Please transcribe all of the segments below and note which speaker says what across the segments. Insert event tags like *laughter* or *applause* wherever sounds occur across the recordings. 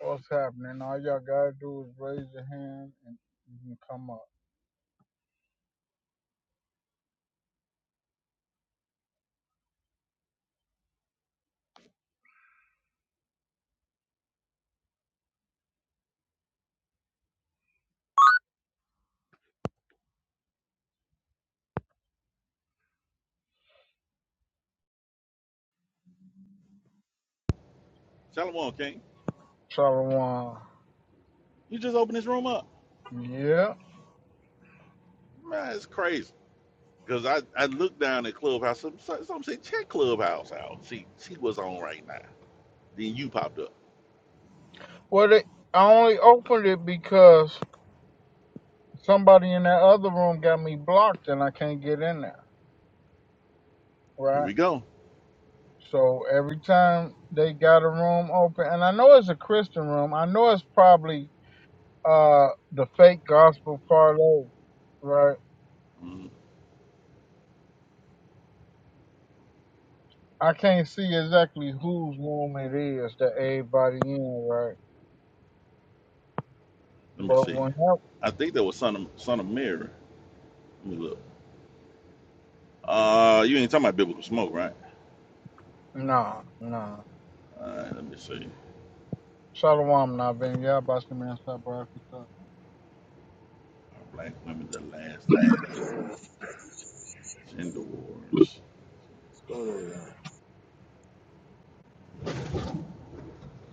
Speaker 1: What's happening? All y'all gotta do is raise your hand and you can come up.
Speaker 2: Shalom, King.
Speaker 1: Shalom.
Speaker 2: You just opened this room up.
Speaker 1: Yeah.
Speaker 2: Man, it's crazy. Cause I, I looked down at Clubhouse. Some some said check Clubhouse out. See, she was on right now. Then you popped up.
Speaker 1: Well, they, I only opened it because somebody in that other room got me blocked and I can't get in there.
Speaker 2: Here
Speaker 1: Right.
Speaker 2: we go.
Speaker 1: So every time they got a room open, and I know it's a Christian room, I know it's probably uh the fake gospel parlay. Right.
Speaker 2: Mm,
Speaker 1: I can't see exactly whose room it is that everybody in. Right.
Speaker 2: let me
Speaker 1: But
Speaker 2: see.
Speaker 1: when
Speaker 2: I think that was son of son of Mary. Let me look. Uh, you ain't talking about biblical smoke, right?
Speaker 1: No, no.
Speaker 2: All right. Let me see.
Speaker 1: Shalom Nabin, yeah, about some inside breakfast stuff.
Speaker 2: Are black women the last design? Gender wars.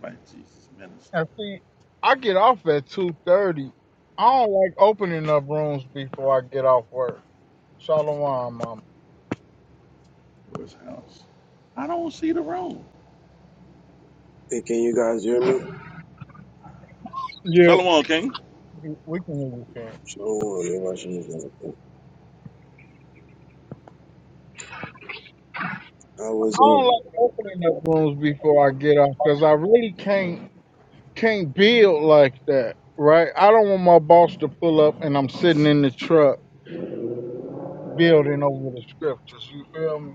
Speaker 2: Black Jesus minister.
Speaker 1: And see, I get off at two thirty. I don't like opening up rooms before I get off work. Shalom, mama.
Speaker 2: Lord's house. I don't see the room.
Speaker 3: Hey, can you guys hear me?
Speaker 1: Yeah,
Speaker 2: Solomon King.
Speaker 1: we we can hear you, Ken.
Speaker 3: Shalom, everybody shalom. I was
Speaker 1: I don't like
Speaker 3: on.
Speaker 1: opening up rooms before I get off because I really can't can't build like that, right? I don't want my boss to pull up and I'm sitting in the truck building over the scriptures. You feel me?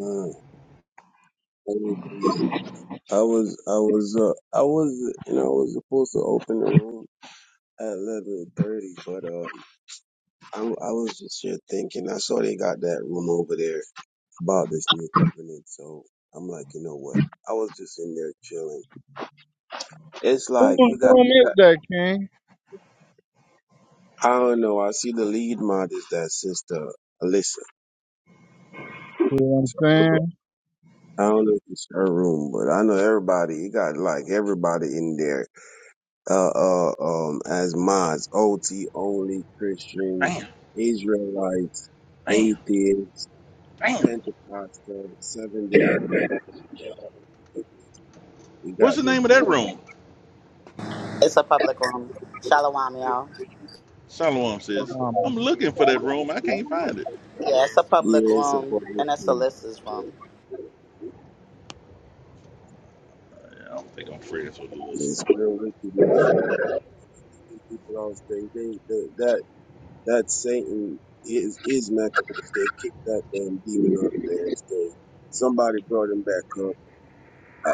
Speaker 3: Uh, I was, I was, I was. uh, I was, you know, I was supposed to open the room at eleven thirty, but uh, I, I was just here thinking. I saw they got that room over there about this new covenant, so I'm like, you know what? I was just in there chilling. It's
Speaker 1: Whose
Speaker 3: like you got,
Speaker 1: room is that, King?
Speaker 3: I don't know. I see the lead mod is that sister Alyssa.
Speaker 1: You know what I'm
Speaker 3: So,
Speaker 1: saying?
Speaker 3: I don't know if it's her room, but I know everybody. You got like everybody in there. Uh, uh, um, as mods, OT only Christians,
Speaker 2: Damn.
Speaker 3: Israelites,
Speaker 2: Damn.
Speaker 3: atheists,
Speaker 2: Damn.
Speaker 3: Pentecostal, Seven Day. Adventists. We got
Speaker 2: What's the
Speaker 3: the
Speaker 2: name of that room?
Speaker 4: It's a public room. Shalom, y'all.
Speaker 2: Shalom says, I'm
Speaker 1: Um,
Speaker 2: looking for that room. I can't find it.
Speaker 4: Yeah, it's a public
Speaker 3: yeah, it's a
Speaker 4: room, and it's a
Speaker 3: place.
Speaker 4: list's room.
Speaker 2: Yeah, I don't think I'm friends with Lewis.
Speaker 3: It's real wicked. People don't stay. They, that That Satan is his mechanism. They kicked that damn demon out of man's game. Somebody brought him back up. Uh,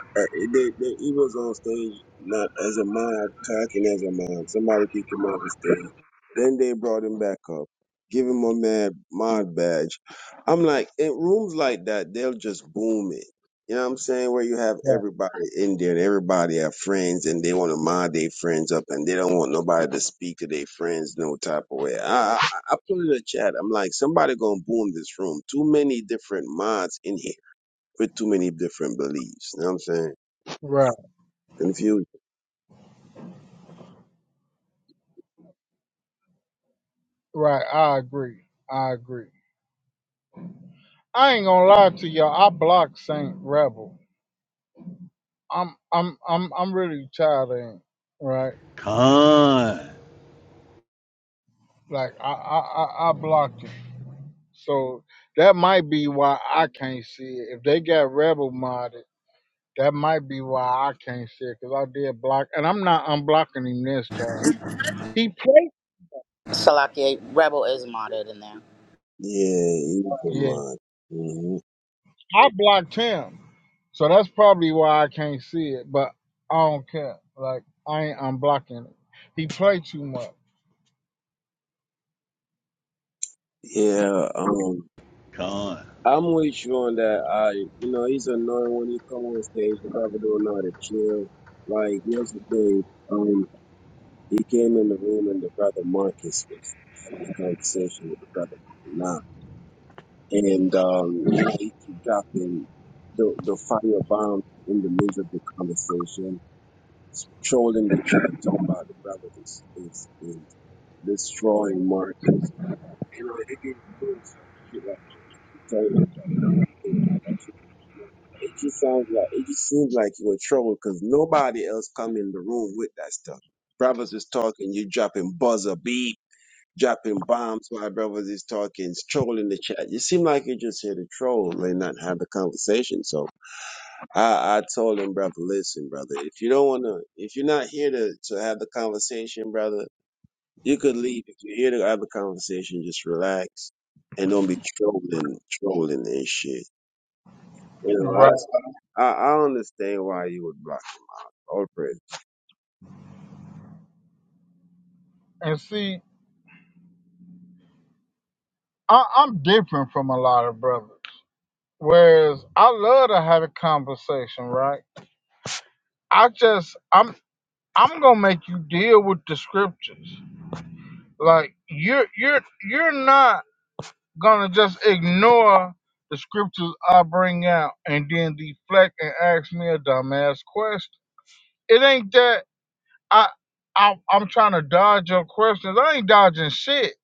Speaker 3: They, they, he was on stage not as a mod, talking as a mod. Somebody kicked him off the stage. Then they brought him back up, give him a mad mod badge. I'm like, in rooms like that, they'll just boom it. You know what I'm saying? Where you have
Speaker 1: yeah.
Speaker 3: everybody in there, and everybody have friends, and they want to mod their friends up, and they don't want nobody to speak to their friends no type of way. I, I, I put in the chat. I'm like, somebody gonna boom this room. Too many different mods in here with too many different beliefs. You know what I'm saying?
Speaker 1: Right,
Speaker 3: Confusion.
Speaker 1: right. I agree. I agree. I ain't gonna lie to y'all. I blocked Saint Rebel. I'm, I'm, I'm, I'm really tired of him. Right?
Speaker 2: Con,
Speaker 1: Like I, I, I, I blocked him. So that might be why I can't see it. If they got Rebel modded, that might be why I can't see it because I did block, and I'm not unblocking him this time. He played.
Speaker 4: Salakia Rebel is modded in there.
Speaker 3: Yeah, evil
Speaker 1: yeah,
Speaker 3: mind. hmm
Speaker 1: I blocked him, so that's probably why I can't see it. But I don't care. Like I ain't unblocking it. He played too much,
Speaker 3: Yeah, um,
Speaker 2: con,
Speaker 3: I'm with you on that. I, you know, he's annoying when he come on stage. He Probably don't know how to chill. Like yesterday, um, he came in the room and the brother Marcus was having a conversation with the brother now, and um, you know, he keep dropping the the fire bomb in the midst of the conversation, trolling the chat, talking about the brother is is destroying markets. You know, they've been doing some shit like I'm telling you about now. It It just sounds like it just seems like you're in trouble because nobody else come in the room with that stuff. Brothers is talking, you dropping buzzer beat, dropping bombs while brothers is talking, trolling the chat. You seem like you just here to troll and not have the conversation. So I, I told him, brother, listen, brother, if you don't wanna if you're not here to, to have the conversation, brother, you could leave if you hear the other conversation. Just relax and don't be trolling, trolling and shit. You
Speaker 1: right?
Speaker 3: know, I I, I understand why you would block Oprah.
Speaker 1: And see, I, I'm different from a lot of brothers. Whereas I love to have a conversation, right? I just I'm I'm gonna make you deal with the scriptures. Like you're you're you're not gonna just ignore the scriptures I bring out and then deflect and ask me a dumbass question. It ain't that I, I'm I'm trying to dodge your questions. I ain't dodging shit.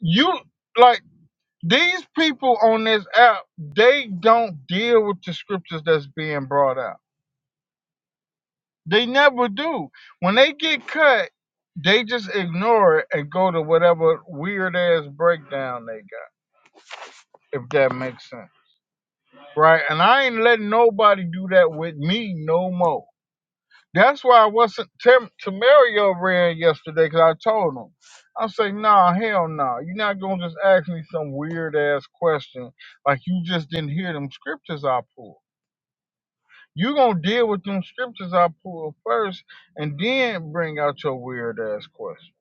Speaker 1: You like these people on this app. They don't deal with the scriptures that's being brought out. They never do. When they get cut, they just ignore it and go to whatever weird ass breakdown they got. If that makes sense, right? And I ain't letting nobody do that with me no more. That's why I wasn't Tim Tamario ran yesterday because I told him. I say, nah, hell no. Nah. You're not gonna just ask me some weird ass question like you just didn't hear them scriptures I pulled. You gonna deal with them scriptures I pulled first, and then bring out your weird ass question.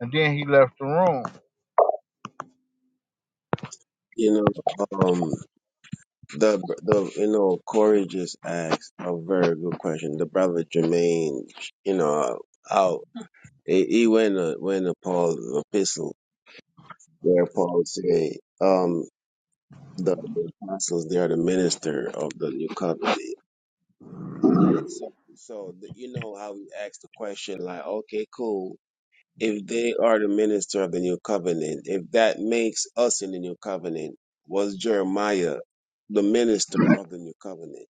Speaker 1: And then he left the room.
Speaker 3: You know, um, the the you know Corey just asked a very good question. The brother Jermaine, you know, out he, he went a, went to Paul's epistle where Paul said, um, the, the apostles they are the minister of the new covenant. So, so the, you know how we asked the question, like, okay, cool. If they are the minister of the new covenant, if that makes us in the new covenant, was Jeremiah the minister of the new covenant?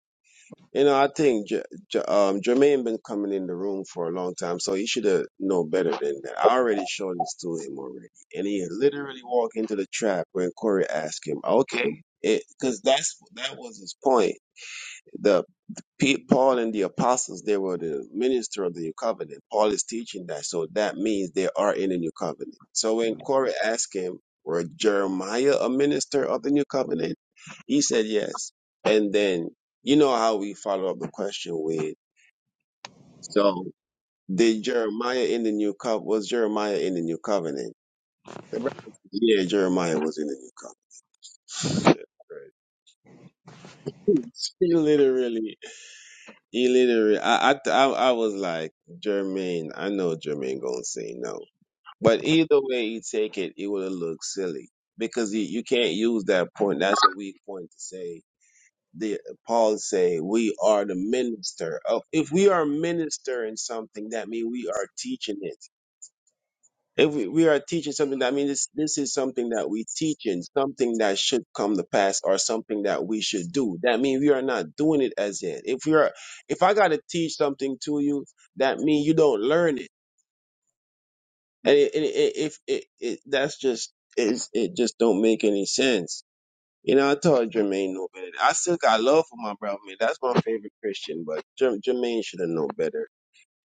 Speaker 3: You know, I think J- J- um, Jermaine been coming in the room for a long time, so he should have know better than that. I already showed this to him already, and he literally walked into the trap when Corey asked him, "Okay," because that's that was his point Pe- Paul and the apostles, they were the minister of the new covenant. Paul is teaching that, so that means they are in the new covenant. So when Corey asked him, were Jeremiah a minister of the new covenant? He said yes. And then you know how we follow up the question with, so did Jeremiah in the new covenant, was Jeremiah in the new covenant? The brother said, Yeah, Jeremiah was in the new covenant. *laughs* Literally He literally, I, I, I, I was like, Jermaine, I know Jermaine gonna say no, but either way you take it, it would have looked silly because you, you can't use that point. That's a weak point to say. The Paul say we are the minister. Of, if we are minister in something, that means we are teaching it. If we, we are teaching something that I mean this this is something that we teach and something that should come to pass or something that we should do. That means we are not doing it as yet. If we are if I gotta teach something to you, that means you don't learn it. And it, it, it, if it, it that's just it's, it just don't make any sense. You know, I told Jermaine no better. I still got love for my brother. Man. That's my favorite Christian, but Jer- Jermaine should have known better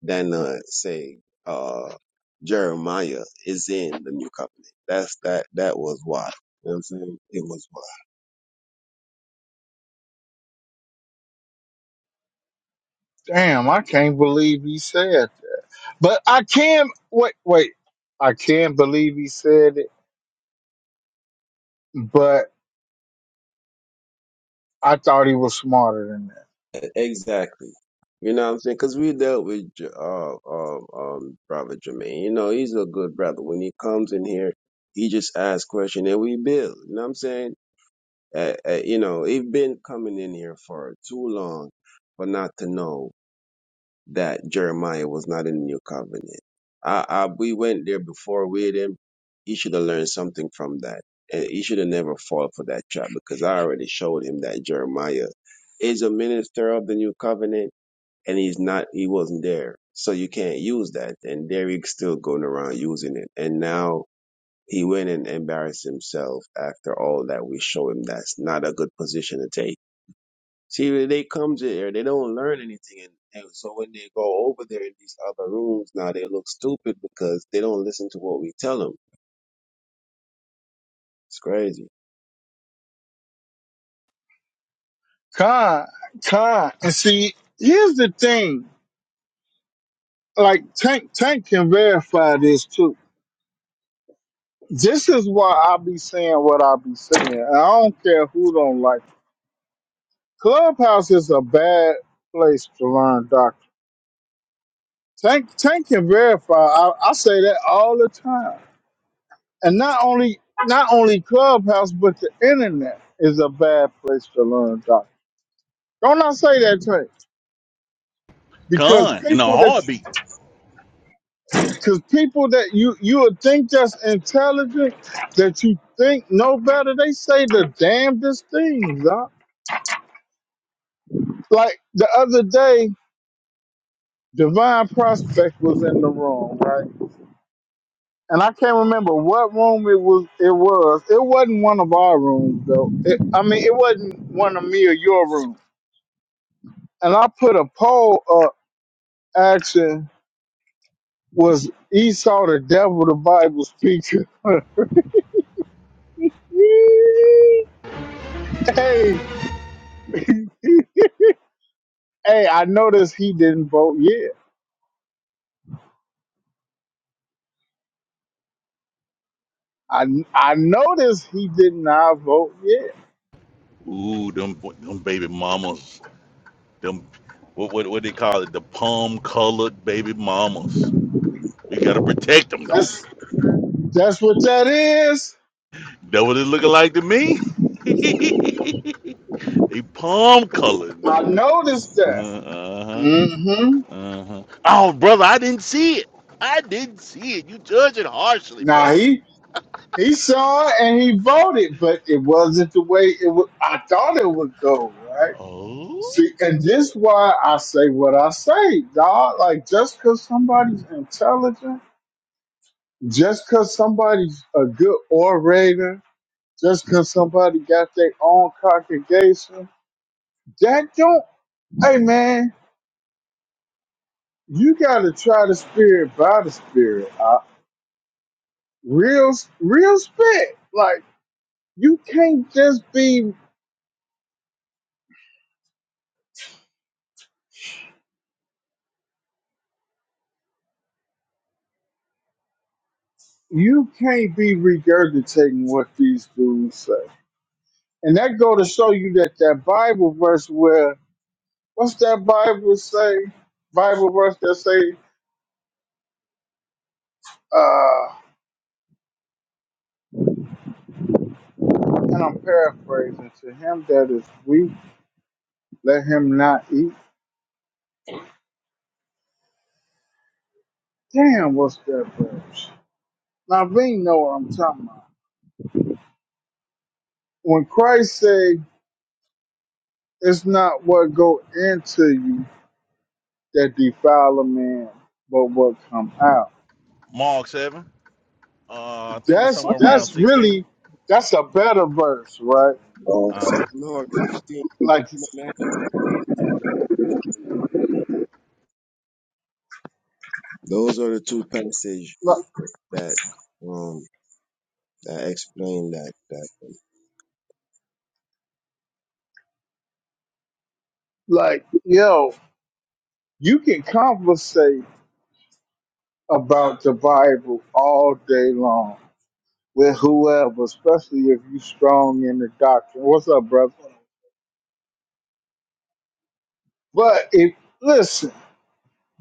Speaker 3: than uh, say uh, Jeremiah is in the new covenant. That's that that was why. You know what I'm saying? It was
Speaker 1: Damn, I can't believe he said that. But I can wait, wait. I can't believe he said it, but I thought he was smarter than that.
Speaker 3: why. Exactly. You know what I'm saying? Because we dealt with J- uh, uh, um, Brother Jermaine. You know, he's a good brother. When he comes in here, he just asks questions and we build. You know what I'm saying? Uh, uh, you know, he's been coming in here for too long for not to know that Jeremiah was not in the new covenant. I, I, we went there before with him. He should have learned something from that. And he should have never fallen for that trap because I already showed him that Jeremiah is a minister of the new covenant and he's not, he wasn't there. So you can't use that. And there still going around using it. And now he went and embarrassed himself after all that we show him. That's not a good position to take See, when they come to here, they don't learn anything, and, and so when they go over there in these other rooms, now they look stupid because they don't listen to what we tell them. It's crazy.
Speaker 1: Con, con, and see, here's the thing. Like Tank, Tank can verify this too. This is why I be saying what I be saying. I don't care who don't like. it. Clubhouse is a bad place to learn doctrine. Tank, Tank can verify. I, I say that all the time. And not only, not only Clubhouse, but the internet is a bad place to learn doctrine. Don't I say that, Tank? Because
Speaker 2: con, in a
Speaker 1: people that
Speaker 2: heartbeat.
Speaker 1: Because people that you you would think that's intelligent, that you think know better, they say the damnedest things. Doc. Like the other day, Divine Prospect was in the room, right? And I can't remember what room it was. It was. It wasn't one of our rooms, though. It, I mean, it wasn't one of me or your room. And I put a poll up asking, was Esau the devil, the Bible speaker. *laughs* hey, Hey, I noticed he didn't vote yeah. I I noticed he did not vote yeah.
Speaker 2: Ooh, them, them baby mamas. Them, what, what, what they call it? The palm colored baby mamas. We got to protect them, though.
Speaker 1: That's that's what that is.
Speaker 2: That what it looking like to me? *laughs* they palm colored.
Speaker 1: I noticed that.
Speaker 2: Uh-huh.
Speaker 1: Mm-hmm.
Speaker 2: Uh-huh. Oh, brother, I didn't see it. I didn't see it. You judge it harshly,
Speaker 1: Now
Speaker 2: brother.
Speaker 1: he he saw it and he voted, but it wasn't the way it was. I thought it would go right.
Speaker 2: Oh,
Speaker 1: See, and this why I say what I say, dog. Like just because somebody's intelligent, just because somebody's a good orator, just because somebody got their own congregation That don't. Hey man, you gotta try the spirit by the spirit. Uh, real, real spit. Like you can't just be. You can't be regurgitating what these dudes say. And that go to show you that that Bible verse where what's that Bible say? Bible verse that say, uh, and I'm paraphrasing. To him that is weak, let him not eat. Damn, what's that verse? Now, we know what I'm talking about. when Christ say it's not what go into you that defile a man, but what come out.
Speaker 2: Mark seven. Uh, I think it's
Speaker 1: That's
Speaker 2: somewhere around
Speaker 1: that's
Speaker 2: sixteen.
Speaker 1: really that's a better verse, right?
Speaker 3: Oh,
Speaker 2: Uh huh.
Speaker 3: Lord, fifteen,
Speaker 1: Like
Speaker 3: man. Those are the two passages
Speaker 1: li-
Speaker 3: that um that explain that that.
Speaker 1: like yo, you can conversate about the Bible all day long with whoever, especially if you strong in the doctrine. What's up, brother? But if listen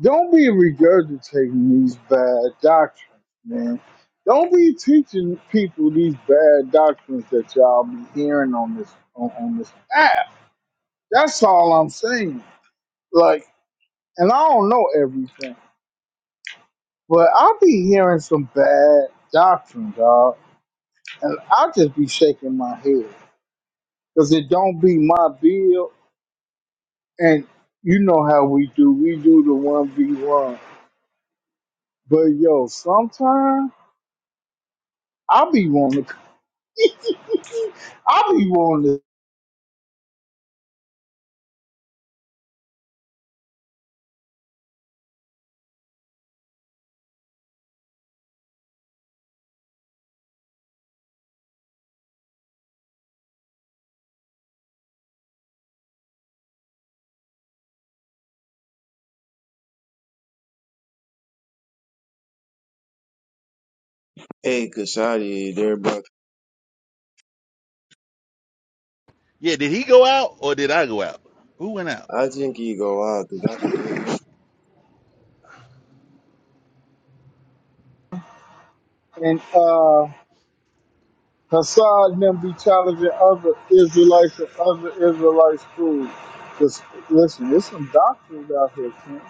Speaker 1: Don't be regurgitating these bad doctrines, man. Don't be teaching people these bad doctrines that y'all be hearing on this on, on this app. That's all I'm saying. Like, and I don't know everything, but I'll be hearing some bad doctrine, dog, and I'll just be shaking my head because it don't be my bill. And you know how we do. We do the one v one. But yo, sometimes I be wanting to *laughs* I be wanting this.
Speaker 3: Hey, Kashadi, there, bro.
Speaker 2: Yeah. Did he go out or did I go out? Who went out?
Speaker 3: I really think he go out because
Speaker 1: And uh, Hassad and them be challenging other Israelites and other Israelite schools. Just listen, there's some doctrines out here, King.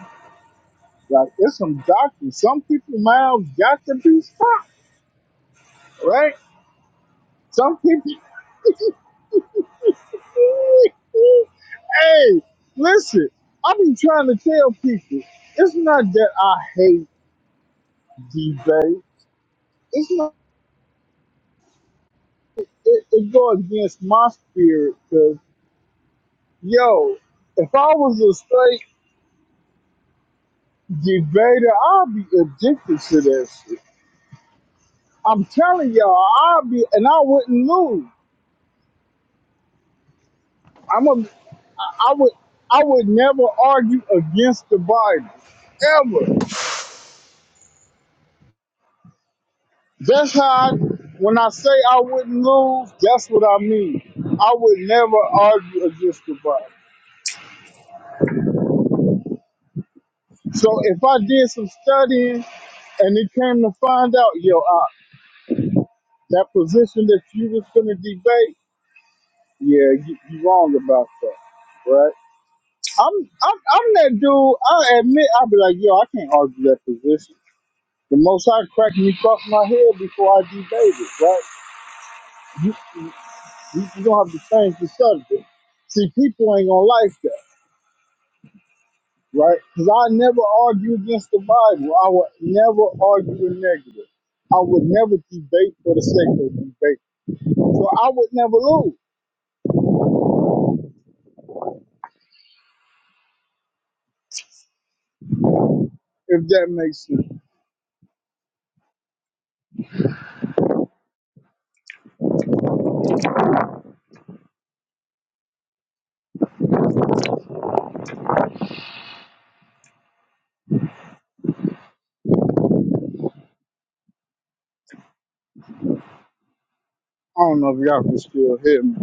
Speaker 1: Like, there's some doctrines. Some people mouths got to be stopped, right? Some people. *laughs* hey, listen, I be trying to tell people it's not that I hate debate. It's not. It, it go against my spirit 'cause Yo, if I was a straight debater, I'd be addicted to that shit. I'm telling y'all, I'd be, and I wouldn't lose. I'm a, I would, I would never argue against the Bible, ever. That's how. I, when I say I wouldn't lose, that's what I mean. I would never argue against the Bible. So if I did some studying and it came to find out, yo, uh, that position that you was gonna debate. Yeah, you, you wrong about that, right? I'm I'm I'm that dude. I admit I'll be like, yo, I can't argue that position. The most I crack me across my head before I debate it, right? You you, you don't have to change the subject. See, people ain't gonna like that, right? Because I never argue against the Bible. I would never argue a negative. I would never debate for the sake of debate. So I would never lose, if that makes sense. I don't know if y'all can still hear me.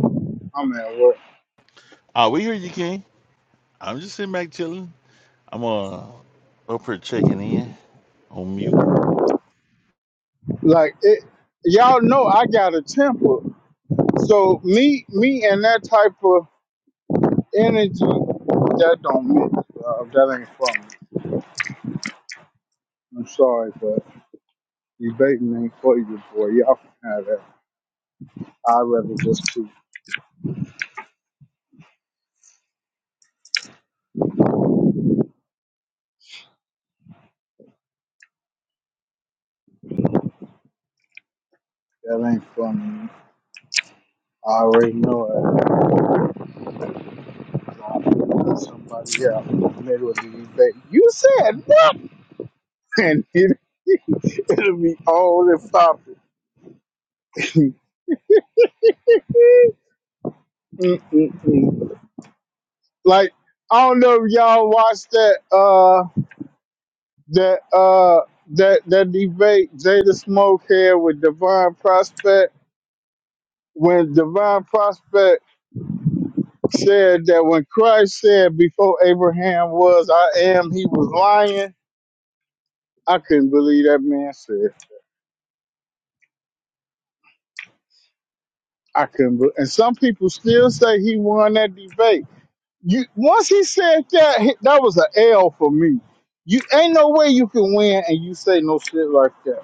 Speaker 1: I'm at work.
Speaker 2: Oh, we hear you, King. I'm just sitting back chilling. I'm uh up here checking in on mute.
Speaker 1: Like it, y'all know I got a temper. So me, me, and that type of energy that don't mix. Uh, that ain't for me. I'm sorry, but debating ain't for you, boy. Y'all can have that. I'd rather just keep. That ain't for me. I already know it. So I'm gonna let Somebody else in the middle of the debate. You said nothing. *laughs* It, It'll be all the topic. Mm-mm-mm. Like I don't know if y'all watched that. Uh. that uh that that debate Jada Smoke had with Divine Prospect when Divine Prospect said that when Christ said before Abraham was I am he was lying. I couldn't believe that man said. I couldn't believe, and some people still say he won that debate. You once he said that he- that was a L for me. You ain't no way you can win and you say no shit like that.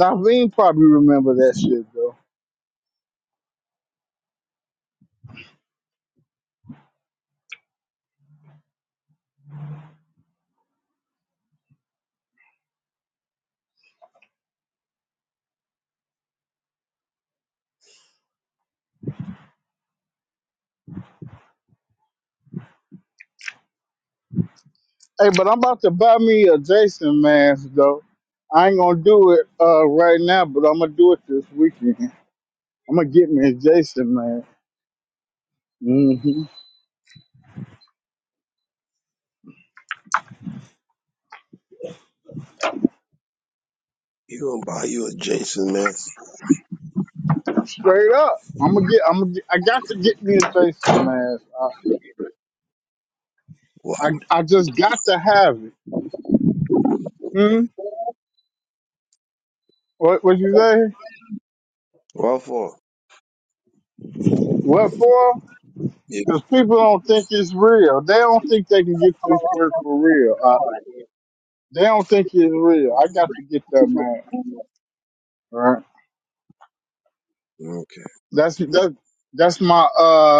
Speaker 1: Naveen probably remember that shit though. Hey, but I'm about to buy me a Jason mask though. I ain't gonna do it uh, right now, but I'm gonna do it this weekend. I'm gonna get me a Jason mask. hmm
Speaker 3: he gonna buy you a Jason mess.
Speaker 1: Straight up, I'm gonna get. I'm gonna. Get, I got to get me a Jason mask. I,
Speaker 3: Wow,
Speaker 1: I I just got to have it.
Speaker 3: damn.
Speaker 1: Hmm. What What you say?
Speaker 3: What for?
Speaker 1: What for?
Speaker 3: Yeah.
Speaker 1: Because people don't think it's real. They don't think they can get this work for real. Uh, they don't think it's real. I got to get that mask. Right.
Speaker 3: Okay.
Speaker 1: That's that. That's my uh.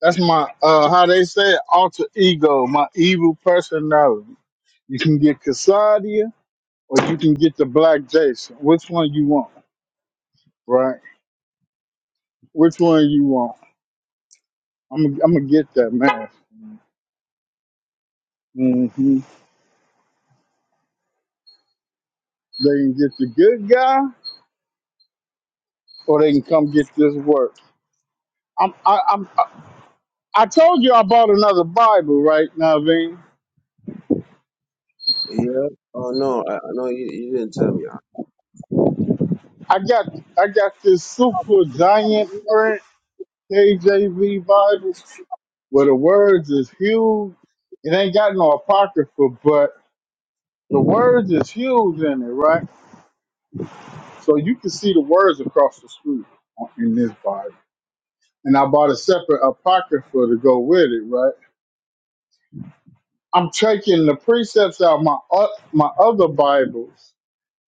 Speaker 1: That's my uh how they say it, alter ego, my evil personality. You can get Cassadia or you can get the Black Jason. Which one you want, right? Which one you want? I'm I'm gonna get that man. hmm They can get the good guy or they can come get this work. I'm I, I'm I I told you I bought another Bible right now, Vin.
Speaker 3: Yeah. Oh no, I I know you, you didn't tell me.
Speaker 1: I got I got this super giant print KJV Bible, where the words is huge. It ain't got no apocrypha, but the words is huge in it, right? So you can see the words across the street on- in this Bible. And I bought a separate apocrypha to go with it, right? I'm taking the precepts out of my o- my other Bibles,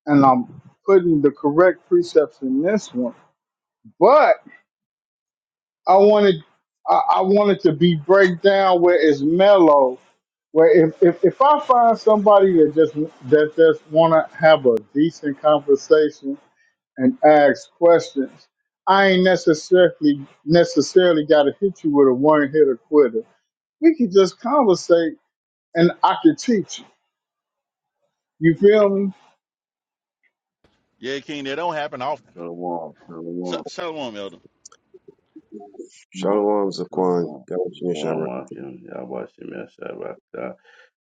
Speaker 1: and I'm putting the correct precepts in this one, but I wanted I, I wanted to be breakdown where it's mellow, where if, if, if I find somebody that just that just wanna have a decent conversation and ask questions, I ain't necessarily necessarily gotta hit you with a one hitter quitter. We can just conversate and I can teach you. You feel me?
Speaker 2: Yeah, King. That don't happen often.
Speaker 5: Shalom,
Speaker 2: Sh-
Speaker 5: shalom,
Speaker 2: Shalom, Elder.
Speaker 5: shalom,
Speaker 3: Shalom, Zaquan.
Speaker 5: shalom,
Speaker 3: Yahushua
Speaker 5: shalom,
Speaker 3: Shabbat.
Speaker 5: Akim. Yahweh Shem Yahshua Rakhtah.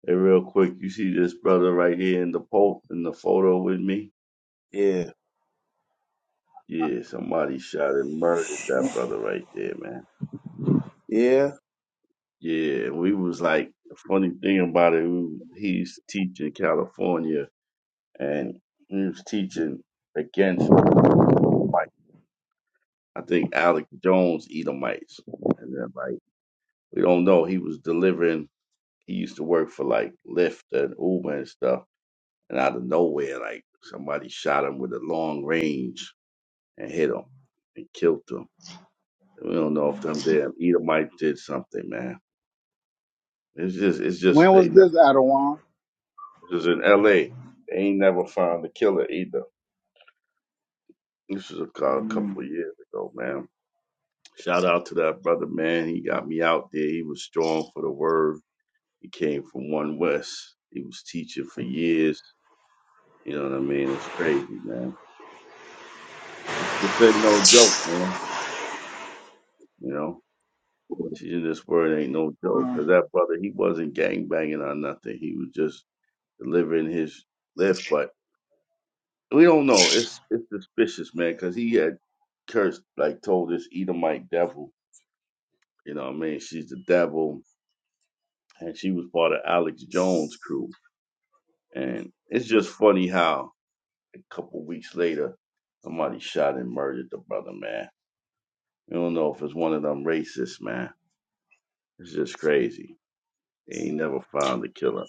Speaker 5: Hey, real quick, you see this brother right here in the po in the photo with me?
Speaker 3: Yeah,
Speaker 5: Yeah, somebody shot and murdered that brother right there, man.
Speaker 3: yeah.
Speaker 5: Yeah, we was like the funny thing about it, we, he's teaching California and he was teaching against Edomite. I think Alec Jones Edomites. And then like we don't know, he was delivering He used to work for like Lyft and Uber and stuff. And out of nowhere, like somebody shot him with a long range and hit him and killed him. And we don't know if them damn Edomites did something, man. It's just, it's just
Speaker 1: When
Speaker 5: they
Speaker 1: was
Speaker 5: never.
Speaker 1: this Adawan?
Speaker 5: This was in L.A. They ain't never found the killer either. This was a cou- a couple of years ago, man. Shout out to that brother, man. He got me out there. He was strong for the word. He came from One West. He was teaching for years. You know what I mean? It's crazy, man. This ain't no joke, man. You know, teaching this word ain't no joke. Cause
Speaker 1: Um,
Speaker 5: that brother, he wasn't gang banging or nothing. He was just delivering his lift. But we don't know. It's it's suspicious, man. Cause he had cursed, like told this Edomite devil. You know, what I mean, she's the devil, and she was part of Alex Jones' crew. And it's just funny how a couple weeks later, somebody shot and murdered the brother, man. We don't know if it's one of them racists, man. It's just crazy. They ain't never found the killer.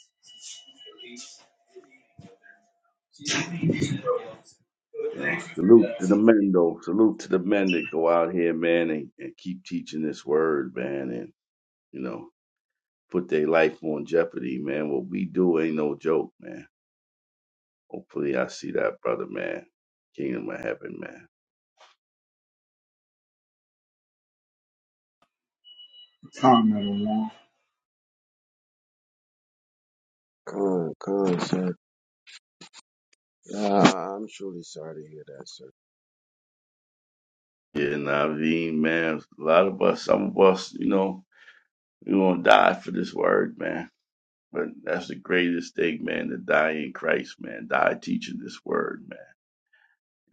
Speaker 5: No. Salute to the men, though. Salute to the men that go out here, man, and, and keep teaching this word, man, and, you know, put their life on jeopardy, man. What we do ain't no joke, man. Hopefully, I see that brother, man. Kingdom of heaven, man.
Speaker 1: time Adawan.
Speaker 3: Con, con, sir. Ah, I'm truly sorry to hear that, sir.
Speaker 5: Yeah, Naveen, man. A lot of us, some of us, you know, we're going to die for this word, man. But that's the greatest thing, man, to die in Christ, man. Die teaching this word, man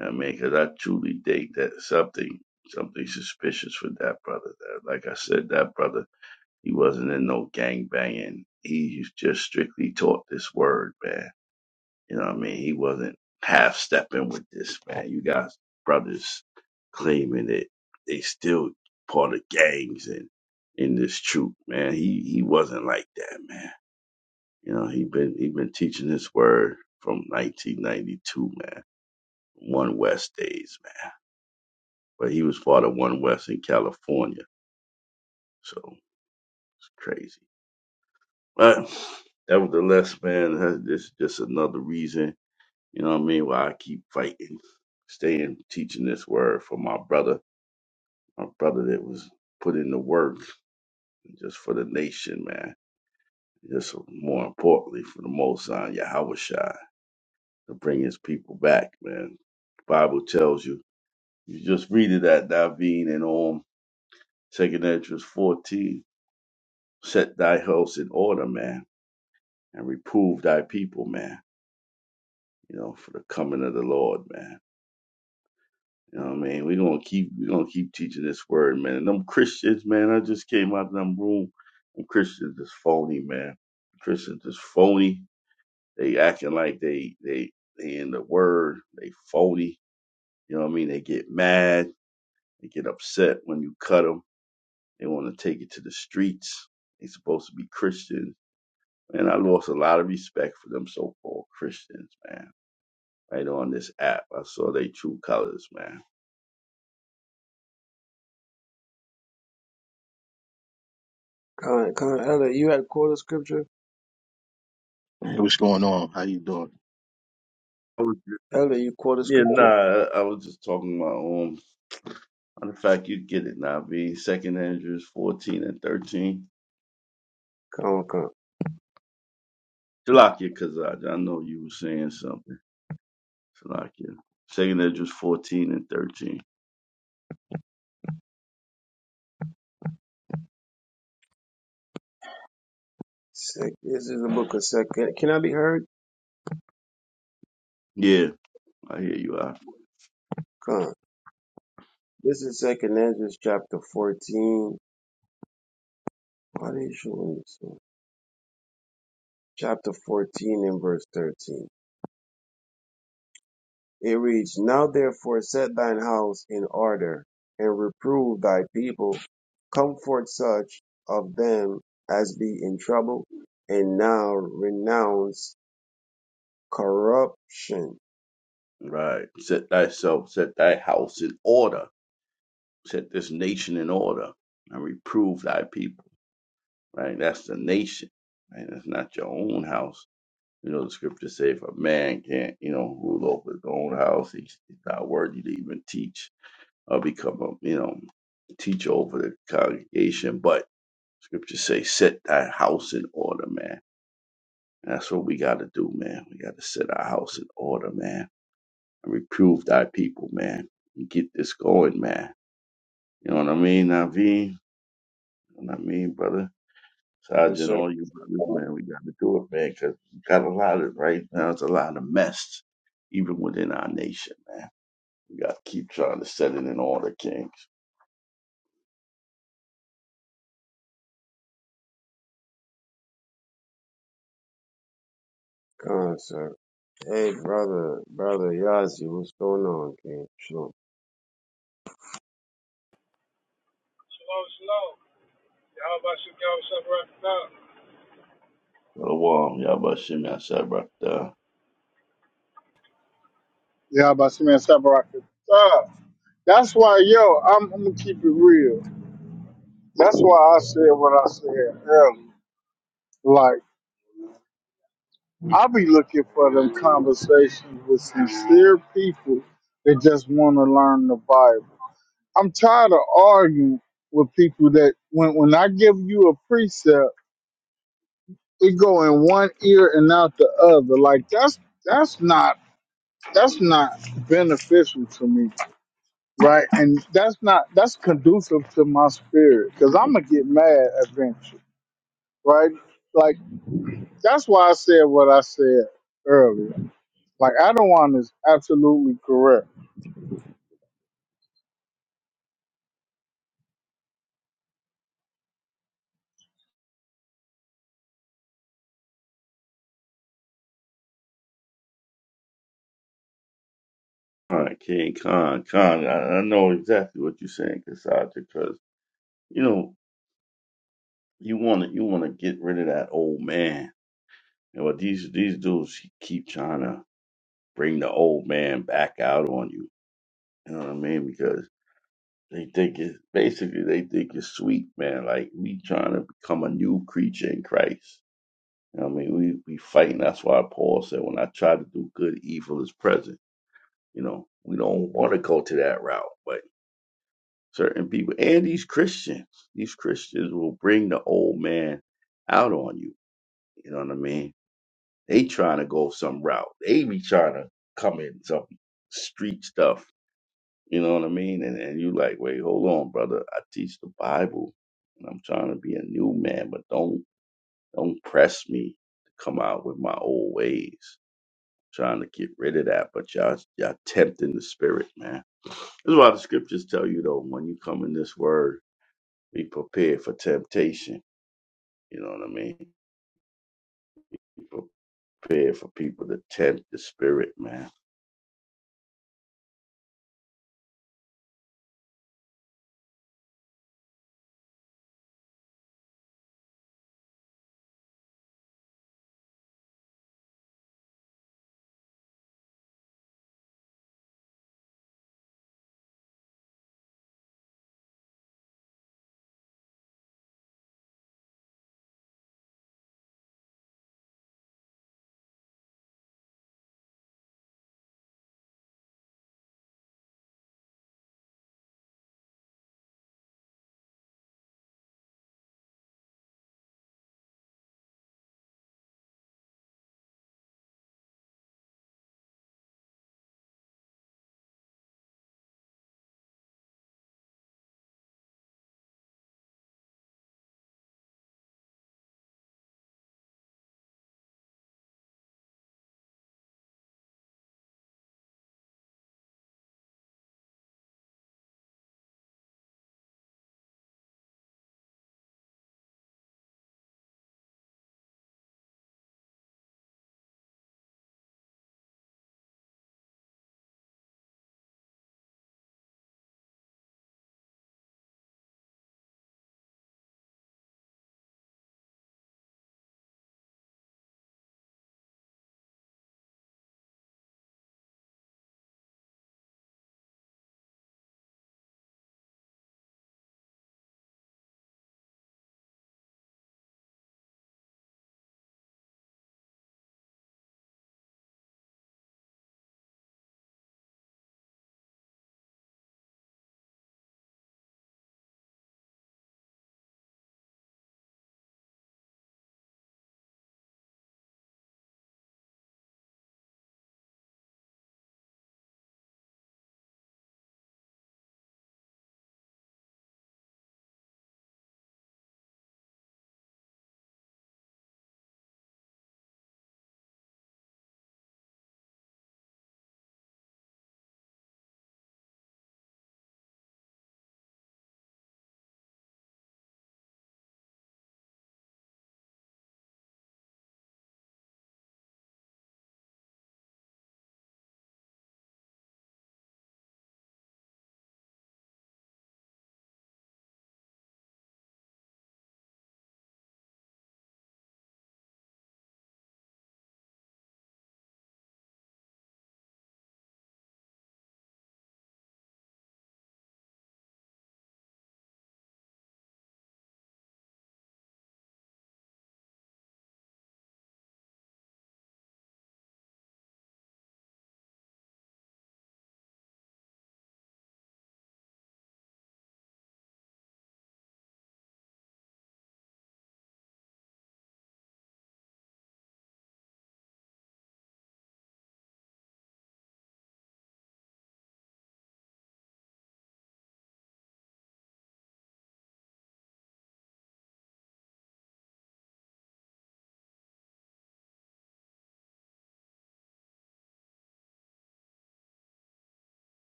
Speaker 5: I mean, because I truly think that something something suspicious with that brother. That, like I said, that brother, he wasn't in no gang banging. He just strictly taught this word, man. You know what I mean? He wasn't half stepping with this, man. You got brothers claiming that they still part of gangs and in this troop, man. He he wasn't like that, man. You know, he been he been teaching this word from 1992, man. One West days, but he was part of One West in California. So it's crazy. But nevertheless, man, this is just another reason, you know what I mean, why I keep fighting, staying, teaching this word for my brother, my brother that was put in the work just for the nation, man. Just more importantly, for the Most High Yahushua to bring his people back, man. Bible tells you. You just read it at Davin and on Second Entrance 14. set thy house in order, man, and reprove thy people, man, you know, for the coming of the Lord, man. You know what I mean? We're gonna keep we're gonna keep teaching this word, man. And them Christians, man, I just came out of them room. Them Christians is phony, man. Christians is phony. They acting like they they they in the word, they phony. You know what I mean? They get mad, they get upset when you cut them. They want to take it to the streets. They supposed to be Christians And I lost a lot of respect for them so called Christians, man. Right on this app, I saw their true colors, man.
Speaker 3: Con, con, Elder, you had quoted scripture?
Speaker 6: Hey, what's going on? How you doing?
Speaker 5: I was just-
Speaker 3: Elder, you quoted
Speaker 5: yeah,
Speaker 3: scripture?
Speaker 5: nah, I was just talking about um. Matter of fact, you get it now, B. Second Andrews 14 and 13.
Speaker 3: Con, con.
Speaker 5: Shalakia Kazaj, I know you were saying something. Shalakia. Second Andrews 14 and 13.
Speaker 3: Sec, this is the book of second. Can I be heard?
Speaker 5: Yeah, I hear you out.
Speaker 3: Con. This is second Ezra chapter 14. Why are they showing this one? Chapter 14 and verse 13. It reads, Now therefore set thine house in order, and reprove thy people, comfort such of them as be in trouble, and now renounce corruption.
Speaker 5: Right. Set thyself, set thy house in order. Set this nation in order and reprove thy people right? That's the nation, right? That's not your own house. You know, the scriptures say if a man can't, you know, rule over his own house, he's he's not worthy to even teach or become a, you know, teacher over the congregation. But scriptures say, set thy house in order, man. And that's what we got to do, man. We got to set our house in order, man. And reprove thy people, man. And get this going, man. You know what I mean, Naveen? You know what I mean, brother?
Speaker 3: He
Speaker 5: Sergeant,
Speaker 3: said,
Speaker 5: all you brothers, man, we got to do it, man, because we got a lot of, right now, it's a lot of mess, even within our nation, man. We got to keep trying to set it in order, Kings.
Speaker 3: Concert. Hey, brother, brother Yazi, what's going on, King? Sure.
Speaker 7: Shalom, shalom. Y'all about to get what's up right now.
Speaker 5: Shalom, Yabashim Yashabakta.
Speaker 1: Yeah, about Shimon Sabaraka. Uh, that's why, yo, I'm, I'm gonna keep it real. That's why I said what I said earlier. Like, I be looking for them conversations with sincere people that just want to learn the Bible. I'm tired of arguing with people that when when I give you a precept, it go in one ear and out the other. Like that's that's not that's not beneficial to me, right? And that's not that's conducive to my spirit because I'm gonna get mad eventually, right? Like. That's why I said what I said earlier. Like Adawan is absolutely correct.
Speaker 5: All right, King Khan, Khan, I, I know exactly what you're saying, Kasaj, because, you know, you want to you want to get rid of that old man. You know, these these dudes keep trying to bring the old man back out on you. You know what I mean? Because They think it's basically they think it's sweet, man. Like we trying to become a new creature in Christ. You know what I mean, we we fighting. That's why Paul said, "When I try to do good, evil is present." You know, we don't want to go to that route, but certain people and these Christians, these Christians will bring the old man out on you. You know what I mean? They trying to go some route. They be trying to come in some street stuff You know what I mean? And and you like, wait, hold on, brother. I teach the Bible, and I'm trying to be a new man, but don't don't press me to come out with my old ways. trying to get rid of that, but y'all y'all tempting the spirit, man. This is why the scriptures tell you though, when you come in this word, be prepared for temptation. You know what I mean? Be prepared for people to tempt the spirit, man.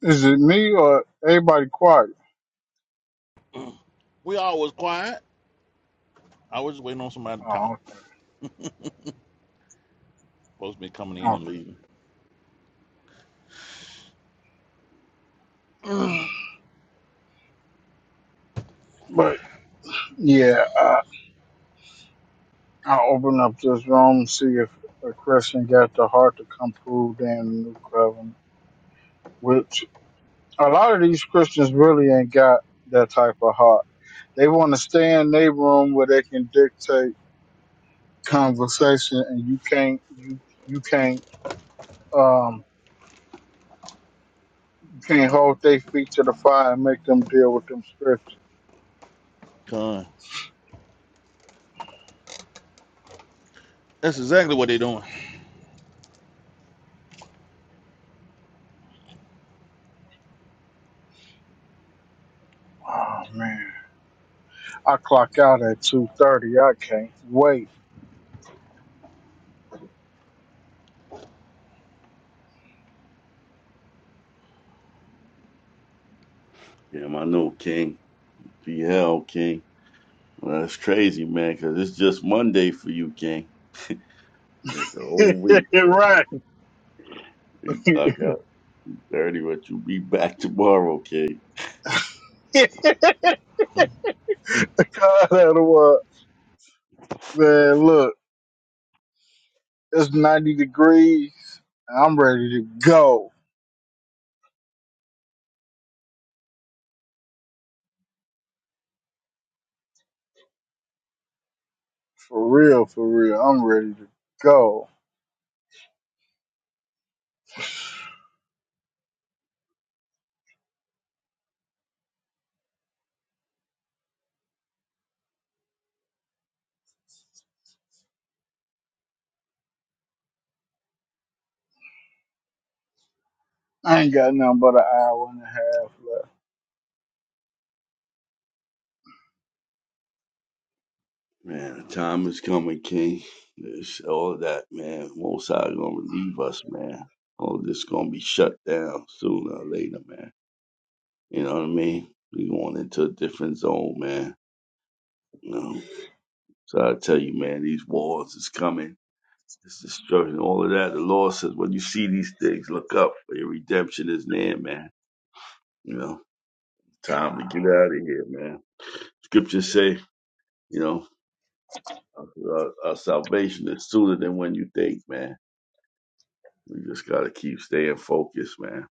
Speaker 1: Is it me or everybody quiet?
Speaker 2: *clears throat* We always quiet. I was just waiting on somebody to talk.
Speaker 1: Oh, okay,
Speaker 2: Supposed to be coming in and
Speaker 1: okay.
Speaker 2: leaving.
Speaker 1: But yeah, I, I'll open up this room see if a Christian got the heart to come prove they in the new covenant. Which a lot of these Christians really ain't got that type of heart. They want to stay in their room where they can dictate conversation, and you can't you you can't. um Can't hold their feet to the fire and make them deal with them scripts.
Speaker 2: *clears throat* Con. That's exactly what they doing.
Speaker 1: Oh man, I clock out at two thirty. I can't wait.
Speaker 5: Yeah, I know, King. Be hell, King. Well, that's crazy, man, because it's just Monday for you, King. Yeah, the
Speaker 1: *laughs* right.
Speaker 5: whole
Speaker 1: *laughs*
Speaker 5: week. You
Speaker 1: God,
Speaker 5: clock out thirty, but you be back tomorrow, King.
Speaker 2: Mm.
Speaker 1: that what man. Look, it's ninety degrees. and I'm ready to go for real. For real, I'm ready to go. I ain't got nothing but an hour and a half left.
Speaker 5: Man, the time is coming, King. It's all that, man. Most High gonna relieve us, man. All this gonna be shut down sooner or later, man. You know what I mean? We going into a different zone, man. You know. So I tell you, man, these wars is coming. It's destruction, all of that. The Lord says, when you see these things, look up for your redemption is near, man. You know, time to get out of here, man. Scriptures say You know, our, our salvation is sooner than when you think, man. We just gotta keep staying focused, man.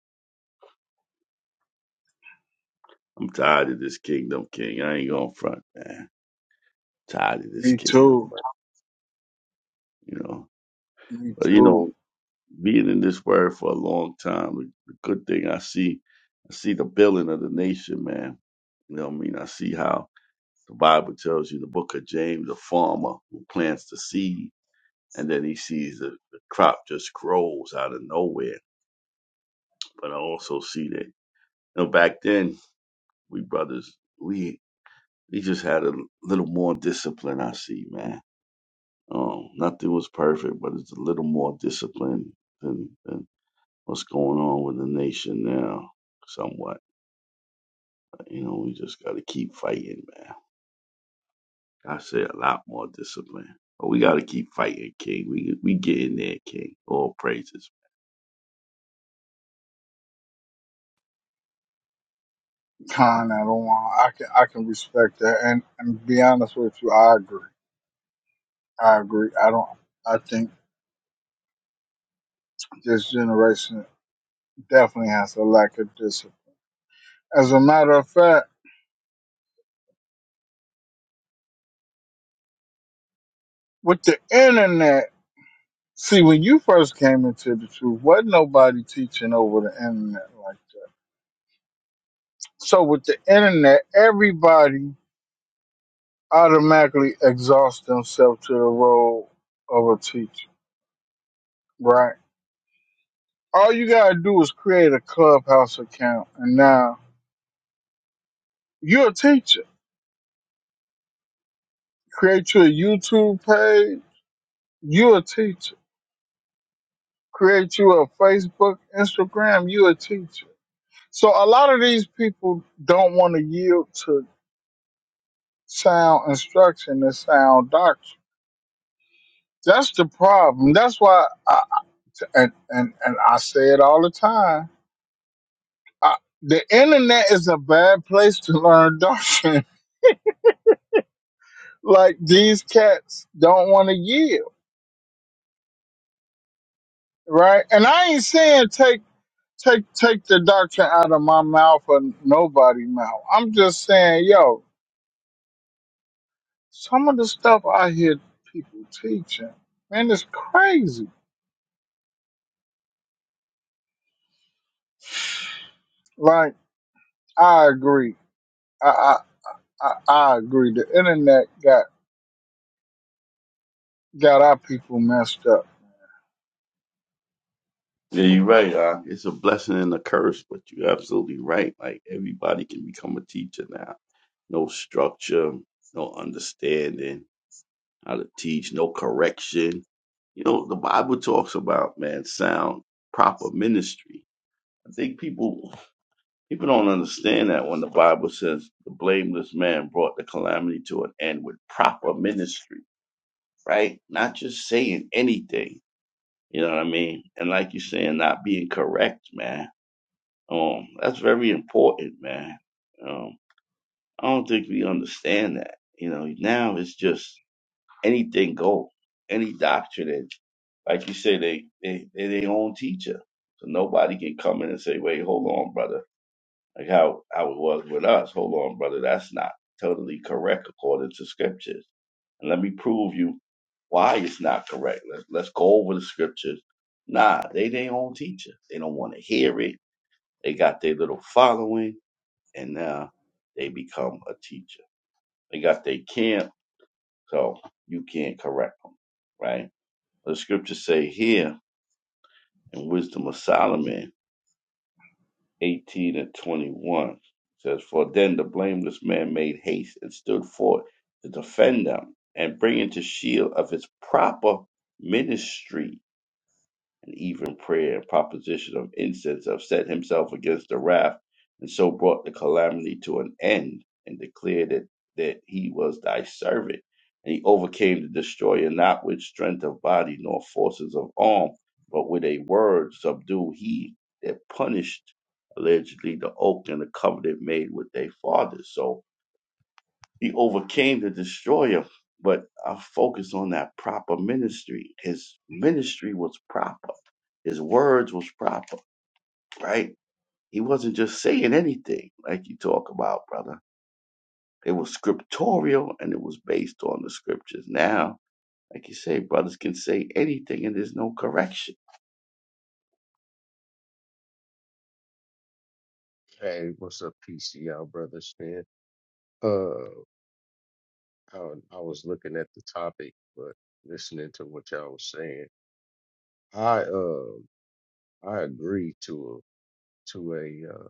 Speaker 5: I'm tired of this kingdom king. I ain't gonna front, man. Tired of this
Speaker 1: Me
Speaker 5: kingdom,
Speaker 1: too.
Speaker 5: but you know.
Speaker 1: Me
Speaker 5: But you
Speaker 1: too.
Speaker 5: know, being in this word for a long time, the the good thing I see, I see the building of the nation, man. You know what I mean? I see how the Bible tells you the book of James, the farmer who plants the seed and then he sees the, the crop just grows out of nowhere. But I also see that You know, back then we brothers, we we just had a little more discipline. I see, man. Um, nothing was perfect, but it's a little more discipline than, than what's going on with the nation now. Somewhat, you know, we just got to keep fighting, man. I say a lot more discipline, but we got to keep fighting, King. We we get in there, King. All praises.
Speaker 1: Kind of don't want. I can. I can respect that. And and be honest with you, I agree. I agree. I don't. I think this generation definitely has a lack of discipline. As a matter of fact, with the internet, see, when you first came into the truth, wasn't nobody teaching over the internet like that. So with the internet, everybody automatically exhausts themselves to the role of a teacher, right? All you gotta do is create a clubhouse account, and now you're a teacher. Create your YouTube page, you're a teacher create you a Facebook, Instagram, you a teacher. So a lot of these people don't want to yield to sound instruction and sound doctrine. That's the problem. That's why, I, and, and and I say it all the time. I, the internet is a bad place to learn doctrine. *laughs* like these cats don't want to yield, right? And I ain't saying take take take the doctrine out of my mouth or nobody mouth. I'm just saying, yo, Some of the stuff I hear people teaching, man, it's crazy. Like I agree. I I, I, I agree. The internet got got our people messed up.
Speaker 5: Yeah, you're right. Huh? It's a blessing and a curse, but you're absolutely right. Like everybody can become a teacher now no structure, no understanding how to teach, no correction. You know, the Bible talks about man sound proper ministry. I think people people don't understand that when the Bible says the blameless man brought the calamity to an end with proper ministry, right? Not just saying anything. You know what I mean? And like you're saying, not being correct, man. Um, that's very important, man. Um, I don't think we understand that. You know, now it's just anything go, any doctrine. And like you say, they they they their own teacher, so nobody can come in and say, "Wait, hold on, brother." Like how how it was with us. Hold on, brother. That's not totally correct according to scriptures. And let me prove you why it's not correct. Let's let's go over the scriptures. Nah, they their own teacher. They don't want to hear it. They got their little following, and now they become a teacher. They got their camp, so you can't correct them, right? The scriptures say here in Wisdom of Solomon 18 and 21 says, For then the blameless man made haste and stood forth to defend them and bring into shield of his proper ministry and even prayer and proposition of incense have set himself against the wrath, and so brought the calamity to an end, and declared that, that he was thy servant. And he overcame the destroyer not with strength of body nor forces of arm, but with a word subdued he that punished allegedly the oak and the covenant made with their fathers. So he overcame the destroyer, but I focus on that proper ministry. His ministry was proper. His words was proper, right? He wasn't just saying anything like you talk about, brother. It was scriptorial and it was based on the scriptures. Now, like you say, brothers can say anything and there's no correction
Speaker 8: Hey, what's up, PC? Y'all, brother Smith? Uh, I, I was looking at the topic, but listening to what y'all was saying, I uh, I agree to a to a uh,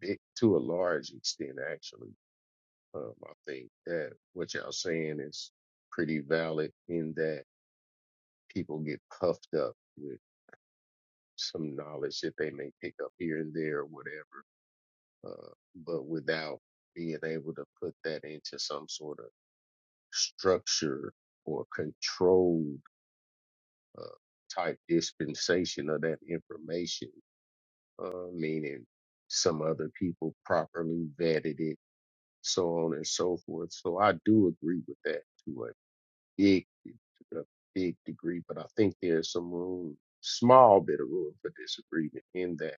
Speaker 8: big to a large extent actually. Um, I think that what y'all saying is pretty valid in that people get puffed up with some knowledge that they may pick up here and there or whatever, uh, but without being able to put that into some sort of structure or controlled uh, type dispensation of that information, uh, meaning some other people properly vetted it, so on and so forth. So I do agree with that to a big, a big degree, but I think there's some room, small bit of room for disagreement in that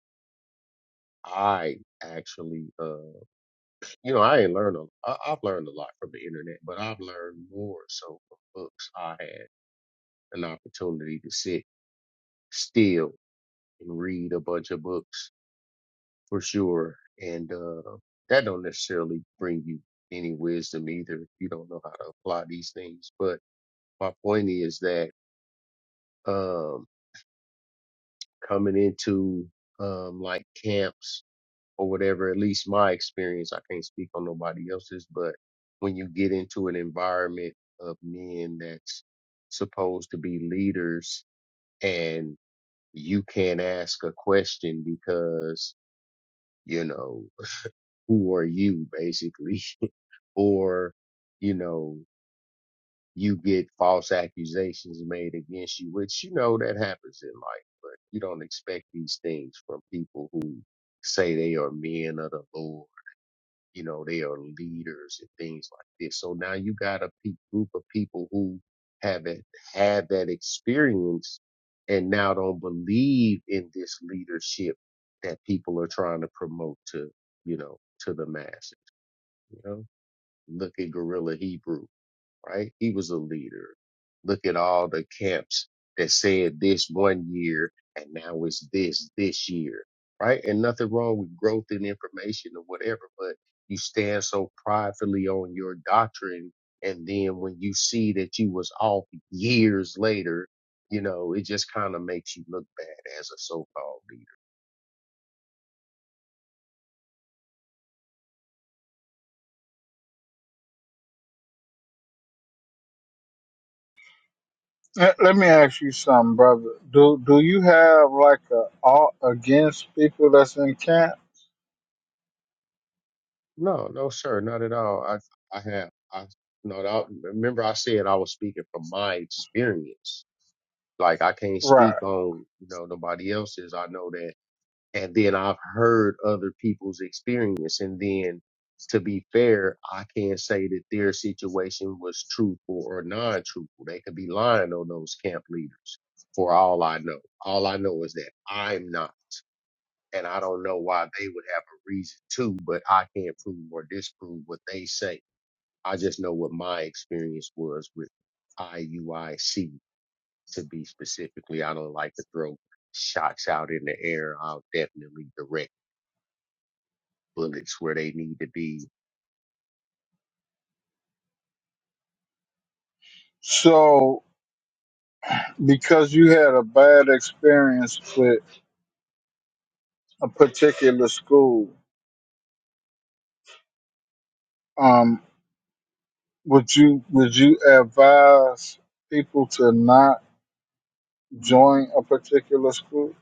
Speaker 8: I actually, uh, you know, I ain't learned a, I, I've learned a lot from the internet, but I've learned more so from books I had an opportunity to sit still and read a bunch of books for sure. And uh, that don't necessarily bring you any wisdom either if you don't know how to apply these things. But my point is that um, coming into um, like camps or whatever, at least my experience, I can't speak on nobody else's, but when you get into an environment of men that's supposed to be leaders and you can't ask a question because, you know, who are you basically? *laughs* or, you know, you get false accusations made against you, which, you know, that happens in life, but you don't expect these things from people who say they are men of the Lord you know, they are leaders and things like this. So now you got a pe- group of people who haven't had that experience and now don't believe in this leadership that people are trying to promote to, you know, to the masses. You know, look at Gorilla Hebrew right? He was a leader. Look at all the camps that said this one year and now it's this this year, right? And nothing wrong with growth and information or whatever, but you stand so pridefully on your doctrine. And then when you see that you was off years later, you know, it just kind of makes you look bad as a so-called leader.
Speaker 1: Let let me ask you something, brother. Do do you have like a art against people that's in camp?
Speaker 8: No, no, sir, not at all. I, I have, I, no, I, remember I said I was speaking from my experience like I can't speak
Speaker 1: Right.
Speaker 8: on, you know, nobody else's. I know that. And then I've heard other people's experience. And then to be fair, I can't say that their situation was truthful or non truthful. They could be lying on those camp leaders for all I know. All I know is that I'm not. And I don't know why they would have a reason to, but I can't prove or disprove what they say. I just know what my experience was with IUIC to be specifically. I don't like to throw shots out in the air. I'll definitely direct bullets where they need to be.
Speaker 1: So because you had a bad experience with a particular school, um, would you would you advise people to not? join a particular school.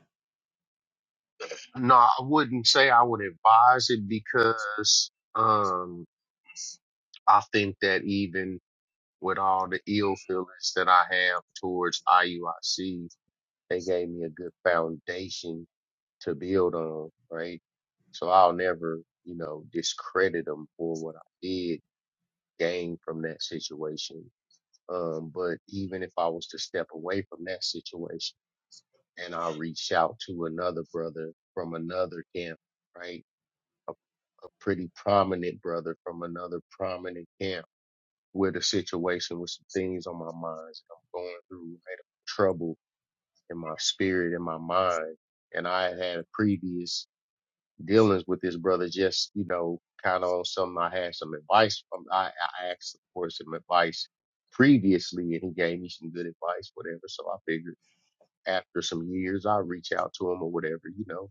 Speaker 8: No, I wouldn't say I would advise it because um I think that even with all the ill feelings that I have towards IUIC, they gave me a good foundation to build on, right? So I'll never, you know, discredit them for what I did gain from that situation Um, but even if I was to step away from that situation and I reached out to another brother from another camp, right? A pretty prominent brother from another prominent camp with a situation with some things on my mind. I'm going through right, trouble in my spirit, in my mind. And I had had a previous dealings with this brother, just, you know, kind of on some, I had some advice from, I, I asked for some advice previously and he gave me some good advice, whatever. So I figured after some years, I'll reach out to him or whatever, you know,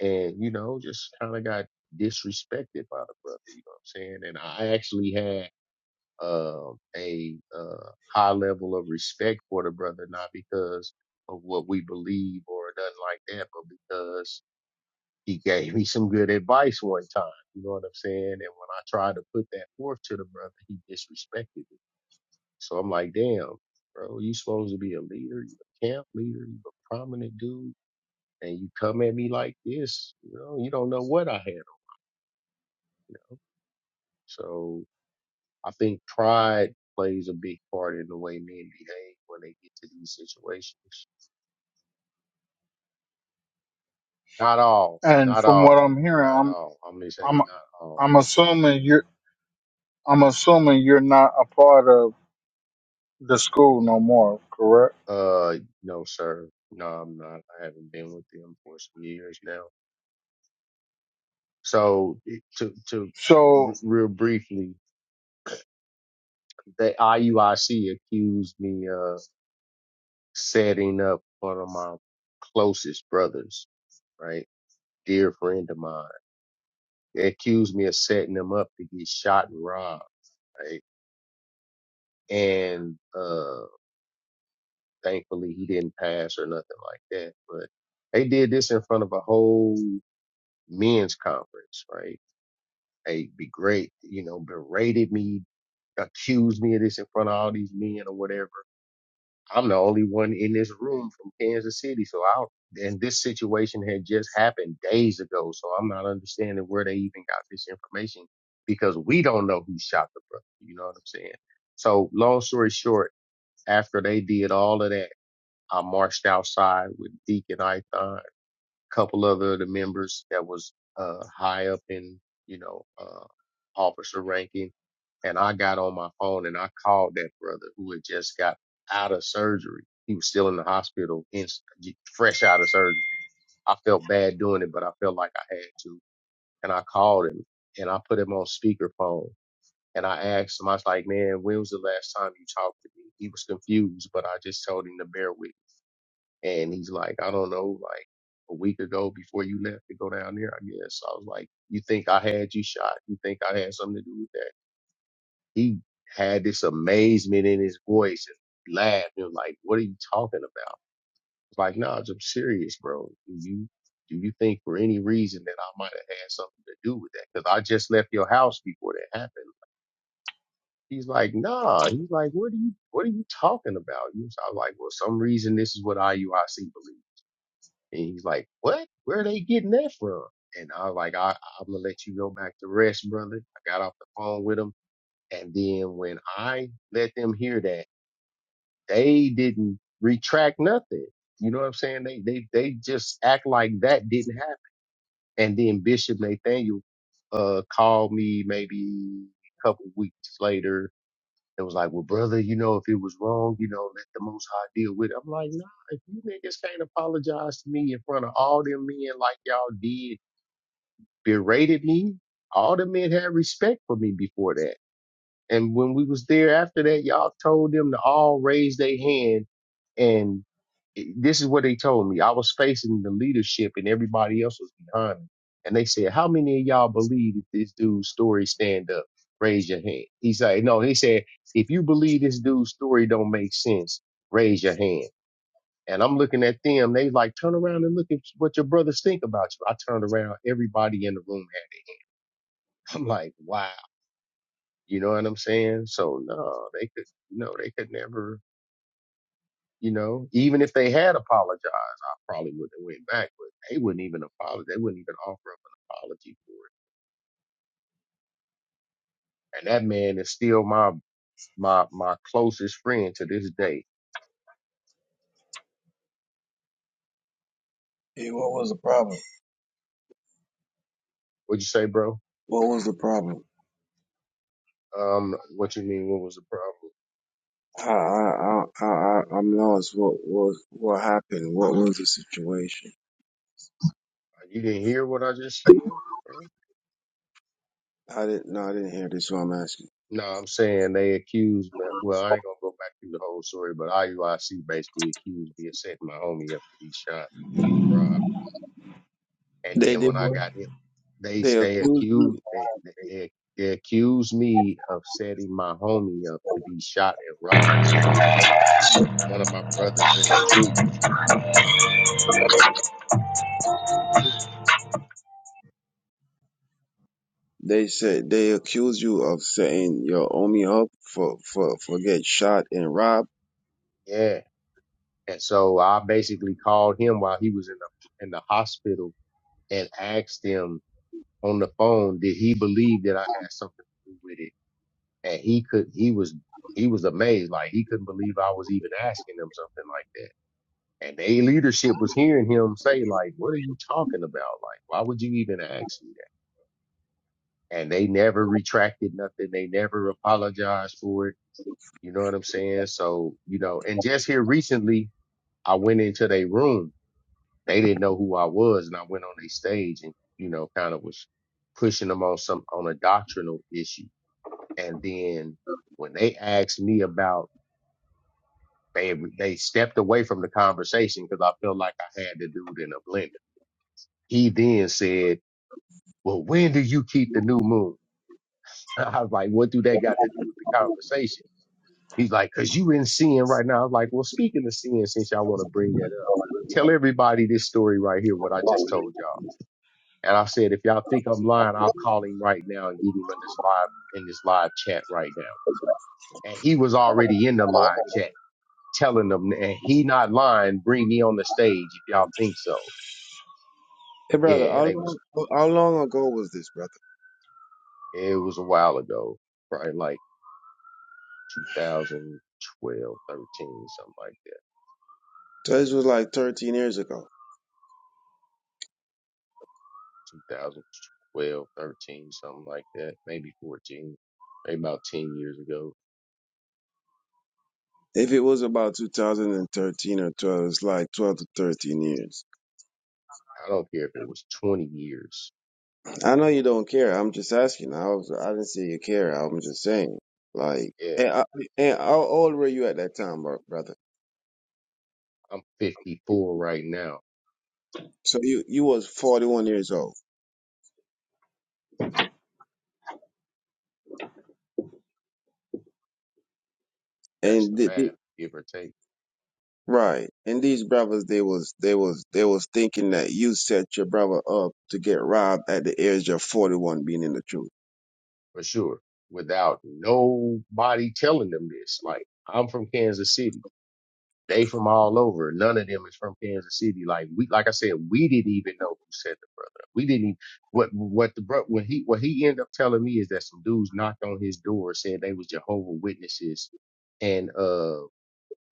Speaker 8: and, you know, just kind of got disrespected by the brother, you know what I'm saying? And I actually had, um a, uh, high level of respect for the brother, not because of what we believe or nothing like that, but because he gave me some good advice one time. You know what I'm saying? And when I tried to put that forth to the brother, he disrespected me. So I'm like, damn, bro, you supposed to be a leader, you a camp leader, you a prominent dude, and you come at me like this, you know, you don't know what I had on you. So I think pride plays a big part in the way men behave when they get to these situations. Not all,
Speaker 1: And
Speaker 8: not
Speaker 1: from what
Speaker 8: all,
Speaker 1: I'm hearing,
Speaker 8: not
Speaker 1: I'm
Speaker 8: all. I'm just
Speaker 1: I'm
Speaker 8: saying not all.
Speaker 1: I'm assuming you're I'm assuming you're not a part of the school no more, correct?
Speaker 8: Uh, no, sir. No, I'm not. I haven't been with them for some years now. So it- to to
Speaker 1: So,
Speaker 8: r- real briefly, the IUIC accused me of setting up one of my closest brothers, right, dear friend of mine. They accused me of setting him up to get shot and robbed, right? And uh, thankfully he didn't pass or nothing like that. But they did this in front of a whole men's conference, right? hey, be great, you know, berated me, accused me of this in front of all these men or whatever. I'm the only one in this room from Kansas City. So I, and this situation had just happened days ago. So I'm not understanding where they even got this information because we don't know who shot the brother. You know what I'm saying? So long story short, after they did all of that, I marched outside with Deacon Ithon couple other the members that was uh, high up in, you know, uh, officer ranking. And I got on my phone and I called that brother who had just got out of surgery. He was still in the hospital, in, fresh out of surgery. I felt bad doing it, but I felt like I had to. And I called him and I put him on speakerphone. And I asked him, I was like, man, when was the last time you talked to me? He was confused, but I just told him to bear with. And he's like, I don't know, like a week ago before you left to go down there, I guess. I was like, You think I had you shot? You think I had something to do with that? He had this amazement in his voice and laughed and was like, What are you talking about? I was like, nah, I'm serious, bro. Do you do you think for any reason that I might have had something to do with that? Because I just left your house before that happened. He's like, nah. He's like, what are you what are you talking about? You I was like, well, some reason this is what IUIC believes. And he's like, what? Where are they getting that from? And I was like, I, I'm going to let you go back to rest, brother. I got off the phone with him. And then when I let them hear that, they didn't retract nothing. You know what I'm saying? They, they, they just act like that didn't happen. And then Bishop Nathaniel, uh, called me maybe a couple weeks later it was like, well, brother, you know, if it was wrong, you know, let the Most High deal with it. I'm like, nah, if you niggas can't apologize to me in front of all them men like y'all did, berated me, all the men had respect for me before that. And when we was there after that, y'all told them to all raise their hand. And it- this is what they told me. I was facing the leadership and everybody else was behind me. And they said, how many of y'all believe that this dude's story stand up? Raise your hand. He's like, no, he said, if you believe this dude's story don't make sense, raise your hand. And I'm looking at them. They like, turn around and look at what your brothers think about you. I turned around. Everybody in the room had. *laughs* it. I'm like, wow. You know what I'm saying? So no, they could no, they could never, you know, even if they had apologized, I probably wouldn't have went back, but they wouldn't even apologize. They wouldn't even offer up an apology for it. And that man is still my my my closest friend to this day.
Speaker 3: Hey, what was the problem?
Speaker 8: What'd you say, bro?
Speaker 3: What was the problem?
Speaker 8: Um, what you mean? What was the problem?
Speaker 3: I, I, I, I, I- am lost. What, what, what happened? What was the situation?
Speaker 8: You didn't hear what I just said? bro?
Speaker 3: I didn't, no, I didn't hear this, so I'm asking.
Speaker 8: No, I'm saying they accused, but well, I ain't gonna go back through the whole story, but IUIC basically accused me of setting my homie up to be shot. Right. And
Speaker 3: They
Speaker 8: then
Speaker 3: did
Speaker 8: when I
Speaker 3: what?
Speaker 8: got hit, they
Speaker 3: They
Speaker 8: stay
Speaker 3: accuse you.
Speaker 8: accused. They, they, they accused me of setting my homie up to be shot and robbed. And my other my, one of my brothers in the truth.
Speaker 3: They said they accuse you of saying your homie up for for for get shot and robbed.
Speaker 8: Yeah. And so I basically called him while he was in the in the hospital and asked him on the phone, did he believe that I had something to do with it? And he could. He was. He was amazed. Like he couldn't believe I was even asking him something like that. And their leadership was hearing him say, like, what are you talking about? Like, why would you even ask me that? And they never retracted nothing. They never apologized for it. You know what I'm saying? So, you know, and just here recently, I went into their room. They didn't know who I was. And I went on their stage and, you know, kind of was pushing them on some, on a doctrinal issue. And then when they asked me about, they, they stepped away from the conversation because I felt like I had the dude in a blender. He then said, well, when do you keep the new moon? *laughs* I was like, what do that got to do with the conversation? He's like, cause you in sin right now. I was like, well, speaking of sin, since y'all want to bring that up, tell everybody this story right here, what I just told y'all. And I said, if y'all think I'm lying, I'll call him right now and get him in this live, in this live chat right now. And he was already in the live chat telling them, and he not lying, bring me on the stage if y'all think so.
Speaker 3: Hey brother,
Speaker 8: Yeah,
Speaker 3: how
Speaker 8: they
Speaker 3: long
Speaker 8: was,
Speaker 3: how long ago was this, brother?
Speaker 8: it was a while ago, right? Like, 2012, 13, something like that.
Speaker 3: So this was like 13 years ago.
Speaker 8: 2012, 13, something like that. Maybe 14, maybe about 10 years ago.
Speaker 3: If it was about 2013 or 12, it's like 12 to 13 years.
Speaker 8: I don't care if it was 20 years.
Speaker 3: I know you don't care. I'm just asking. I was I didn't say you care. I'm just saying. Like,
Speaker 8: Yeah,
Speaker 3: and, I, and how old were you at that time, bro- brother?
Speaker 8: I'm 54 right now.
Speaker 3: So you you was 41 years old,
Speaker 8: That's
Speaker 3: and
Speaker 8: the
Speaker 3: did,
Speaker 8: math, give or take,
Speaker 3: Right. And these brothers they was they was they was thinking that you set your brother up to get robbed at the age of forty one being in the truth.
Speaker 8: for sure. Without nobody telling them this. Like, I'm from Kansas City. They from all over. None of them is from Kansas City. Like we, like I said, we didn't even know who sent the brother. We didn't. Even, what what the bro what he what he ended up telling me is that some dudes knocked on his door, said they was Jehovah Witnesses, and uh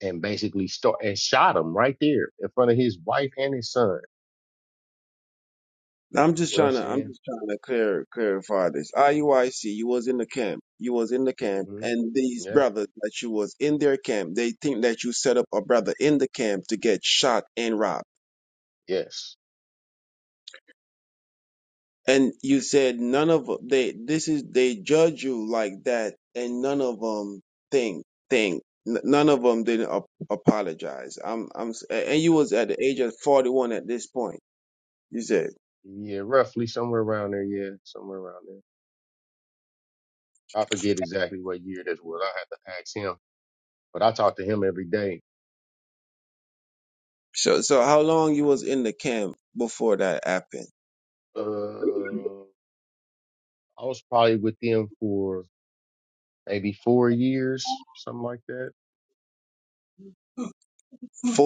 Speaker 8: and basically start and shot him right there in front of his wife and his son.
Speaker 3: I'm just
Speaker 8: You know what I'm
Speaker 3: trying to I'm
Speaker 8: saying?
Speaker 3: just trying to clear clarify this. IUIC, you was in the camp. You was in the camp
Speaker 8: hmm
Speaker 3: and these
Speaker 8: Yeah.
Speaker 3: brothers that you was in their camp, they think that you set up a brother in the camp to get shot and robbed.
Speaker 8: Yes.
Speaker 3: And you said none of they this is they judge you like that, and none of them think think N- none of them didn't ap- apologize. I'm I'm s- a- and you
Speaker 8: So,
Speaker 3: was at the age of 41 at this point. You said
Speaker 8: yeah. Roughly somewhere around there. Yeah. Somewhere around there. I forget exactly what year this was. I had to ask him, but I talk to him every day
Speaker 3: so. So how long you was in the camp before that happened?
Speaker 8: Uh, I was probably with them for maybe four years, something like that.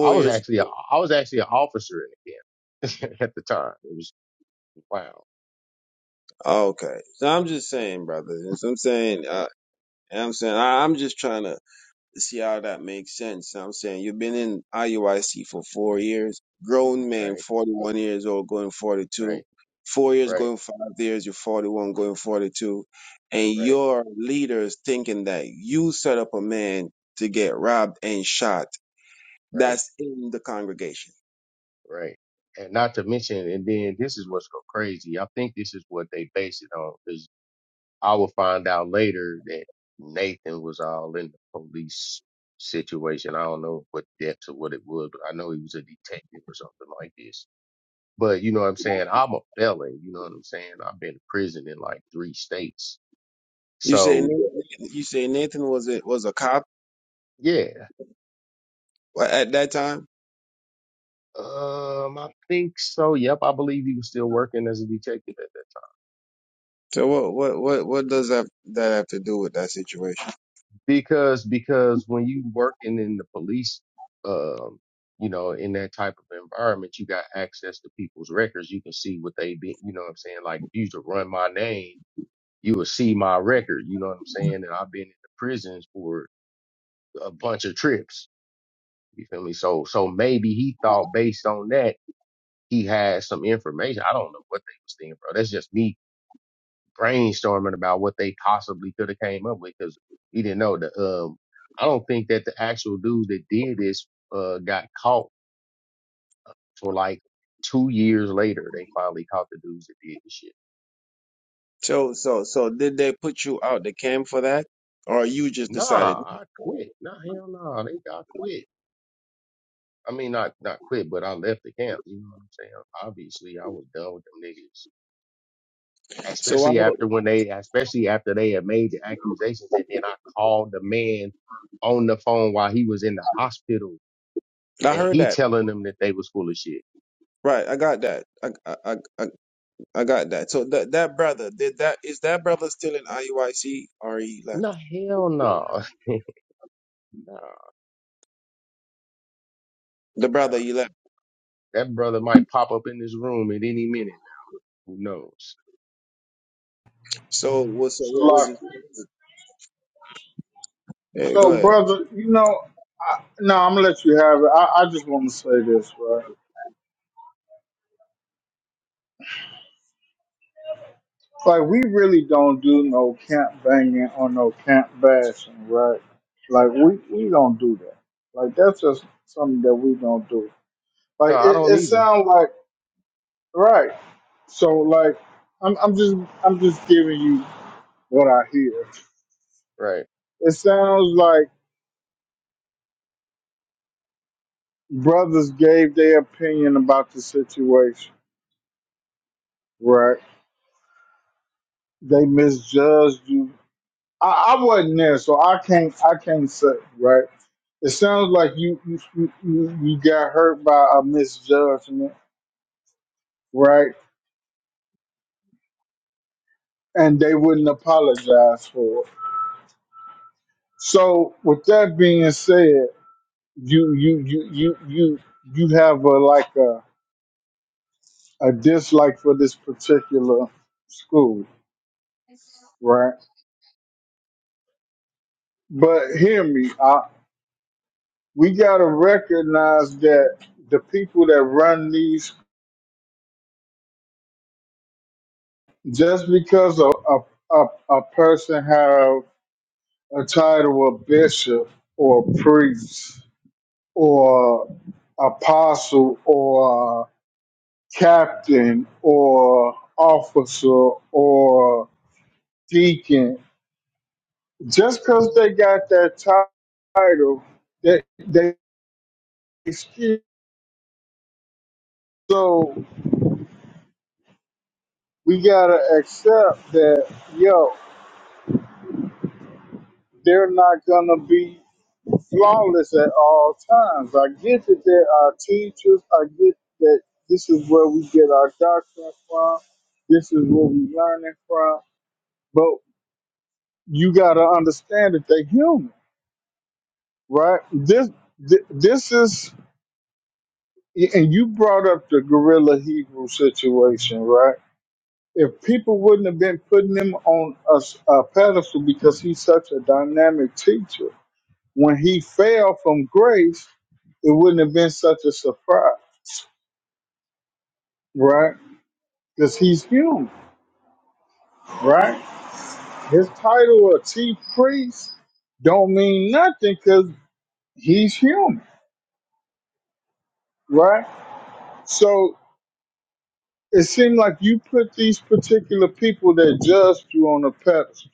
Speaker 8: I was
Speaker 3: years.
Speaker 8: actually a, I was actually an officer in the camp *laughs* at the time. It was wow,
Speaker 3: Okay. So I'm just saying, brother. You know what I'm saying. Uh, I'm saying I, I'm
Speaker 8: yeah,
Speaker 3: just trying to. see how that makes sense. I'm saying you've been in IUIC for four years, grown man,
Speaker 8: right,
Speaker 3: 41 years old, going 42,
Speaker 8: right,
Speaker 3: four years
Speaker 8: right,
Speaker 3: going five years, you're 41, going 42, and
Speaker 8: right,
Speaker 3: your leaders thinking that you set up a man to get robbed and shot.
Speaker 8: right,
Speaker 3: That's in the congregation.
Speaker 8: right. And not to mention, and then this is what's so crazy. I think this is what they base it on because I will find out later that Nathan was all in the police situation. I don't know what depths or what it was, but I know he was a detective or something like this But you know what I'm saying? I'm a felon. You know what I'm saying? I've been in prison in like three states.
Speaker 3: You say
Speaker 8: So
Speaker 3: Nathan, you say Nathan was a, was a cop
Speaker 8: yeah.
Speaker 3: at that time.
Speaker 8: Um, I think so. Yep. I believe he was still working as a detective at that time
Speaker 3: So what what what what does that that have to do with that situation?
Speaker 8: because, because when you working in the police, um, you know, in that type of environment, you got access to people's records. You can see what they been, you know what I'm saying? Like if you used to run my name, you would see my record. You know what I'm saying? And I've been in the prisons for a bunch of trips. You feel me? So so maybe he thought based on that he had some information. I don't know what they was thinking, bro. That's just me brainstorming about what they possibly could have came up with because we didn't know the um. I don't think that the actual dudes that did this uh got caught for like two years later. They finally caught the dudes that did this shit.
Speaker 3: So, so, so did they put you out the camp for that, or you just
Speaker 8: Nah,
Speaker 3: decided?
Speaker 8: I quit. Nah, hell no, nah, they got quit. I mean, not not quit, but I left the camp. You know what I'm saying? Obviously, I was done with them niggas
Speaker 3: So I,
Speaker 8: especially
Speaker 3: will-
Speaker 8: after when they, especially after they had made the accusations, and then I called the man on the phone while he was in the hospital,
Speaker 3: I
Speaker 8: and
Speaker 3: heard
Speaker 8: he
Speaker 3: that.
Speaker 8: telling them that they was full of shit.
Speaker 3: Right, I got that. I, I, I, I I got that. So that that brother did that. Is that brother still in IUIC or he left?
Speaker 8: No hell no, *laughs* no,
Speaker 3: The
Speaker 8: no.
Speaker 3: brother he left.
Speaker 8: That brother might pop up in this room at any minute. Who knows?
Speaker 3: So what? So
Speaker 1: so
Speaker 3: what was
Speaker 1: like,
Speaker 3: it? Yeah, go
Speaker 1: so
Speaker 3: ahead,
Speaker 1: brother, you know, I, no, I'm gonna let you have it. I, I just want to say this, right? Like, we really don't do no camp banging or no camp bashing, right? Like, we we don't do that. Like, that's just something that we don't do.
Speaker 8: No,
Speaker 1: Like,
Speaker 8: I
Speaker 1: it,
Speaker 8: don't
Speaker 1: it
Speaker 8: either.
Speaker 1: sounds like right. So like I'm I'm just I'm just giving you what I hear.
Speaker 8: Right.
Speaker 1: It sounds like brothers gave their opinion about the situation, right? They misjudged you. I, I wasn't there, so I can't I can't say, right? It sounds like you you, you you you got hurt by a misjudgment, right? And they wouldn't apologize for it. So with that being said, you you you you you you have a like a a dislike for this particular school, right? But hear me, I, we got to recognize that the people that run these, just because a, a, a, a person have a title of bishop or priest or apostle or captain or officer or deacon, just because they got that title, they, they excuse. So we gotta accept that, yo, they're not gonna be flawless at all times. I get that there are teachers. I get that this is where we get our doctrine from. This is where we learning from. But you gotta understand that they're human, right? This thi- this is, and you brought up the gorilla Hebrew situation, right? if people wouldn't have been putting him on a, s- a pedestal because he's such a dynamic teacher, when he fell from grace, it wouldn't have been such a surprise, right? Because he's human, right? His title of chief priest don't mean nothing because he's human, right? So it seemed like you put these particular people that judged you on a pedestal,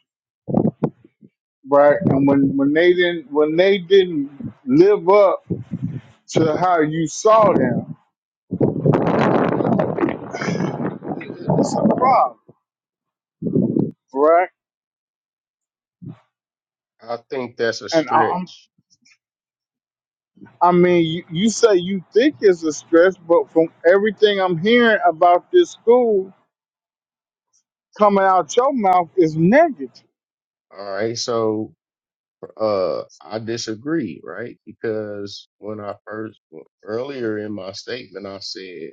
Speaker 1: right? And when when they didn't when they didn't live up to how you saw them. It's a problem, right?
Speaker 8: I think that's a
Speaker 1: And I- I'm,
Speaker 8: stretch.
Speaker 1: I mean, you, you say you think it's a stress, but from everything I'm hearing about this school coming out your mouth is negative.
Speaker 8: All right. So, uh, I disagree, right? Because when I first, earlier in my statement, I said.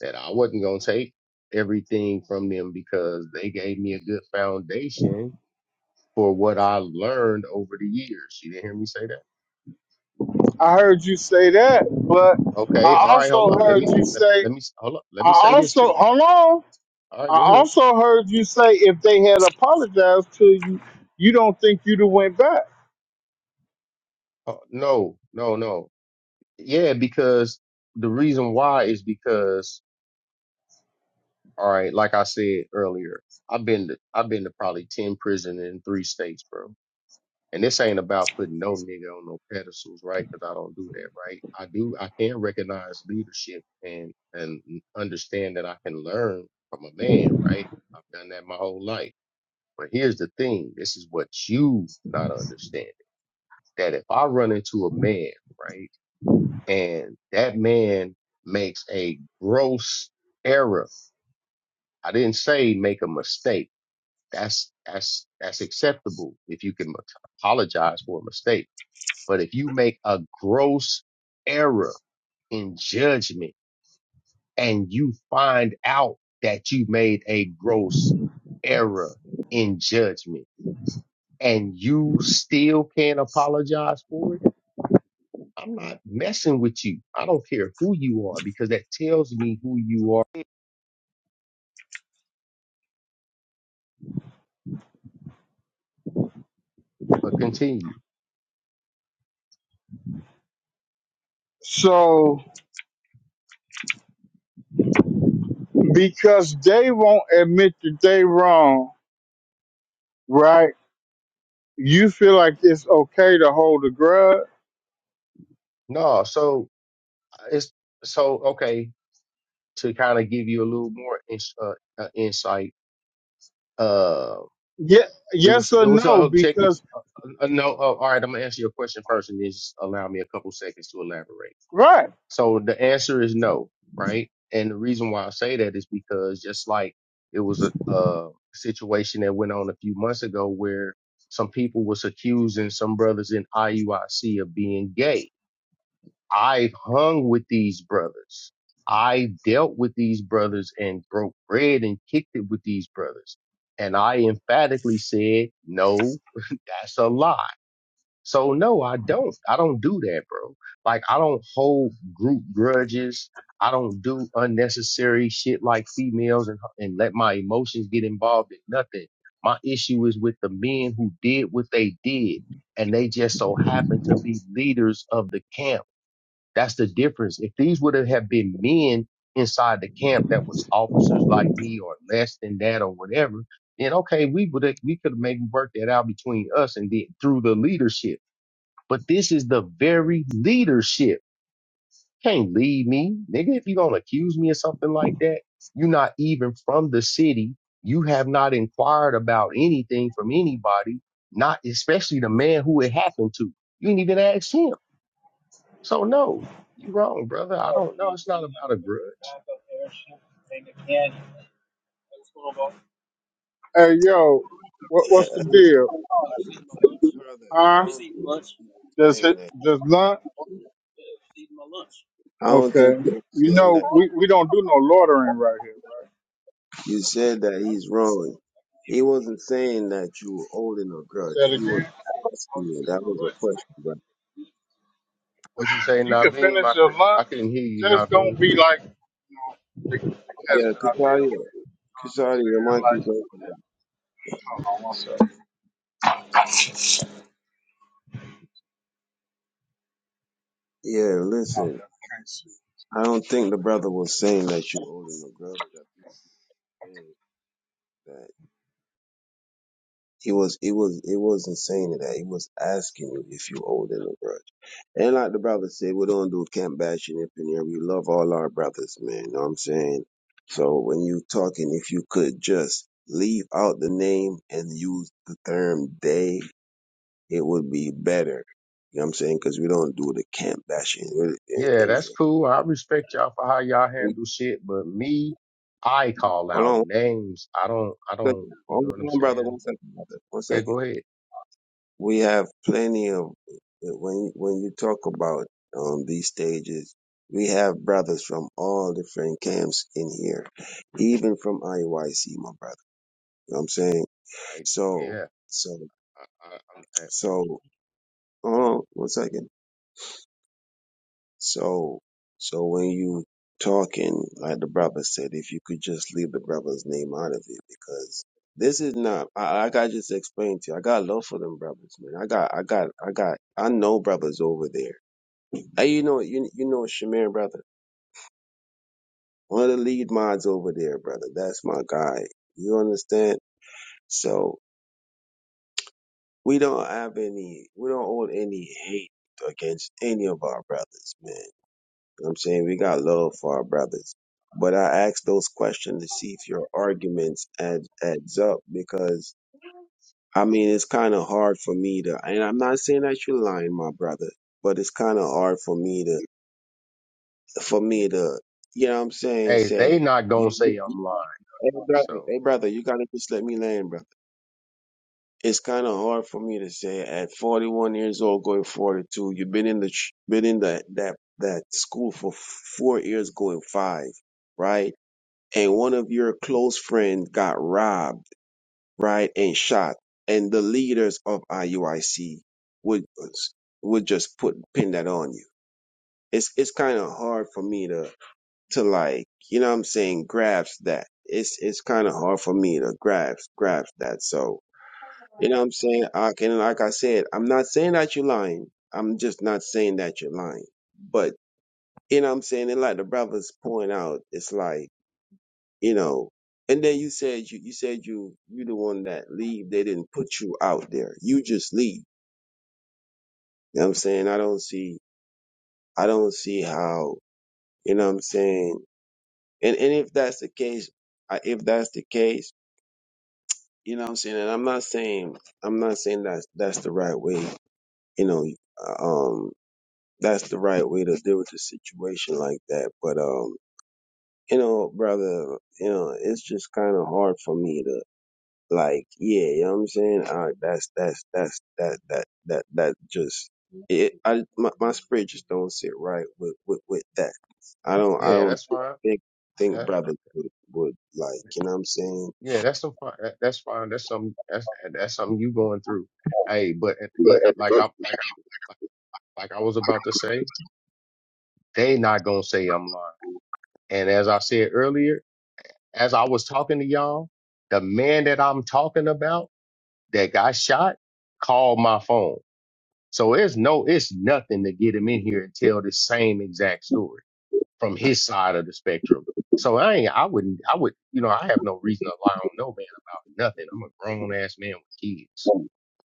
Speaker 8: that I wasn't going to take everything from them because they gave me a good foundation for what I learned over the years. You didn't hear me say that?
Speaker 1: I heard you say that, but
Speaker 8: Okay.
Speaker 1: I
Speaker 8: All right.
Speaker 1: also
Speaker 8: Hold up. Let
Speaker 1: heard
Speaker 8: me,
Speaker 1: you
Speaker 8: let,
Speaker 1: say,
Speaker 8: let me, hold up. Let
Speaker 1: I
Speaker 8: me say this
Speaker 1: also,
Speaker 8: too.
Speaker 1: hold on,
Speaker 8: All right.
Speaker 1: I
Speaker 8: Go ahead.
Speaker 1: also heard you say if they had apologized to you, you don't think you'd have went back.
Speaker 8: Oh, no, no, no. Yeah. Because the reason why is because, all right, like I said earlier, I've been to, I've been to probably 10 prison in three states, bro And this ain't about putting no nigga on no pedestals, right? Because I don't do that, right? I do, I can recognize leadership and and understand that I can learn from a man, right? I've done that my whole life. But here's the thing: this is what you not understanding that if I run into a man, right, and that man makes a gross error, I didn't say make a mistake. That's that's that's acceptable if you can apologize for a mistake But if you make a gross error in judgment and you find out that you made a gross error in judgment and you still can't apologize for it, I'm not messing with you. I don't care who you are because that tells me who you are. But continue.
Speaker 1: So because they won't admit that they wrong, right? you feel like it's okay to hold a grudge?
Speaker 8: No, so uh, it's so okay to kind of give you a little more ins uh, uh, insight. Uh,
Speaker 1: Yeah,
Speaker 8: it
Speaker 1: yes
Speaker 8: was it
Speaker 1: or
Speaker 8: was
Speaker 1: no?
Speaker 8: uh, check
Speaker 1: Because
Speaker 8: Uh, no, uh, all right. I'm gonna answer your question first, and then just allow me a couple seconds to elaborate.
Speaker 1: right,
Speaker 8: So the answer is no, right? And the reason why I say that is because just like it was a, a situation that went on a few months ago where some people was accusing some brothers in IUIC of being gay. I hung with these brothers. I dealt with these brothers and broke bread and kicked it with these brothers. And I emphatically said, no, that's a lie. So no, I don't. I don't do that, bro. Like I don't hold group grudges. I don't do unnecessary shit like females and and let my emotions get involved in nothing. My issue is with the men who did what they did and they just so happened to be leaders of the camp. That's the difference. If these would have been men inside the camp that was officers like me or less than that or whatever, then okay, we would we could have maybe worked that out between us and then through the leadership but this is the very leadership. Can't lead me. Nigga, if you're going to accuse me of something like that, you're not even from the city. You have not inquired about anything from anybody, not especially the man who it happened to. You didn't even ask him. So no, you wrong, brother. I don't know. It's not about a grudge.
Speaker 1: hey yo, what, what's the deal?
Speaker 3: brother. I
Speaker 1: Huh?
Speaker 3: don't think you're
Speaker 1: Does
Speaker 3: saying
Speaker 1: it
Speaker 3: that.
Speaker 1: does lunch?
Speaker 3: I don't think
Speaker 1: Okay,
Speaker 3: you're
Speaker 1: you
Speaker 3: saying
Speaker 1: know
Speaker 3: that.
Speaker 1: we, we don't do no loitering right here, right?
Speaker 3: You said that he's wrong. He wasn't saying that you were holding a grudge.
Speaker 1: Say it
Speaker 3: He was
Speaker 1: again.
Speaker 3: asking you. That was a question, brother.
Speaker 8: What you say,
Speaker 1: You can
Speaker 8: Naveem?
Speaker 1: finish
Speaker 8: I
Speaker 1: your
Speaker 8: could, I
Speaker 1: lunch.
Speaker 8: couldn't hear you,
Speaker 1: Just
Speaker 8: Naveem.
Speaker 1: don't be like you know the, the cats
Speaker 3: Yeah,
Speaker 1: that I deal with. You
Speaker 3: Katalia. Kasadi, your
Speaker 1: know
Speaker 3: mic
Speaker 1: what I'm saying?
Speaker 3: is
Speaker 1: Like,
Speaker 3: open.
Speaker 1: hold on one second.
Speaker 3: Yeah, listen. I don't think the brother was saying that you owed him a grudge. I think he's saying that he was, he was, it wasn't saying that. He was asking you if you owed him a grudge. And like the brother said, we don't do camp bashing up in here. We love all our brothers, man. You know what I'm saying? So when you talking, if you could just leave out the name and use the term they, it would be better. You know what I'm saying? Because we don't do the camp bashing. We-
Speaker 8: Yeah, that's
Speaker 3: Anyway,
Speaker 8: cool. I respect y'all for how y'all handle shit, but me, I call
Speaker 3: hold
Speaker 8: out
Speaker 3: on,
Speaker 8: names. I don't, I
Speaker 3: But
Speaker 8: don't, you know
Speaker 3: hold
Speaker 8: what I'm
Speaker 3: on, brother.
Speaker 8: saying?
Speaker 3: One second, brother. One
Speaker 8: Yeah,
Speaker 3: second.
Speaker 8: go ahead.
Speaker 3: We have plenty of when when you talk about um these stages. We have brothers from all different camps in here, even from IYC, my brother. You know what I'm saying?
Speaker 8: I,
Speaker 3: So,
Speaker 8: yeah.
Speaker 3: so,
Speaker 8: I, I, I,
Speaker 3: so, hold on one second. So, so when you talking, like the brother said, if you could just leave the brother's name out of it, because this is not. I, like I just explained to you, I got love for them brothers, man. I got, I got, I got. I know brothers over there. Hey, you know, you you know, Shamir, brother, one of the lead mods over there, brother. That's my guy. You understand? So we don't have any, we don't hold any hate against any of our brothers, man. You know what I'm saying we got love for our brothers. But I ask those questions to see if your arguments add, adds up because I mean it's kind of hard for me to and I'm not saying that you're lying, my brother, but it's kind of hard for me to for me to you know what I'm saying
Speaker 8: hey, they
Speaker 3: say
Speaker 8: not gonna
Speaker 3: you
Speaker 8: say I'm lying.
Speaker 3: hey brother,
Speaker 8: So
Speaker 3: hey brother, you gotta just let me land, brother. It's kind of hard for me to say at 41 years old, going 42. You've been in the ch- been in that that that school for four years, going five, right? and one of your close friends got robbed, right, and shot, and the leaders of IUIC would would just put pin that on you. It's it's kind of hard for me to to like, you know what I'm saying, grasp that. It's it's kind of hard for me to grasp grasp that. So, you know what I'm saying? I can like I said, I'm not saying that you're lying. I'm just not saying that you're lying. But you know what I'm saying? And like the brothers point out, it's like you know. And then you said you you said you you the one that leave. They didn't put you out there. You just leave. You know what I'm saying? I don't see I don't see how, you know what I'm saying? And and if that's the case, I, if that's the case, you know what I'm saying? And I'm not saying I'm not saying that that's the right way, you know, uh, um that's the right way to deal with the situation like that. But um, you know, brother, you know, it's just kind of hard for me to. like yeah, you know what I'm saying? Uh, that's that's that's that that that that just it. I my, my spirit just don't sit right with with with that. I don't I
Speaker 8: yeah,
Speaker 3: don't
Speaker 8: that's fine.
Speaker 3: think think
Speaker 8: Uh,
Speaker 3: brothers would, would like you know what I'm saying?
Speaker 8: yeah, that's some fine. That, that's fine. That's something. That's that's something you going through. Hey, but at the end, like I like I- like like I was about to say, they not gonna say I'm lying. And as I said earlier. as I was talking to y'all, the man that I'm talking about that got shot called my phone. So it's no, it's nothing to get him in here and tell the same exact story from his side of the spectrum. So I ain't, I wouldn't, I would, you know, I have no reason to lie on no man about nothing. I'm a grown ass man with kids.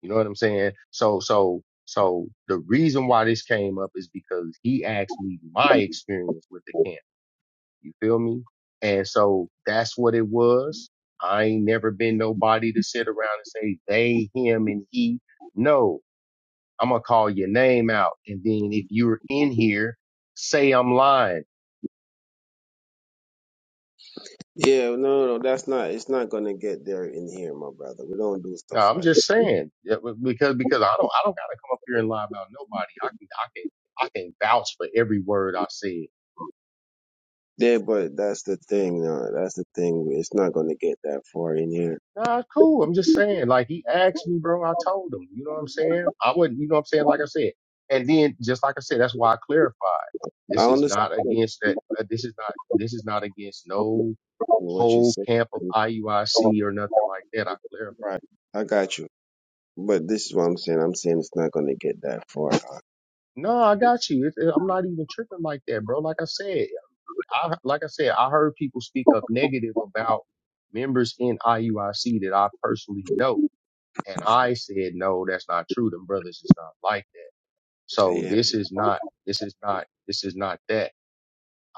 Speaker 8: You know what I'm saying? So, so, so the reason why this came up is because he asked me my experience with the camp you feel me? And so that's what it was. I ain't never been nobody to sit around and say they, him, and he. No, I'm gonna call your name out, and then if you're in here, say I'm lying.
Speaker 3: Yeah, no, no, no, that's not. It's not gonna get there in here, my brother. We don't do
Speaker 8: No,
Speaker 3: stuff
Speaker 8: I'm
Speaker 3: like that.
Speaker 8: just saying yeah, because because I don't I don't gotta come up here and lie about nobody. I can I can I can vouch for every word I said.
Speaker 3: Yeah, but that's the thing. No, that's the thing. It's not gonna get that far in here.
Speaker 8: Nah, it's cool. I'm just saying, like he asked me, bro. I told him. You know what I'm saying? I wouldn't. You know what I'm saying? Like I said, and then just like I said, that's why I clarified.
Speaker 3: I
Speaker 8: This is
Speaker 3: understand
Speaker 8: not against that. uh, This is not. This is not against no
Speaker 3: what you
Speaker 8: whole
Speaker 3: said.
Speaker 8: camp of IUIC or nothing like that. I clarified.
Speaker 3: Right, I got you. But this is what I'm saying. I'm saying it's not going to get that far.
Speaker 8: No, I got you. It, it- I'm not even tripping like that, bro. Like I said, I like I said, I heard people speak up negative about members in IUIC that I personally know, and I said, no, that's not true. Them brothers is not like that. So
Speaker 3: Yeah,
Speaker 8: this is
Speaker 3: I
Speaker 8: not, this is not, this is not that.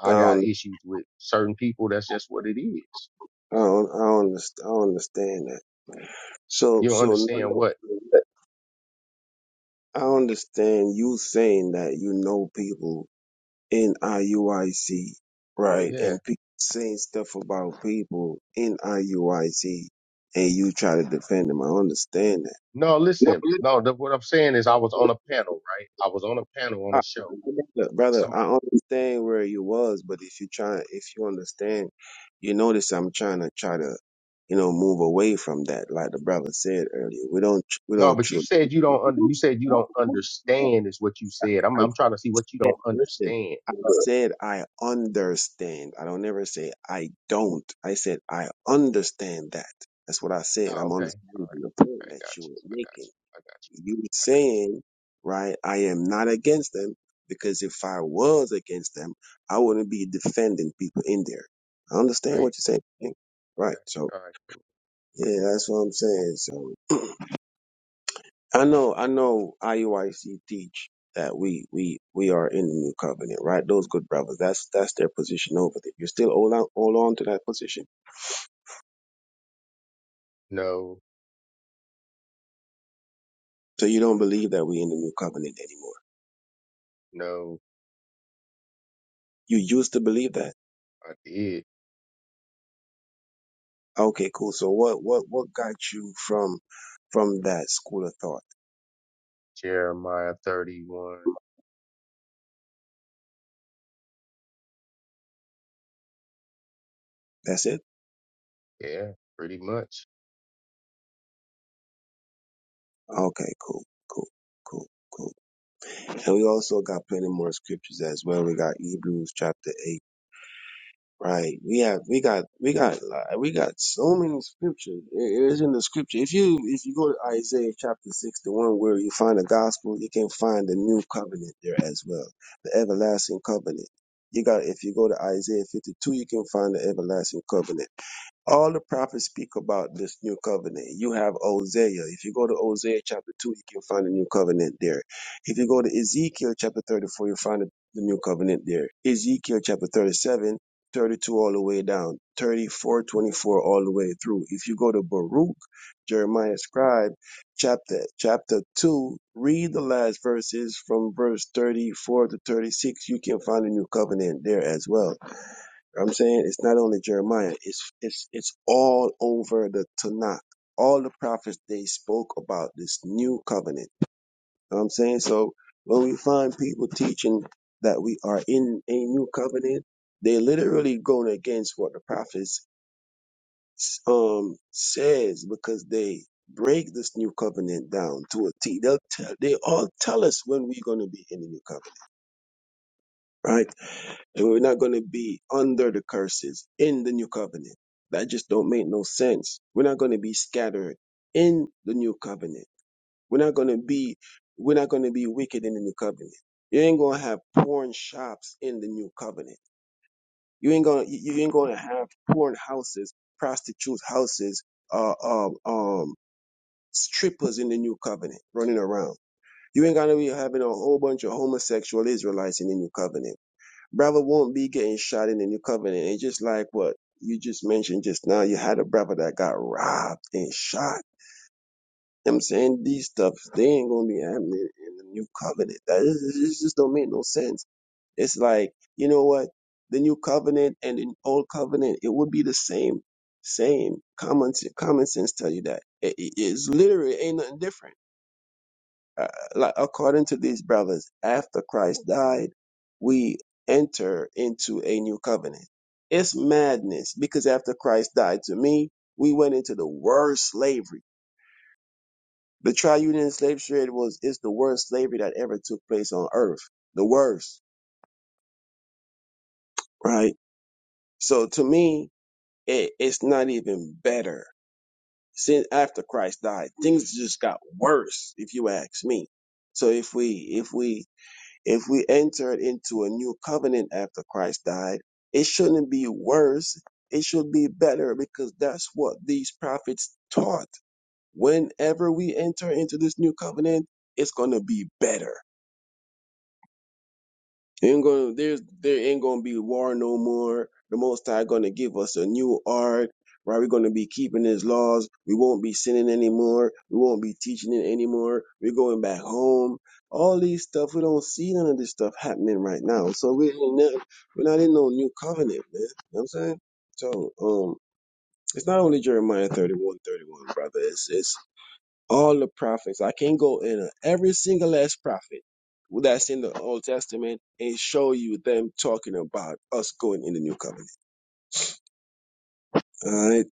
Speaker 8: I got
Speaker 3: don't,
Speaker 8: issues with certain people. That's just what it is.
Speaker 3: I don't, I don't, I don't understand that. So,
Speaker 8: You don't
Speaker 3: so
Speaker 8: understand
Speaker 3: now
Speaker 8: what?
Speaker 3: I understand you saying that you know people in IUIC, right?
Speaker 8: Yeah.
Speaker 3: And pe- saying stuff about people in IUIC, and you try to defend them. I understand
Speaker 8: No,
Speaker 3: that.
Speaker 8: listen. No, the, what I'm saying is I was on a panel, right? I was on a panel on
Speaker 3: I,
Speaker 8: a show.
Speaker 3: look, brother,
Speaker 8: Some,
Speaker 3: I understand where you was, but if you try, if you understand, you notice I'm trying to try to, you know, move away from that. Like the brother said earlier, we don't, we
Speaker 8: no,
Speaker 3: don't
Speaker 8: but you
Speaker 3: truly.
Speaker 8: said you don't under, you said you don't understand is what you said. I'm,
Speaker 3: I
Speaker 8: I'm trying to see what you
Speaker 3: said,
Speaker 8: don't
Speaker 3: listen,
Speaker 8: understand.
Speaker 3: I said I understand. I don't ever say I don't. I said I understand that. That's what I said.
Speaker 8: Oh,
Speaker 3: I'm
Speaker 8: okay.
Speaker 3: understanding the point
Speaker 8: I
Speaker 3: that
Speaker 8: got
Speaker 3: you were
Speaker 8: you. I got
Speaker 3: making
Speaker 8: you. I got you.
Speaker 3: you were
Speaker 8: I
Speaker 3: saying, right, I am not against them because if I was against them, I wouldn't be defending people in there. I understand
Speaker 8: got you. Right.
Speaker 3: what you're saying. Right.
Speaker 8: I
Speaker 3: Right,
Speaker 8: got
Speaker 3: So,
Speaker 8: you. All right. Cool.
Speaker 3: yeah, that's what I'm saying. So, I know, I know IUIC teach that we, we, we are in the new covenant, right? Those good brothers, that's, that's their position over there. You're still hold on, hold on to that position.
Speaker 8: No,
Speaker 3: So you don't believe that we're in the new covenant anymore.
Speaker 8: no,
Speaker 3: You used to believe that
Speaker 8: I did.
Speaker 3: Okay, cool. So what what what got you from from that school of thought?
Speaker 8: Jeremiah 31.
Speaker 3: That's it?
Speaker 8: Yeah, pretty much.
Speaker 3: Okay, cool, cool, cool, cool. And we also got plenty more scriptures as well. We got Hebrews chapter eight, right? We have we got we got li- we got so many scriptures. It it is in the scripture. If you if you go to Isaiah chapter six, the one where you find the gospel, you can find the new covenant there as well. The everlasting covenant. You got if you go to Isaiah fifty two, you can find the everlasting covenant All the prophets speak about this new covenant. You have Hosea. If you go to Hosea chapter 2, you can find the new covenant there. If you go to Ezekiel chapter 34, you'll find the the new covenant there. Ezekiel chapter 37, 32 all the way down, 34 24 all the way through. If you go to Baruch, Jeremiah scribe, chapter chapter 2, read the last verses from verse 34 to 36, you can find the new covenant there as well. You know what I'm saying it's not only Jeremiah, it's it's it's all over the Tanakh. All the prophets they spoke about this new covenant. You know what I'm saying? So when we find people teaching that we are in a new covenant, they literally going against what the prophets um says because they break this new covenant down to a T. They'll tell they all tell us when we're gonna be in the new covenant, right? and we're not going to be under the curses in the new covenant. That just don't make no sense. We're not going to be scattered in the new covenant. We're not going to be we're not going to be wicked in the new covenant. You ain't going to have porn shops in the new covenant. You ain't going to you ain't going to have porn houses, prostitute houses, uh, um, um, strippers in the new covenant running around. You ain't going to be having a whole bunch of homosexual Israelites in the new covenant brother won't be getting shot in the new covenant. It's just like what you just mentioned just now. You had a brother that got robbed and shot. You know what I'm saying these stuffs, they ain't gonna be happening in the new covenant. That is, it just don't make no sense. It's like, you know what? The new covenant and the old covenant, it would be the same, same. Common, common sense tell you that. It, it- it's literally ain't nothing different uh, like according to these brothers, after Christ died, we enter into a new covenant. It's madness because after Christ died, to me, we went into the worst slavery. The triunion slave trade was is the worst slavery that ever took place on earth. The worst, right? So to me, it, it's not even better. Since after Christ died, things just got worse, if you ask me. So if we if we If we entered into a new covenant after Christ died, it shouldn't be worse. It should be better because that's what these prophets taught. Whenever we enter into this new covenant, it's going to be better Ain't gonna there's there ain't gonna be war no more. The Most High gonna give us a new art, right? We're gonna be keeping His laws. We won't be sinning anymore. We won't be teaching it anymore. We're going back home. All these stuff we don't see none of this stuff happening right now. So we ain't nev- we're not in no new covenant, man. You know what I'm saying? So um, it's not only Jeremiah 31, 31, brother. It's it's all the prophets. I can go in every single last prophet that's in the Old Testament and show you them talking about us going in the New Covenant. All right.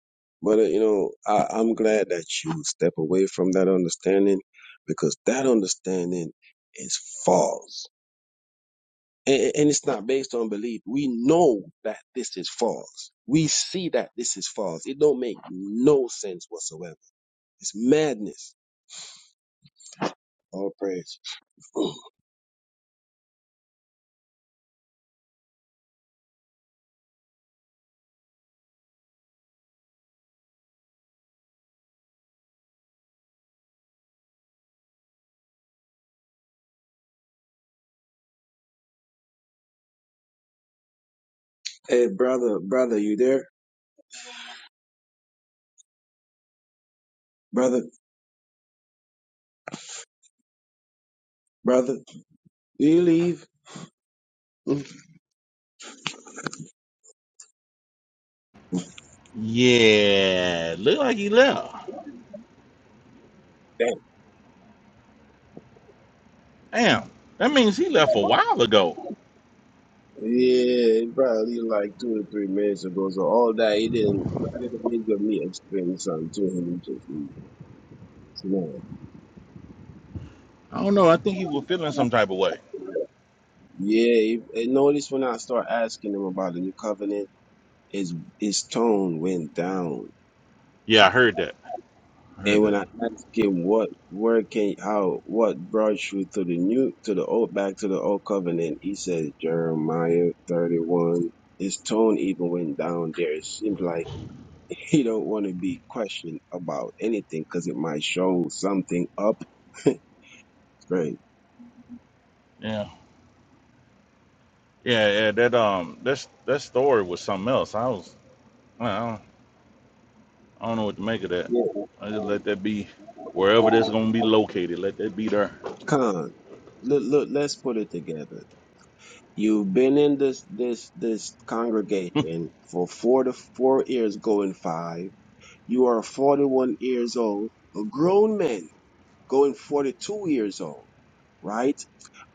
Speaker 3: But, uh, you know, I, I'm glad that you step away from that understanding because that understanding is false. And, and it's not based on belief. We know that this is false. We see that this is false. It don't make no sense whatsoever. It's madness. All praise. *clears throat* Hey, brother, brother, you there? Brother, brother, do you leave? *laughs*
Speaker 2: Yeah, look like he left.
Speaker 3: That-
Speaker 2: Damn, that means he left a while ago.
Speaker 3: Yeah, probably like two or three minutes ago. So all that he didn't, I didn't really give me explaining something to him. He just he- you know.
Speaker 2: I don't know. I think he was feeling some type of way.
Speaker 3: Yeah, he- and notice when I start asking him about the new covenant, his his tone went down.
Speaker 2: Yeah, I heard that. I
Speaker 3: And
Speaker 2: heard
Speaker 3: when
Speaker 2: that.
Speaker 3: I asked him what where can how what brought you to the new to the old back to the old covenant, he says Jeremiah thirty one. His tone even went down there. It seems like *laughs* he don't want to be questioned about anything because it might show something up. *laughs* Great.
Speaker 2: Yeah, yeah, yeah. That um, that s- that story was something else. I was, I don't, I don't know what to make of that.
Speaker 3: Yeah.
Speaker 2: I just let that be wherever that's gonna be located. Let that be there.
Speaker 3: Con, look, look, let's put it together. You've been in this this this
Speaker 2: *laughs*
Speaker 3: congregation for four to four years going five. You are 41 years old, a grown man going 42 years old, right?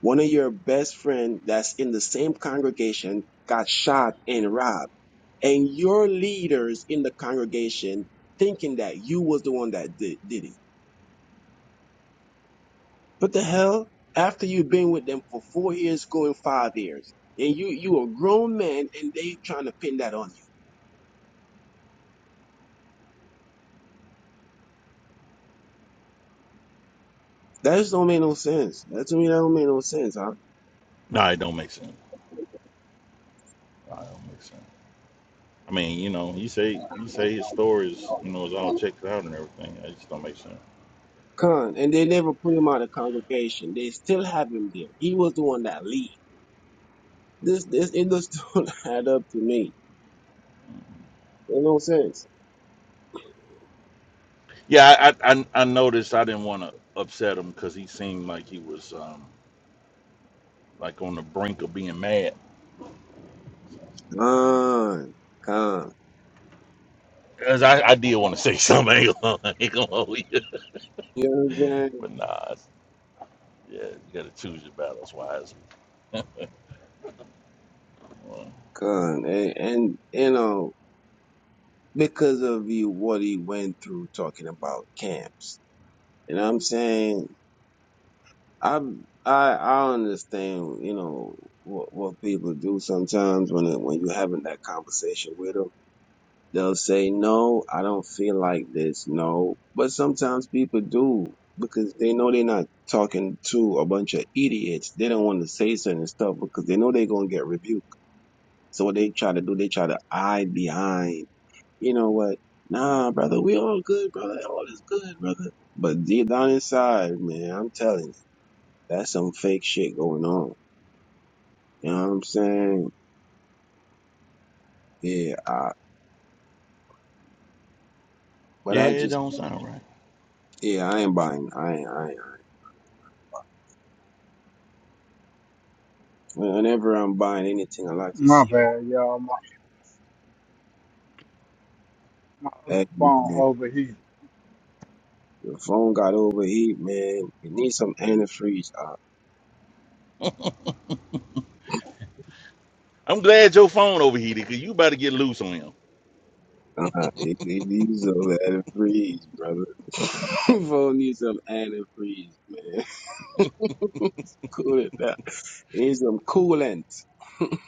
Speaker 3: One of your best friend that's in the same congregation got shot and robbed. And your leaders in the congregation thinking that you was the one that did, did it. What the hell? After you've been with them for four years, going five years, and you you a grown man, and they trying to pin that on you. That just don't make no sense. That to me, that don't make no sense. huh?
Speaker 2: No, it don't make sense. Nah, it don't make sense. I mean, you know, you say you say his stories, you know, is all checked out and everything. It just don't make sense.
Speaker 3: Con, and they never put him out of congregation. They still have him there. He was the one that lead This, this, it just *laughs* don't add up to me. It no sense.
Speaker 2: Yeah, I I, I noticed. I didn't want to upset him because he seemed like he was um like on the brink of being mad.
Speaker 3: Con, con.
Speaker 2: Cause I, I did want to say something, *laughs* I ain't gonna, I ain't gonna hold you.
Speaker 3: You know what I'm saying?
Speaker 2: but nah, it's- yeah, you gotta choose your battles wisely. Uh,
Speaker 3: Con, and, and you know because of you, what he went through talking about camps. You know what I'm saying? I, I, I understand. You know what what people do sometimes when it, when you're having that conversation with 'em. They'll say, no, I don't feel like this. No. But sometimes people do because they know they're not talking to a bunch of idiots. They don't want to say certain stuff because they know they're going to get rebuked. So what they try to do, they try to hide behind, you know what? Nah, brother, we all good, brother. All is good, brother. But deep down inside, man, I'm telling you, that's some fake shit going on. You know what I'm saying? Yeah. I, but
Speaker 2: yeah,
Speaker 3: I
Speaker 2: it
Speaker 3: just,
Speaker 2: don't sound right.
Speaker 3: yeah, I ain't buying. I ain't. I ain't. Whenever I'm buying anything, I like to
Speaker 9: My
Speaker 3: see what
Speaker 9: bad, y'all. My, my other
Speaker 3: the
Speaker 9: phone
Speaker 3: if
Speaker 9: overheated.
Speaker 3: the phone got overheat, man, it needs some antifreeze. Uh,
Speaker 2: I'm glad your phone overheated, cause you about to get loose on him.
Speaker 3: uh, it, it needs some antifreeze, brother. *laughs* phone needs some antifreeze, man. *laughs* Cool it down. It needs some coolant *laughs*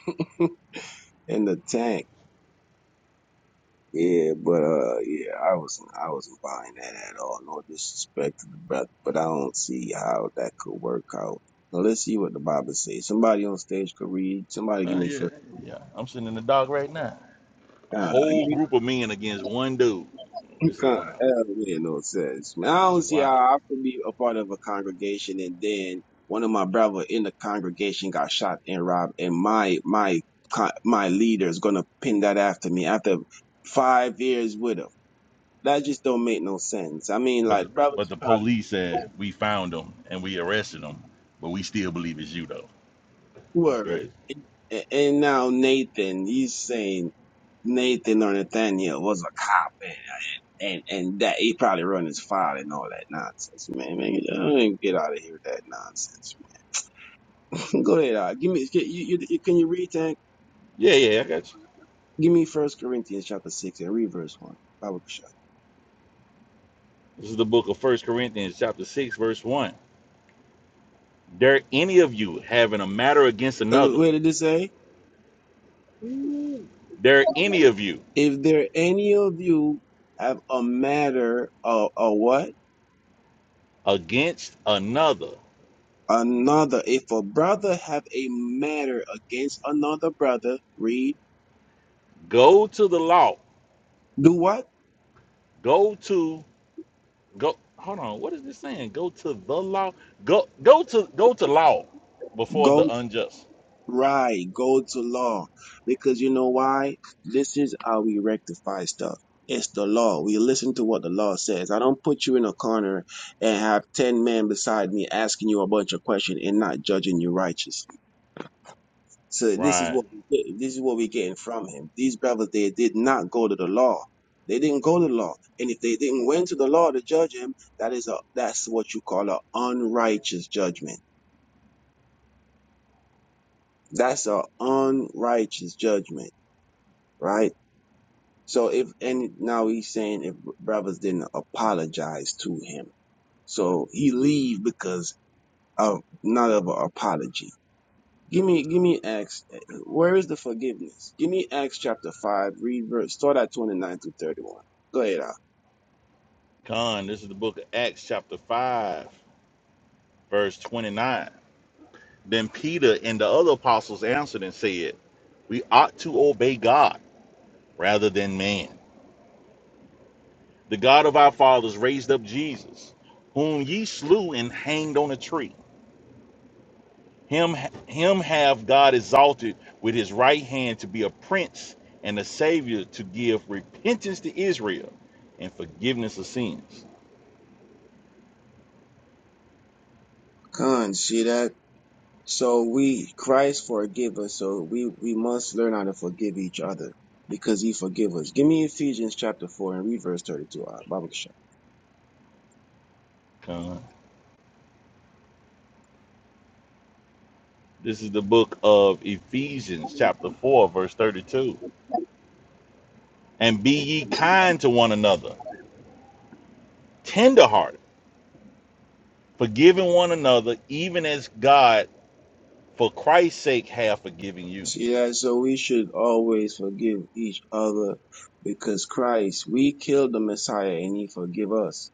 Speaker 3: in the tank. Yeah, but uh, yeah, I wasn't, I wasn't buying that at all. No disrespect to the brother, but I don't see how that could work out. Now let's see what the Bible says. Somebody on stage could read. Somebody
Speaker 2: Uh,
Speaker 3: give me
Speaker 2: yeah,
Speaker 3: first.
Speaker 2: yeah, I'm sitting in the dark right now. A
Speaker 3: Ah,
Speaker 2: whole group of men against one dude.
Speaker 3: God,
Speaker 2: This is wild.
Speaker 3: that don't make no sense. Man, I
Speaker 2: This is
Speaker 3: don't see how
Speaker 2: wild.
Speaker 3: I could be a part of a congregation and then one of my brother in the congregation got shot and robbed, and my my co- my leader is gonna pin that after me after five years with him. That just don't make no sense. I mean,
Speaker 2: But the,
Speaker 3: like
Speaker 2: but
Speaker 3: brothers
Speaker 2: the
Speaker 3: probably
Speaker 2: police said
Speaker 3: oh,
Speaker 2: we found him and we arrested him, but we still believe it's you though. That's
Speaker 3: word,
Speaker 2: crazy.
Speaker 3: A- and now Nathan, he's saying Nathan or Nathaniel was a cop, and and that he probably run his file and all that nonsense, man. Man, you know, get out of here with that nonsense. Man. *laughs* Go ahead, uh, give me. Can you, you, can you read that?
Speaker 2: Yeah, yeah, I got you.
Speaker 3: Give me First Corinthians chapter six and read verse one. Bible shot.
Speaker 2: This is the book of First Corinthians, chapter six, verse one. Dare any of you having a matter against
Speaker 3: Uh,
Speaker 2: another?
Speaker 3: where did it say?
Speaker 2: Dare any of you
Speaker 3: If there any of you have a matter of a what
Speaker 2: against another?
Speaker 3: another, if a brother have a matter against another brother, read.
Speaker 2: Go to the law.
Speaker 3: Do what?
Speaker 2: Go to go. Hold on. What is this saying? Go to the law. Go go to go to law before the unjust.
Speaker 3: Right. Go to law. Because you know why? This is how we rectify stuff. It's the law. We listen to what the law says. I don't put you in a corner and have 10 men beside me asking you a bunch of questions and not judging you righteous. So this is
Speaker 2: Right.
Speaker 3: what we get. this is what we're getting from him. These brothers, they did not go to the law. They didn't go to the law. And if they didn't went to the law to judge him, that is a, that's what you call a unrighteous judgment. That's a unrighteous judgment right? So if and now he's saying if brothers didn't apologize to him, so he leave because of not of an apology. Give me, give me Acts. Where is the forgiveness? Give me Acts chapter five. Read verse. Start at twenty nine through thirty one. Go ahead, Al.
Speaker 2: Con. This is the book of Acts, chapter five. verse 29. Then Peter and the other apostles answered and said, We ought to obey God rather than man. The God of our fathers raised up Jesus, whom ye slew and hanged on a tree. Him, him have God exalted with his right hand to be a prince and a savior to give repentance to Israel and forgiveness of sins.
Speaker 3: Con, see that. So we Christ forgive us. So we we must learn how to forgive each other because He forgive us. Give me Ephesians chapter four and read verse thirty two. Al. Baba Kasha.
Speaker 2: Come. This is the book of Ephesians, chapter 4, verse 32. And be ye kind to one another tenderhearted, forgiving one another, even as God, for Christ's sake, have forgiven you.
Speaker 3: So, yeah, so we should always forgive each other because Christ, we killed the Messiah and he forgive us.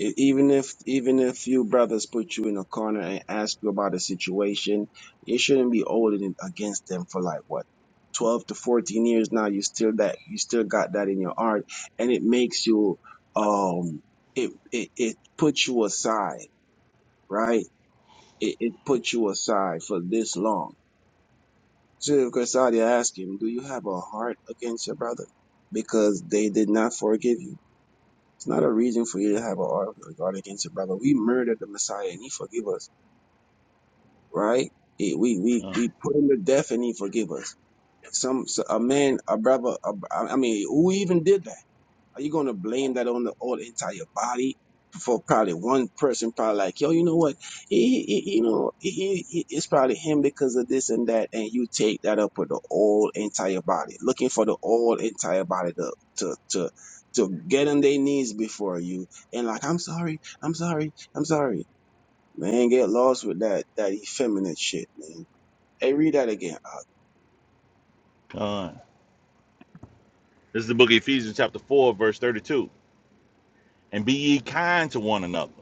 Speaker 3: E- Even if, even if you brothers put you in a corner and ask you about a situation, you shouldn't be holding it against them for like what? 12 to 14 years now, you still that, you still got that in your heart and it makes you, um, it, it, it puts you aside, right? It, it puts you aside for this long Chief Corsadia asked him, Do you have a heart against your brother? Because they did not forgive you. It's not a reason for you to have a heart a against your brother. We murdered the Messiah and he forgave us, right? He, we, we,
Speaker 2: Uh,
Speaker 3: we put him to death and he forgave us. Some, so- a man, a brother, a, I mean, who even did that? Are you going to blame that on the whole entire body for probably one person? Probably like, yo, you know what? He, he he- you know, he, he, it's probably him because of this and that, and you take that up with the whole entire body, looking for the whole entire body to to to to get on their knees before you, and like, I'm sorry, I'm sorry, I'm sorry, man. Get lost with that that effeminate shit, man. Hey, read that again.
Speaker 2: God. This is the book of Ephesians, chapter 4, verse 32. And be ye kind to one another,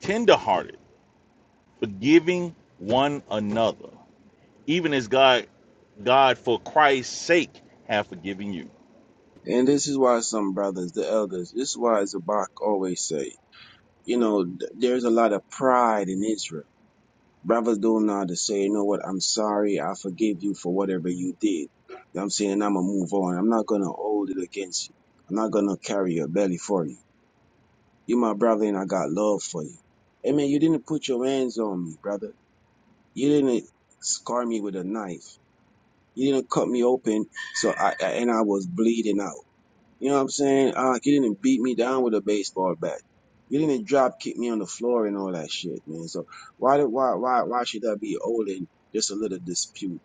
Speaker 2: tenderhearted, forgiving one another, even as God, God for Christ's sake, have forgiven you.
Speaker 3: And this is why some brothers, the elders, this is why Zabak always say. you know, th- there's a lot of pride in Israel. Brothers don't know how to say, you know what, I'm sorry, I forgive you for whatever you did. You know what I'm saying? And I'm going to move on. I'm not going to hold it against you. I'm not going to carry your belly for you. you my brother and I got love for you. Hey man, you didn't put your hands on me, brother. You didn't scar me with a knife. You didn't cut me open so I I- and I was bleeding out. You know what I'm saying? Uh, he didn't beat me down with a baseball bat. He didn't drop kick me on the floor and all that shit, man. So why did why why why should I be holding just a little dispute?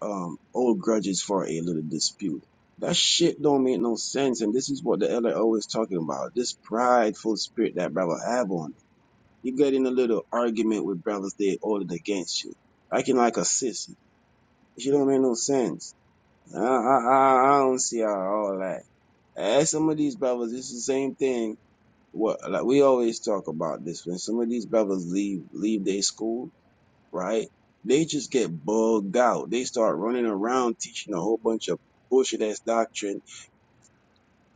Speaker 3: Um, old grudges for a little dispute. That shit don't make no sense. And this is what the elder always talking about. This prideful spirit that brother have on. You get in a little argument with brothers they holding against you. Acting like a sissy. She don't make no sense. I, I, I I don't see how all that. As some of these brothers, it's the same thing. What like we always talk about this when some of these brothers leave leave their school, right? They just get bugged out. They start running around teaching a whole bunch of bullshit ass doctrine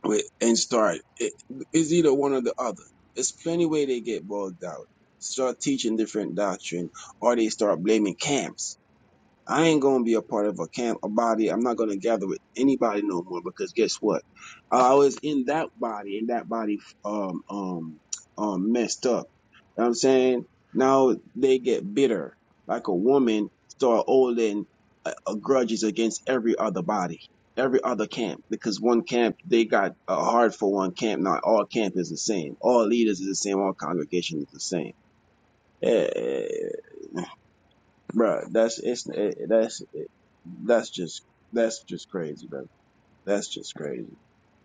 Speaker 3: with and start it, it's either one or the other. There's plenty way they get bugged out. Start teaching different doctrine or they start blaming camps I ain't gonna be a part of a camp, a body. I'm not gonna gather with anybody no more because guess what? I was in that body, and that body um um um messed up. You know what I'm saying now they get bitter, like a woman start holding uh, uh, grudges against every other body, every other camp, because one camp they got a heart for one camp. Not all camp is the same. All leaders is the same. All congregation is the same. Eh, bro. That's it's it, that's it, that's just that's just crazy, brother. That's just crazy.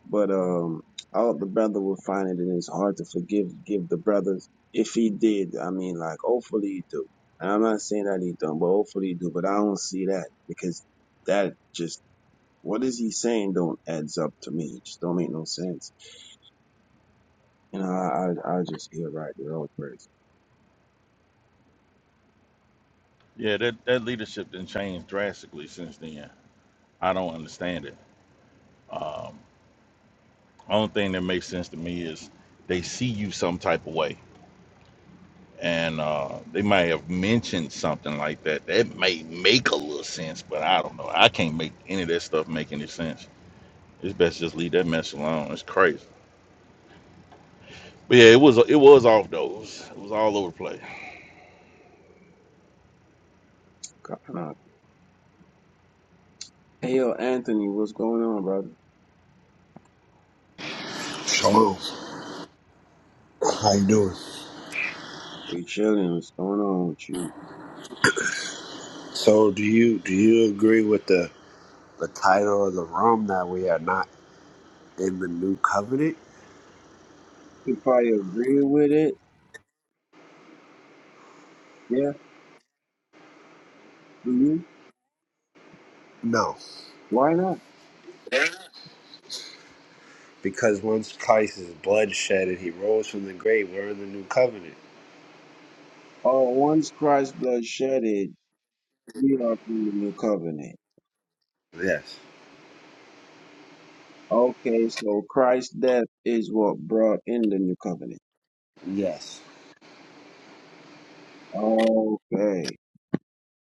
Speaker 3: But um, I hope the brother will find it in his heart to forgive give the brothers. If he did, I mean, like hopefully he do. And I'm not saying that he don't, but hopefully he do. But I don't see that because that just what is he saying don't adds up to me. It just don't make no sense. You know, I I, I just hear right there all praise.
Speaker 2: Yeah, that, that leadership didn't change drastically since then. I don't understand it. Um, only thing that makes sense to me is they see you some type of way and uh, they might have mentioned something like that. That may make a little sense, but I don't know. I can't make any of that stuff make any sense. It's best just leave that mess alone. It's crazy. But yeah, it was it was off those. It was all over the place.
Speaker 3: God, nah. Hey yo, Anthony, what's going on, brother?
Speaker 10: Shalom. How you doing?
Speaker 3: We chilling. What's going on with you?
Speaker 10: So do you do you agree with the the title of the room that we are not in the new covenant?
Speaker 3: You probably agree with it. Yeah, do you?
Speaker 10: No.
Speaker 3: Why not?
Speaker 10: Because once Christ's blood shed and he rose from the grave, we're in the new covenant.
Speaker 3: Oh, once Christ's blood shedded, we are in the new covenant.
Speaker 10: Yes.
Speaker 3: Okay, so Christ's death is what brought in the new covenant.
Speaker 10: Yes.
Speaker 3: Okay.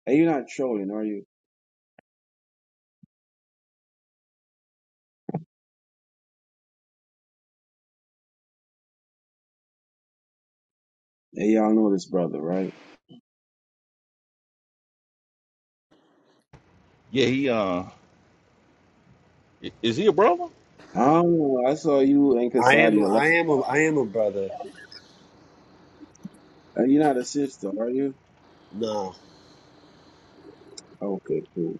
Speaker 3: And you're not trolling, are you? And y'all know this brother, right?
Speaker 2: Yeah, he uh, i- is he a brother?
Speaker 3: I don't know. I saw you and
Speaker 10: I am
Speaker 3: Kasadi
Speaker 10: I
Speaker 3: a lot.
Speaker 10: am a I am a brother.
Speaker 3: Uh, You're not a sister, are you?
Speaker 10: No.
Speaker 3: Okay, cool.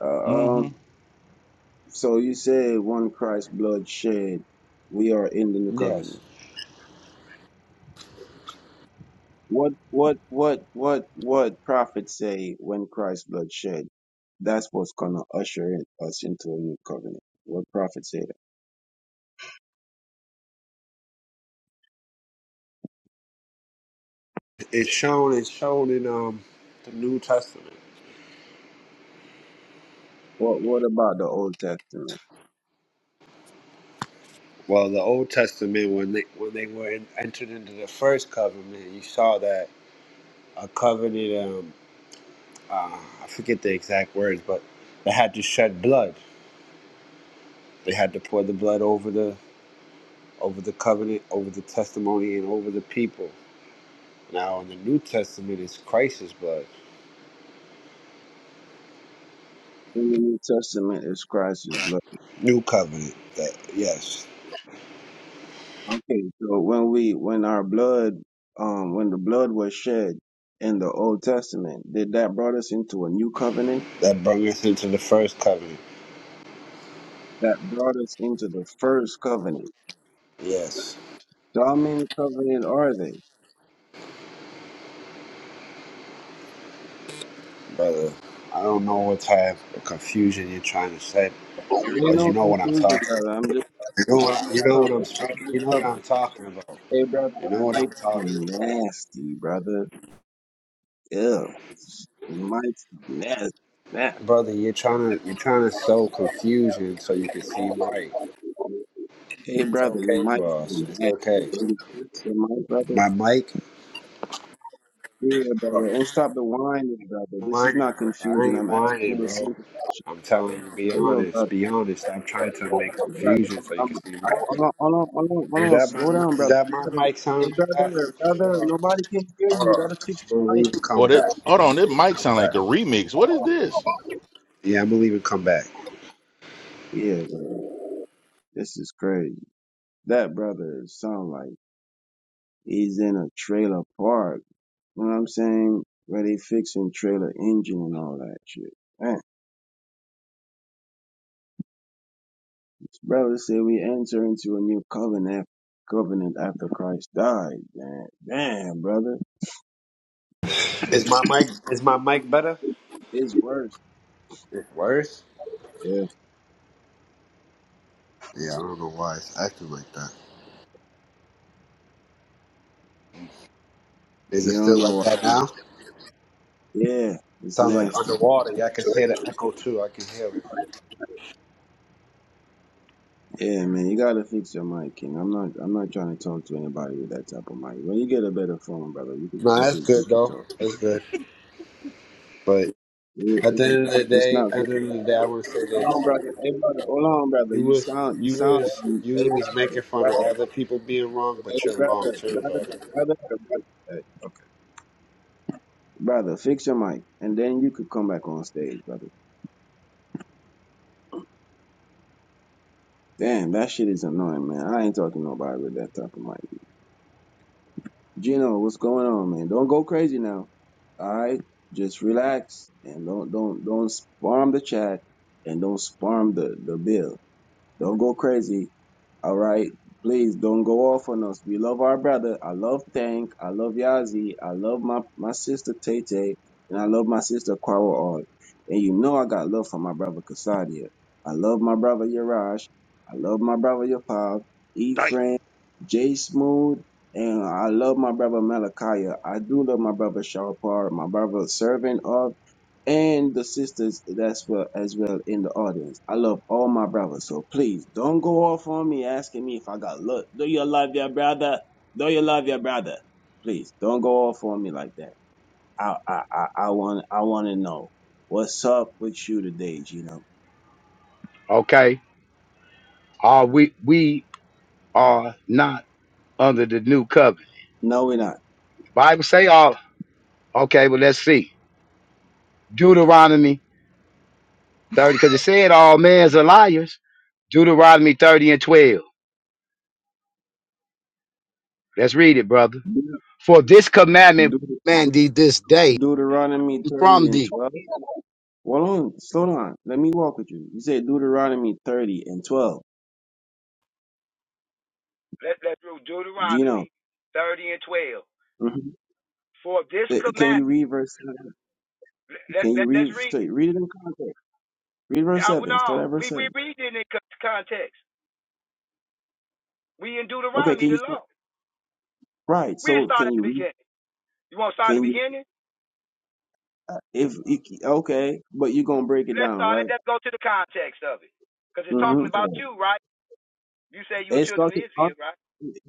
Speaker 3: Uh,
Speaker 2: Mm-hmm.
Speaker 3: um, so you said one Christ's blood shed, we are in the new covenant.
Speaker 10: Yes.
Speaker 3: What what what what what prophet say when Christ's blood shed? That's what's gonna usher in, us into a new covenant. What prophet say that?
Speaker 10: It's shown it's shown in um the New Testament.
Speaker 3: What what about the Old Testament?
Speaker 10: Well, the Old Testament when they when they were in, entered into the first covenant, you saw that a covenant. um. uh, I forget the exact words, but they had to shed blood. They had to pour the blood over the over the covenant, over the testimony, and over the people. Now in the New Testament, it's Christ's blood,
Speaker 3: In the New Testament is Christ's blood.
Speaker 10: New Covenant. That yes,
Speaker 3: Okay, so when we when our blood um when the blood was shed in the Old Testament, did that brought us into a new covenant?
Speaker 10: that brought us into the first covenant.
Speaker 3: That brought us into the first covenant.
Speaker 10: Yes,
Speaker 3: So how many covenant are they?
Speaker 10: brother. I don't know what type of confusion you're trying to set,
Speaker 3: Ain't
Speaker 10: but you
Speaker 3: no
Speaker 10: know what I'm
Speaker 3: conclusion,
Speaker 10: talking.
Speaker 3: brother. I'm just
Speaker 10: You know what I, you know what I'm
Speaker 3: I'm
Speaker 10: speaking. You
Speaker 3: just
Speaker 10: know what I'm talking about.
Speaker 3: Hey, brother,
Speaker 10: You
Speaker 3: your
Speaker 10: know what
Speaker 3: mic
Speaker 10: I'm
Speaker 3: so
Speaker 10: talking about.
Speaker 3: nasty, brother. Ew, your mic's nasty. nasty.
Speaker 10: Brother, you're trying to you're trying to sow confusion so you can seem right.
Speaker 3: Hey,
Speaker 10: It's
Speaker 3: brother,
Speaker 10: okay,
Speaker 3: your mic's
Speaker 10: boss. It's
Speaker 3: nasty.
Speaker 10: okay.
Speaker 3: Can you fix your mic, brother?
Speaker 10: My mic.
Speaker 3: Yeah,
Speaker 10: Hold
Speaker 3: brother.
Speaker 10: on.
Speaker 3: And stop the whining, brother.
Speaker 10: I'm
Speaker 3: This is
Speaker 10: Whining,
Speaker 3: not
Speaker 10: bro. I
Speaker 3: confusion.
Speaker 10: ain't
Speaker 3: I'm asking
Speaker 10: whining,
Speaker 3: you a
Speaker 10: bro.
Speaker 3: simple question.
Speaker 10: I'm telling you, be
Speaker 3: Hey, yo,
Speaker 10: honest.
Speaker 3: brother,
Speaker 10: Be honest. I'm trying to make
Speaker 3: brother.
Speaker 10: confusion so you
Speaker 3: I'm,
Speaker 10: can seem
Speaker 3: I,
Speaker 10: right.
Speaker 3: hold on, hold on, hold on,
Speaker 10: Is
Speaker 3: hold on.
Speaker 10: that my
Speaker 3: Slow down,
Speaker 10: mi- is
Speaker 3: brother.
Speaker 10: that my mic sound
Speaker 3: Hey,
Speaker 10: like that?
Speaker 3: brother,
Speaker 10: Hold
Speaker 3: brother.
Speaker 10: on.
Speaker 3: Nobody can hear you. You
Speaker 10: Hold on.
Speaker 3: gotta fix
Speaker 10: I'm
Speaker 3: your
Speaker 10: gonna
Speaker 3: mic.
Speaker 10: leave and
Speaker 2: Boy,
Speaker 10: come
Speaker 2: that
Speaker 10: back.
Speaker 2: hold
Speaker 10: I'm
Speaker 2: on,
Speaker 10: gonna
Speaker 2: that
Speaker 10: leave and
Speaker 2: mic
Speaker 10: come
Speaker 2: sound like
Speaker 10: back.
Speaker 2: the remix. What is this?
Speaker 10: Yeah, I'm gonna leave and come back.
Speaker 3: Yeah, bro. This is crazy. That brother sound like he's in a trailer park. You know what I'm saying? Where they fixing trailer engine and all that shit. Man, this brother said we enter into a new covenant covenant after Christ died. Man, damn, brother.
Speaker 10: Is my mic is my mic better?
Speaker 3: It's worse.
Speaker 10: It's worse.
Speaker 3: Yeah.
Speaker 10: Yeah, I don't know why it's acting like that. Is it
Speaker 3: You don't
Speaker 10: still
Speaker 3: know
Speaker 10: like
Speaker 3: what
Speaker 10: that now?
Speaker 3: Yeah, it's
Speaker 10: Sounds like
Speaker 3: nasty.
Speaker 10: underwater. Yeah, I can hear the echo too. I can hear it.
Speaker 3: Yeah, man, you gotta fix your mic, King. I'm not I'm not trying to talk to anybody with that type of mic. When you get a better phone, brother, you could
Speaker 10: No,
Speaker 3: you
Speaker 10: that's
Speaker 3: could
Speaker 10: good
Speaker 3: you could
Speaker 10: though.
Speaker 3: talk.
Speaker 10: That's good. But at
Speaker 3: It-
Speaker 10: the
Speaker 3: It's
Speaker 10: end of
Speaker 3: not
Speaker 10: the
Speaker 3: it's
Speaker 10: day,
Speaker 3: not
Speaker 10: at the
Speaker 3: good.
Speaker 10: end of the day, I want to say
Speaker 3: Hold
Speaker 10: this:
Speaker 3: on, brother. Hey, brother. Hold on, brother.
Speaker 10: you
Speaker 3: You
Speaker 10: was
Speaker 3: sound, you
Speaker 10: you
Speaker 3: sound,
Speaker 10: was
Speaker 3: um,
Speaker 10: you
Speaker 3: hey,
Speaker 10: was making fun
Speaker 3: brother,
Speaker 10: of
Speaker 3: brother,
Speaker 10: other people being wrong,
Speaker 3: hey,
Speaker 10: but you're
Speaker 3: brother,
Speaker 10: wrong too
Speaker 3: brother,
Speaker 10: about it.
Speaker 3: brother, brother. Hey, brother, fix your mic, and then you could come back on stage, brother. Damn, that shit is annoying, man. I ain't talking to nobody with that type of mic. Gino, what's going on, man? Don't go crazy now. All right, just relax and don't, don't, don't spam the chat and don't spam the the bill. Don't go crazy. All right. Please don't go off on us. We love our brother. I love Tank. I love Yazi. I love my, my sister Tay Tay, And I love my sister Kwara Art. And you know I got love for my brother Kasadia. I love my brother Yarash. I love my brother Yapav,
Speaker 2: Damn.
Speaker 3: Ephraim, J Smooth. And I love my brother Malachiah. I do love my brother Sharpar, my brother Servant of and the sisters that's well as well in the audience. I love all my brothers, so please don't go off on me asking me if I got love. Do you love your brother? Do you love your brother? Please don't go off on me like that. I I I, I want I want to know what's up with you today, Gino.
Speaker 11: Okay? Are we we are not under the new covenant.
Speaker 3: No, we're not.
Speaker 11: The Bible say all. Okay, well let's see. Deuteronomy 30, because it said all men's are liars. Deuteronomy 30 and 12. Let's read it, brother. For this commandment
Speaker 3: Deut-
Speaker 11: man thee this day
Speaker 3: Deuteronomy thirty
Speaker 11: from
Speaker 3: and
Speaker 11: thee.
Speaker 3: twelve. Hold on, slow down. Let me walk with you. You said Deuteronomy thirty and twelve.
Speaker 11: Let, let's do
Speaker 3: Gino,
Speaker 11: Deuteronomy 30 and 12.
Speaker 3: hmm
Speaker 11: For this
Speaker 3: can you
Speaker 11: commandment,
Speaker 3: read verse? seven?
Speaker 11: let,
Speaker 3: Can you
Speaker 11: let, let, us
Speaker 3: read
Speaker 11: read
Speaker 3: stay-
Speaker 11: it.
Speaker 3: read it in context? Read verse
Speaker 11: I,
Speaker 3: seven. Start
Speaker 11: no,
Speaker 3: at verse
Speaker 11: we, we
Speaker 3: seven.
Speaker 11: read it in con- context. We in
Speaker 3: Okay,
Speaker 11: Deuteronomy,
Speaker 3: can
Speaker 11: the
Speaker 3: you start
Speaker 11: law.
Speaker 3: right?
Speaker 11: We
Speaker 3: So
Speaker 11: start
Speaker 3: can
Speaker 11: at
Speaker 3: you
Speaker 11: the
Speaker 3: read?
Speaker 11: beginning. You want to start at
Speaker 3: Can
Speaker 11: the
Speaker 3: you
Speaker 11: beginning?
Speaker 3: if you, okay? But you're gonna break it
Speaker 11: Let's
Speaker 3: down,
Speaker 11: start it.
Speaker 3: right?
Speaker 11: Let's go to the context of it. Because it's talking
Speaker 3: Mm-hmm.
Speaker 11: about you, right? You say you were
Speaker 3: It's
Speaker 11: children of
Speaker 3: talking. uh,
Speaker 11: Israel, right?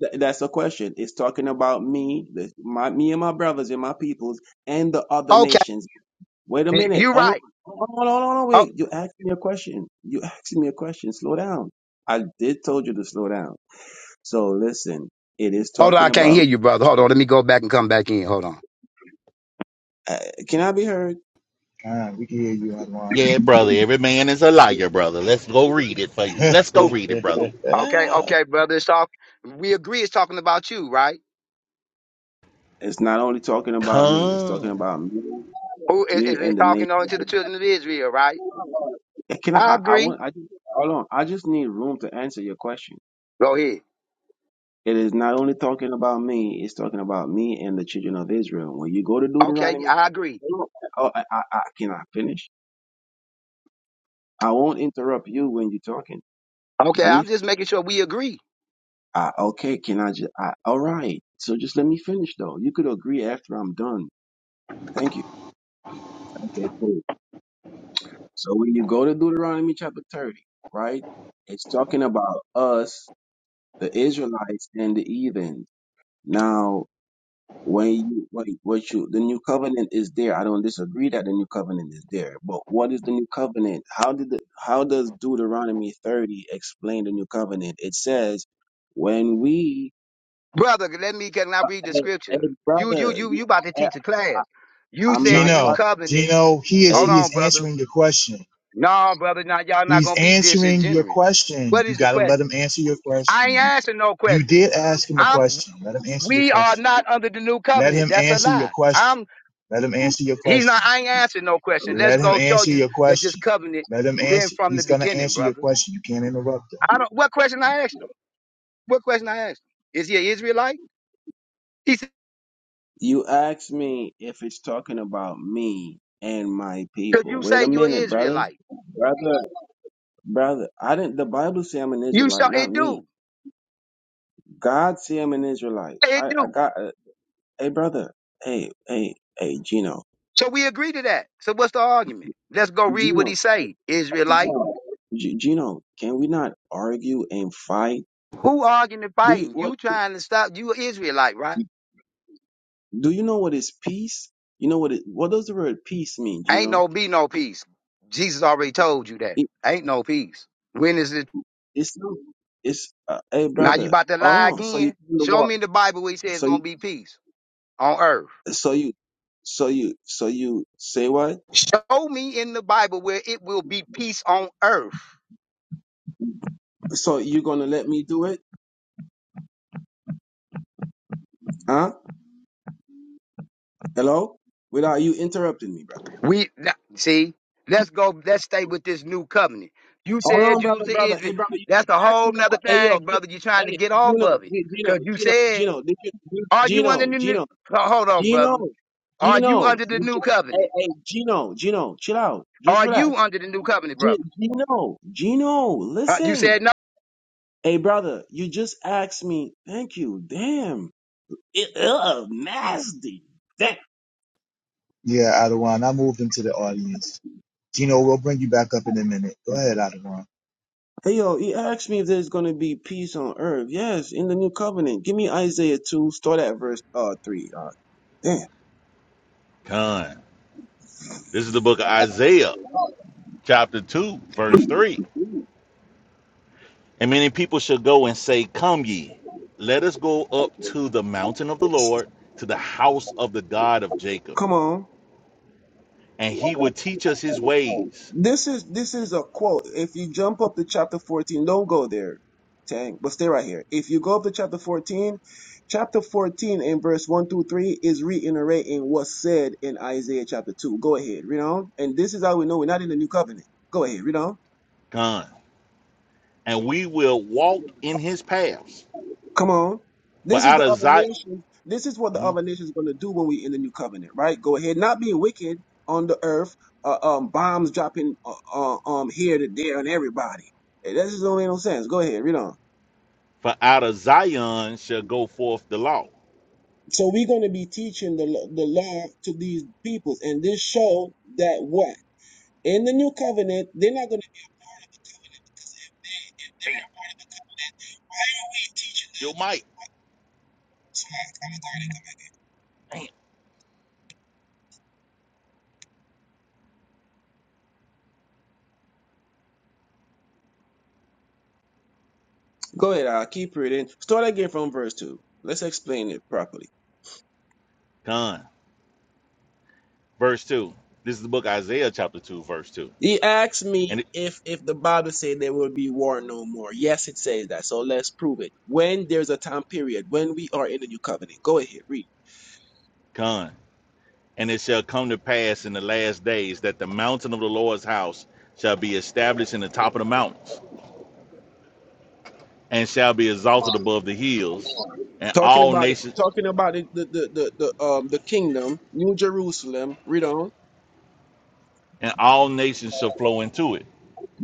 Speaker 3: th- That's a question. It's talking about me, the, my me and my brothers and my peoples and the other
Speaker 11: Okay,
Speaker 3: nations. Wait a
Speaker 11: you
Speaker 3: minute.
Speaker 11: you
Speaker 3: Hold on.
Speaker 11: right.
Speaker 3: Hold on. Hold on. hold on,
Speaker 11: Oh,
Speaker 3: Wait. You asked me a question. You asked me a question. Slow down. I did told you to slow down. So listen. It is
Speaker 11: hold on, I
Speaker 3: talking
Speaker 11: can't
Speaker 3: about.
Speaker 11: hear you, brother. Hold on, let me go back and come back in. Hold on.
Speaker 3: Uh, can I be heard?
Speaker 12: Ah, we can hear you, Adwan.
Speaker 2: Yeah, brother. Every man is a liar, brother. Let's go read it for you. Let's go read it, brother.
Speaker 11: Okay,
Speaker 12: *laughs*
Speaker 11: okay, brother. It's talk. We agree. It's talking about you, right?
Speaker 3: It's not only talking about me. It's talking
Speaker 2: Con,
Speaker 3: about me,
Speaker 11: Who is it,
Speaker 3: me
Speaker 11: it's
Speaker 3: and the nation.
Speaker 11: talking only to the children of Israel, right?
Speaker 3: Eh, Can I?
Speaker 11: I
Speaker 3: I, I
Speaker 11: agree.
Speaker 3: want. I just, hold on. I just need room to answer your question.
Speaker 11: Go ahead.
Speaker 3: It is not only talking about me. It's talking about me and the children of Israel. When you go to
Speaker 11: Okay,
Speaker 3: Deuteronomy,
Speaker 11: I agree.
Speaker 3: Hold on. oh, I, I, I can I finish? I won't interrupt you when you're talking.
Speaker 11: Okay,
Speaker 3: Just let me.
Speaker 11: I'm just making sure we agree,
Speaker 3: I, okay. Can I just? I, all right. So just let me finish though. You could agree after I'm done. Thank you. Okay. Cool. So when you go to Deuteronomy chapter 30, right, it's talking about us, the Israelites and the heathen. Now, when you, what, what you, the new covenant is there. I don't disagree that the new covenant is there, but what is the new covenant? How did the, how does Deuteronomy 30 explain the new covenant? It says, when we,
Speaker 11: brother. Let me can I read the
Speaker 3: hey, hey
Speaker 11: scripture? You, you,
Speaker 3: brother,
Speaker 11: you,
Speaker 3: you,
Speaker 11: you about to
Speaker 3: I,
Speaker 11: teach a class. You
Speaker 3: I'm
Speaker 11: said the
Speaker 3: not,
Speaker 11: new
Speaker 12: Gino,
Speaker 3: about,
Speaker 11: covenant.
Speaker 12: Gino, he is
Speaker 11: Hold
Speaker 3: hey,
Speaker 12: he is
Speaker 11: on, brother.
Speaker 12: answering your question.
Speaker 11: No, brother. Now y'all not
Speaker 12: He's
Speaker 11: gonna be
Speaker 12: answering your
Speaker 11: disingenuous.
Speaker 12: question.
Speaker 11: What
Speaker 12: You
Speaker 11: is the
Speaker 12: gotta let him
Speaker 11: question?
Speaker 12: answer your
Speaker 11: I ain't
Speaker 12: question.
Speaker 11: asking no
Speaker 12: You
Speaker 11: questioning.
Speaker 12: did ask him a
Speaker 11: I'm.
Speaker 12: question. Let him answer your
Speaker 11: We are
Speaker 12: question.
Speaker 11: not under the new
Speaker 12: Let
Speaker 11: covenant.
Speaker 12: him
Speaker 11: That's a
Speaker 12: answer your
Speaker 11: lie.
Speaker 12: question.
Speaker 11: I'm.
Speaker 12: Let him answer your
Speaker 11: He's not.
Speaker 12: question.
Speaker 11: I ain't answering no question. Let's
Speaker 12: Let him
Speaker 11: go show
Speaker 12: answer
Speaker 11: you
Speaker 12: your
Speaker 11: that this
Speaker 12: question.
Speaker 11: covenant
Speaker 12: Let him
Speaker 11: been
Speaker 12: answer.
Speaker 11: from the
Speaker 12: He's gonna
Speaker 11: beginning,
Speaker 12: answer your
Speaker 11: brother.
Speaker 12: question. You can't interrupt him.
Speaker 11: I don't. What question I asked him? What question I asked him? Is he an Israelite? He said,
Speaker 3: You asked me if it's talking about me and my
Speaker 11: "Cause
Speaker 3: people.
Speaker 11: you
Speaker 3: Wait
Speaker 11: say
Speaker 3: a
Speaker 11: you're an
Speaker 3: minute, brother.
Speaker 11: Israelite.
Speaker 3: Brother, brother, I didn't. The Bible say I'm an
Speaker 11: You show
Speaker 3: Israelite, not
Speaker 11: it
Speaker 3: me.
Speaker 11: do.
Speaker 3: God say I'm an Israelite.
Speaker 11: It
Speaker 3: I, I
Speaker 11: do.
Speaker 3: got. Uh, hey, brother. Hey, hey, hey, Gino.
Speaker 11: So we agree to that. So what's the argument? Let's go read what
Speaker 3: Gino,
Speaker 11: he say. Israelite."
Speaker 3: Gino, G- Gino. Can we not argue and fight?
Speaker 11: Who arguing and
Speaker 3: Do you
Speaker 11: fighting?
Speaker 3: what?
Speaker 11: You trying to stop you a Israelite, right?
Speaker 3: Do you know what is peace? You know what? It, what does the word peace mean?
Speaker 11: Ain't
Speaker 3: Gino?
Speaker 11: no be no peace. Jesus already told you that.
Speaker 3: It,
Speaker 11: Ain't no peace. When is it
Speaker 3: it's not- it's. Uh, hey,
Speaker 11: now you
Speaker 3: brother.
Speaker 11: about to
Speaker 3: Hold
Speaker 11: lie
Speaker 3: on. So you
Speaker 11: again?
Speaker 3: come to
Speaker 11: Show me in the Bible where he says it's
Speaker 3: war.
Speaker 11: gonna be peace on earth.
Speaker 3: So you, so you, so you say what?
Speaker 11: Show me in the Bible where it will be peace on earth.
Speaker 3: So you gonna let me do it? Huh? Hello? Without you interrupting me, brother.
Speaker 11: We now, see, let's go, let's stay with this new covenant. You
Speaker 3: Hold
Speaker 11: said
Speaker 3: on,
Speaker 11: you
Speaker 3: brother,
Speaker 11: was in
Speaker 3: brother.
Speaker 11: Israel.
Speaker 3: Hey, brother, you just
Speaker 11: That's a
Speaker 3: asked
Speaker 11: whole
Speaker 3: me a
Speaker 11: nother
Speaker 3: question. Hey, yo,
Speaker 11: thing,
Speaker 3: get,
Speaker 11: brother. you trying to
Speaker 3: hey,
Speaker 11: get off
Speaker 3: Gino,
Speaker 11: of it.
Speaker 3: G- Gino,
Speaker 11: Cause you
Speaker 3: Gino,
Speaker 11: said,
Speaker 3: Gino, did you,
Speaker 11: are you under
Speaker 3: Gino,
Speaker 11: the new
Speaker 3: Gino,
Speaker 11: Ho- hold on, brother.
Speaker 3: Gino,
Speaker 11: Are you
Speaker 3: Gino,
Speaker 11: under the
Speaker 3: you
Speaker 11: new
Speaker 3: just, hey,
Speaker 11: covenant?
Speaker 3: hey, Gino, Gino, chill out. Just
Speaker 11: Are you
Speaker 3: relax.
Speaker 11: under the new covenant,
Speaker 3: G-
Speaker 11: brother?
Speaker 3: Gino, Gino,
Speaker 11: Uh, you said
Speaker 3: listen.
Speaker 11: no.
Speaker 3: Hey, brother, you just asked me. Thank you. Damn. It, ugh, nasty. Damn.
Speaker 12: Yeah, Adawan, I moved him to the audience. Gino, we'll bring you back up in a minute. Go ahead, Adawan.
Speaker 3: Hey yo, he asked me if there's gonna be peace on earth. Yes, in the new covenant. Give me Isaiah two, start at verse uh three. Uh, damn.
Speaker 2: con. This is the book of Isaiah, chapter two, verse three. And many people shall go and say, Come ye, let us go up to the mountain of the Lord, to the house of the God of Jacob.
Speaker 3: Come on.
Speaker 2: And he will teach us his ways,
Speaker 3: This is this is a quote. If you jump up to chapter fourteen, don't go there, Tang, but stay right here. If you go up to chapter fourteen, chapter fourteen and verse one through three is reiterating what's said in Isaiah chapter two. Go ahead, read on. And this is how we know we're not in the new covenant. Go ahead, read on.
Speaker 2: gone. And we will walk in his paths.
Speaker 3: Come on.
Speaker 2: For
Speaker 3: This is
Speaker 2: out
Speaker 3: the
Speaker 2: of
Speaker 3: other
Speaker 2: Zion,
Speaker 3: nations. This is what the other
Speaker 2: for
Speaker 3: nations going to do when we in the new covenant, right? Go ahead, not being wicked on the earth, uh, um, bombs dropping uh, uh, um here to there on everybody. Eh, That just don't make no sense. Go ahead, read on.
Speaker 2: out of Zion shall go forth the law.
Speaker 3: So we're going to be teaching the lo- the law to these peoples, and this show that what in the new covenant they're not going
Speaker 2: Bam. you might.
Speaker 3: to. Go ahead, I'll keep reading. Start again from verse two. Let's explain it properly.
Speaker 2: Con. Verse 2. This is the book Isaiah chapter 2, verse 2.
Speaker 3: He asked me
Speaker 2: And it
Speaker 3: if if the Bible said there will be war no more. Yes, it says that. So let's prove it. When there's a time period when we are in the new covenant. Go ahead, read.
Speaker 2: con. And it shall come to pass in the last days that the mountain of the Lord's house shall be established in the top of the mountains, and shall be exalted above the hills, and
Speaker 3: Talking
Speaker 2: all
Speaker 3: about it.
Speaker 2: nations
Speaker 3: Talking about it. The the the, the um the kingdom, New Jerusalem. Read on.
Speaker 2: and all nations shall flow into it.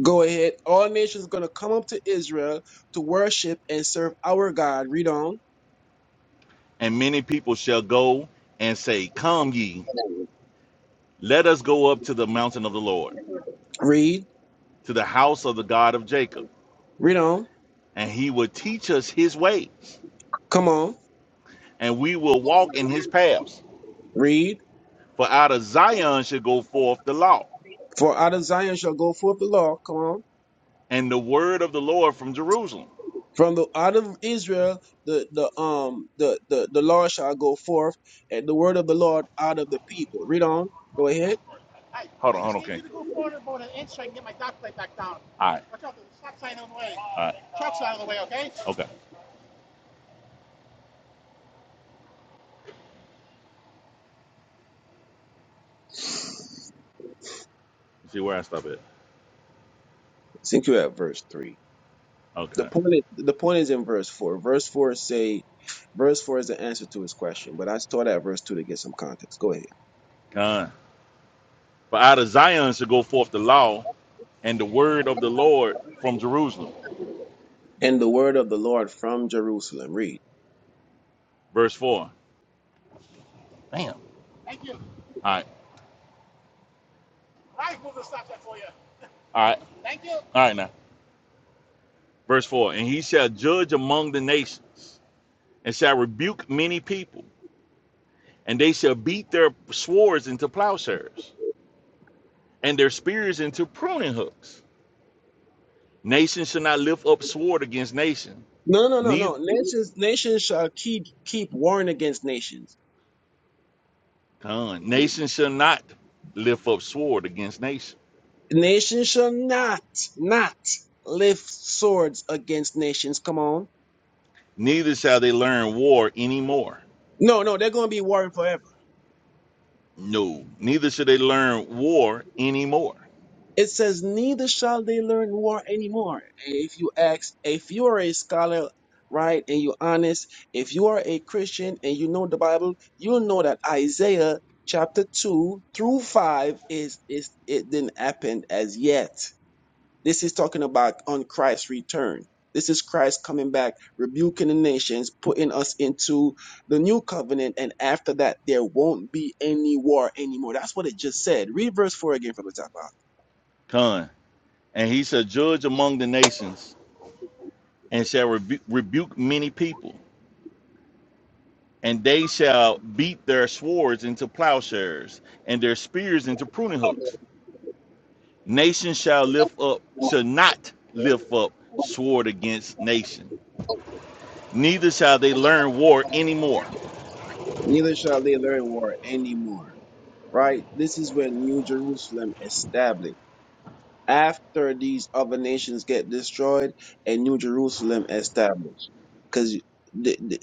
Speaker 3: Go ahead. All nations gonna come up to Israel to worship and serve our God. Read on.
Speaker 2: And many people shall go and say, Come ye, let us go up to the mountain of the Lord,
Speaker 3: Read.
Speaker 2: to the house of the God of Jacob,
Speaker 3: Read on.
Speaker 2: and he will teach us his ways,
Speaker 3: Come on.
Speaker 2: and we will walk in his paths.
Speaker 3: Read.
Speaker 2: For out of Zion shall go forth the law,
Speaker 3: For out of Zion shall go forth the law. Come on.
Speaker 2: and the word of the Lord from Jerusalem.
Speaker 3: From the out of Israel, the the um the the the Lord shall go forth, and the word of the Lord out of the people. Read on. Go ahead.
Speaker 2: Hold on, hold on, okay. King. All right, all right. Okay.
Speaker 3: I
Speaker 2: You see where I stop at?
Speaker 3: think you're at verse three. The
Speaker 2: Okay.
Speaker 3: point is, the point is in verse four. Verse four say, verse four is the answer to his question. But I started at verse two to get some context. Go ahead.
Speaker 2: Con. For out of Zion shall go forth the law and the word of the Lord from Jerusalem.
Speaker 3: And the word of the Lord from Jerusalem. Read.
Speaker 2: Verse 4. Damn. All right. All right. All right now. Verse 4. And he shall judge among the nations and shall rebuke many people, and they shall beat their swords into plowshares and their spears into pruning hooks. Nation shall not lift up sword against nation,
Speaker 3: No, no, no,
Speaker 2: Neither.
Speaker 3: no. Nations, nations shall keep keep warring against nations.
Speaker 2: Con. Nation shall not lift up sword against nation,
Speaker 3: Nation shall not, not lift swords against nations. Come on.
Speaker 2: neither shall they learn war anymore.
Speaker 3: No, no, they're going to be warring forever.
Speaker 2: No, neither shall they learn war anymore.
Speaker 3: It says, neither shall they learn war anymore. And if you ask, if you are a scholar, right, and you're honest, if you are a Christian and you know the Bible, you'll know that Isaiah chapter 2 through 5 is, is, it didn't happen as yet. This is talking about on Christ's return. This is Christ coming back, rebuking the nations, putting us into the new covenant, and after that, there won't be any war anymore. That's what it just said. Read verse 4 again from the top out.
Speaker 2: Con. And he shall judge among the nations, and shall rebu- rebuke many people, and they shall beat their swords into plowshares, and their spears into pruning hooks. Nation shall lift up, shall not lift up sword against nation, neither shall they learn war anymore.
Speaker 3: Neither shall they learn war anymore. Right? This is when New Jerusalem established. after these other nations get destroyed and New Jerusalem established. Because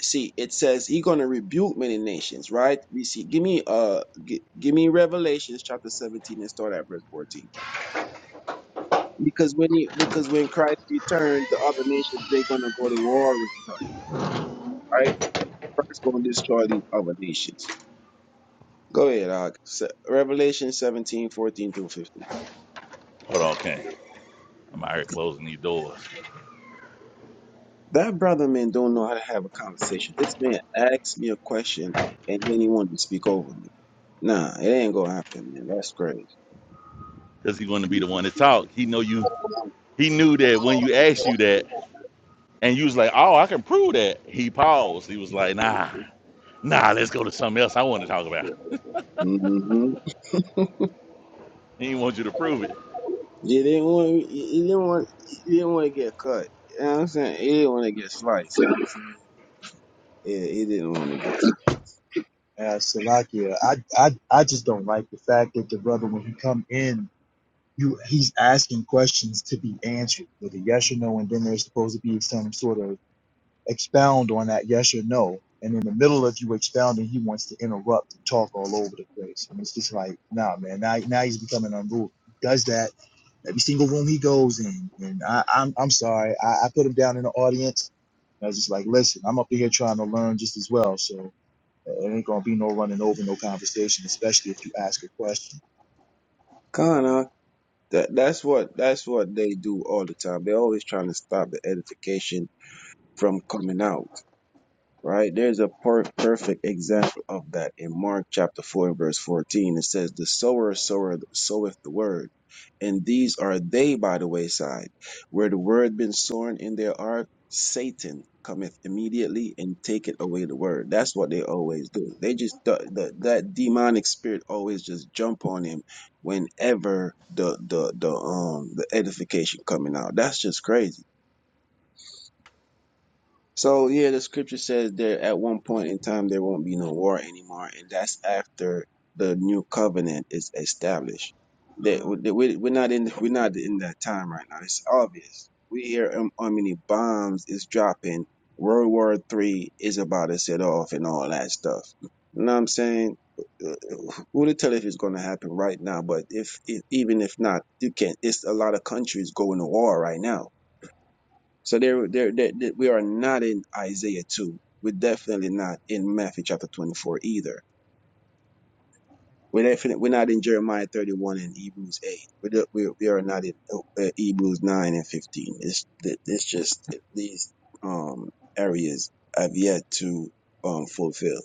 Speaker 3: see, it says he's going to rebuke many nations, right? We see. Give me uh, g- give me Revelations chapter seventeen and start at verse fourteen. Because when he, because when Christ returns, the other nations they're going to go to war with Christ, right? Christ going to destroy these other nations. Go ahead, uh, Revelation 17 14 through 15.
Speaker 2: Hold on, King. I'm out here closing these doors
Speaker 3: That brother man don't know how to have a conversation. This man asked me a question and then he wanted to speak over me. Nah, it ain't gonna happen, man. That's crazy.
Speaker 2: because he wanted to be the one to talk. He know you. He knew that when you asked you that, and you was like, "Oh, I can prove that." He paused. He was like, "Nah, nah, let's go to something else. I want to talk about.
Speaker 3: Mm-hmm.
Speaker 2: He didn't want you to prove it.
Speaker 3: You didn't want you didn't want you didn't want to get cut. You know what I'm saying? He didn't want to get sliced. Yeah, he didn't want to get
Speaker 12: Uh, Salakia, I, I, I just don't like the fact that the brother, when he come in, you he's asking questions to be answered with a yes or no, and then there's supposed to be some sort of expound on that yes or no. And in the middle of you expounding, he wants to interrupt and talk all over the place. And it's just like, nah, man, now, now he's becoming unruly. He does that every single room he goes in. And I, I'm, I'm sorry, I, I put him down in the audience. I was just like, listen, I'm up here trying to learn just as well. So it ain't gonna be no running over, no conversation, especially if you ask a question.
Speaker 3: kinda. That that's what that's what they do all the time. They're always trying to stop the edification from coming out. right? There's a per- perfect example of that in Mark chapter 4 verse 14. It says, The sower sower soweth the word, and these are they by the wayside, where the word been sown in their heart, Satan cometh immediately and taketh away the word. That's what they always do. They just the, the, that demonic spirit always just jump on him whenever the the the um the edification coming out. That's just crazy so yeah, the scripture says there at one point in time there won't be no war anymore, and that's after the new covenant is established. That that we- we're not in we're not in that time right now. It's obvious. We hear um, how many bombs is dropping. World War Three is about to set off and all that stuff. You know what I'm saying? Uh, Who to tell if it's going to happen right now? But if, if even if not, you can't. It's a lot of countries going to war right now so there, there, there, there- we are not in Isaiah 2. We're definitely not in Matthew chapter 24 either. We're definitely, we're not in Jeremiah 31 and Hebrews 8. We're, we, we are not in uh, Hebrews 9 and 15. It's, th- it's just these, um, areas have yet to, um, fulfill.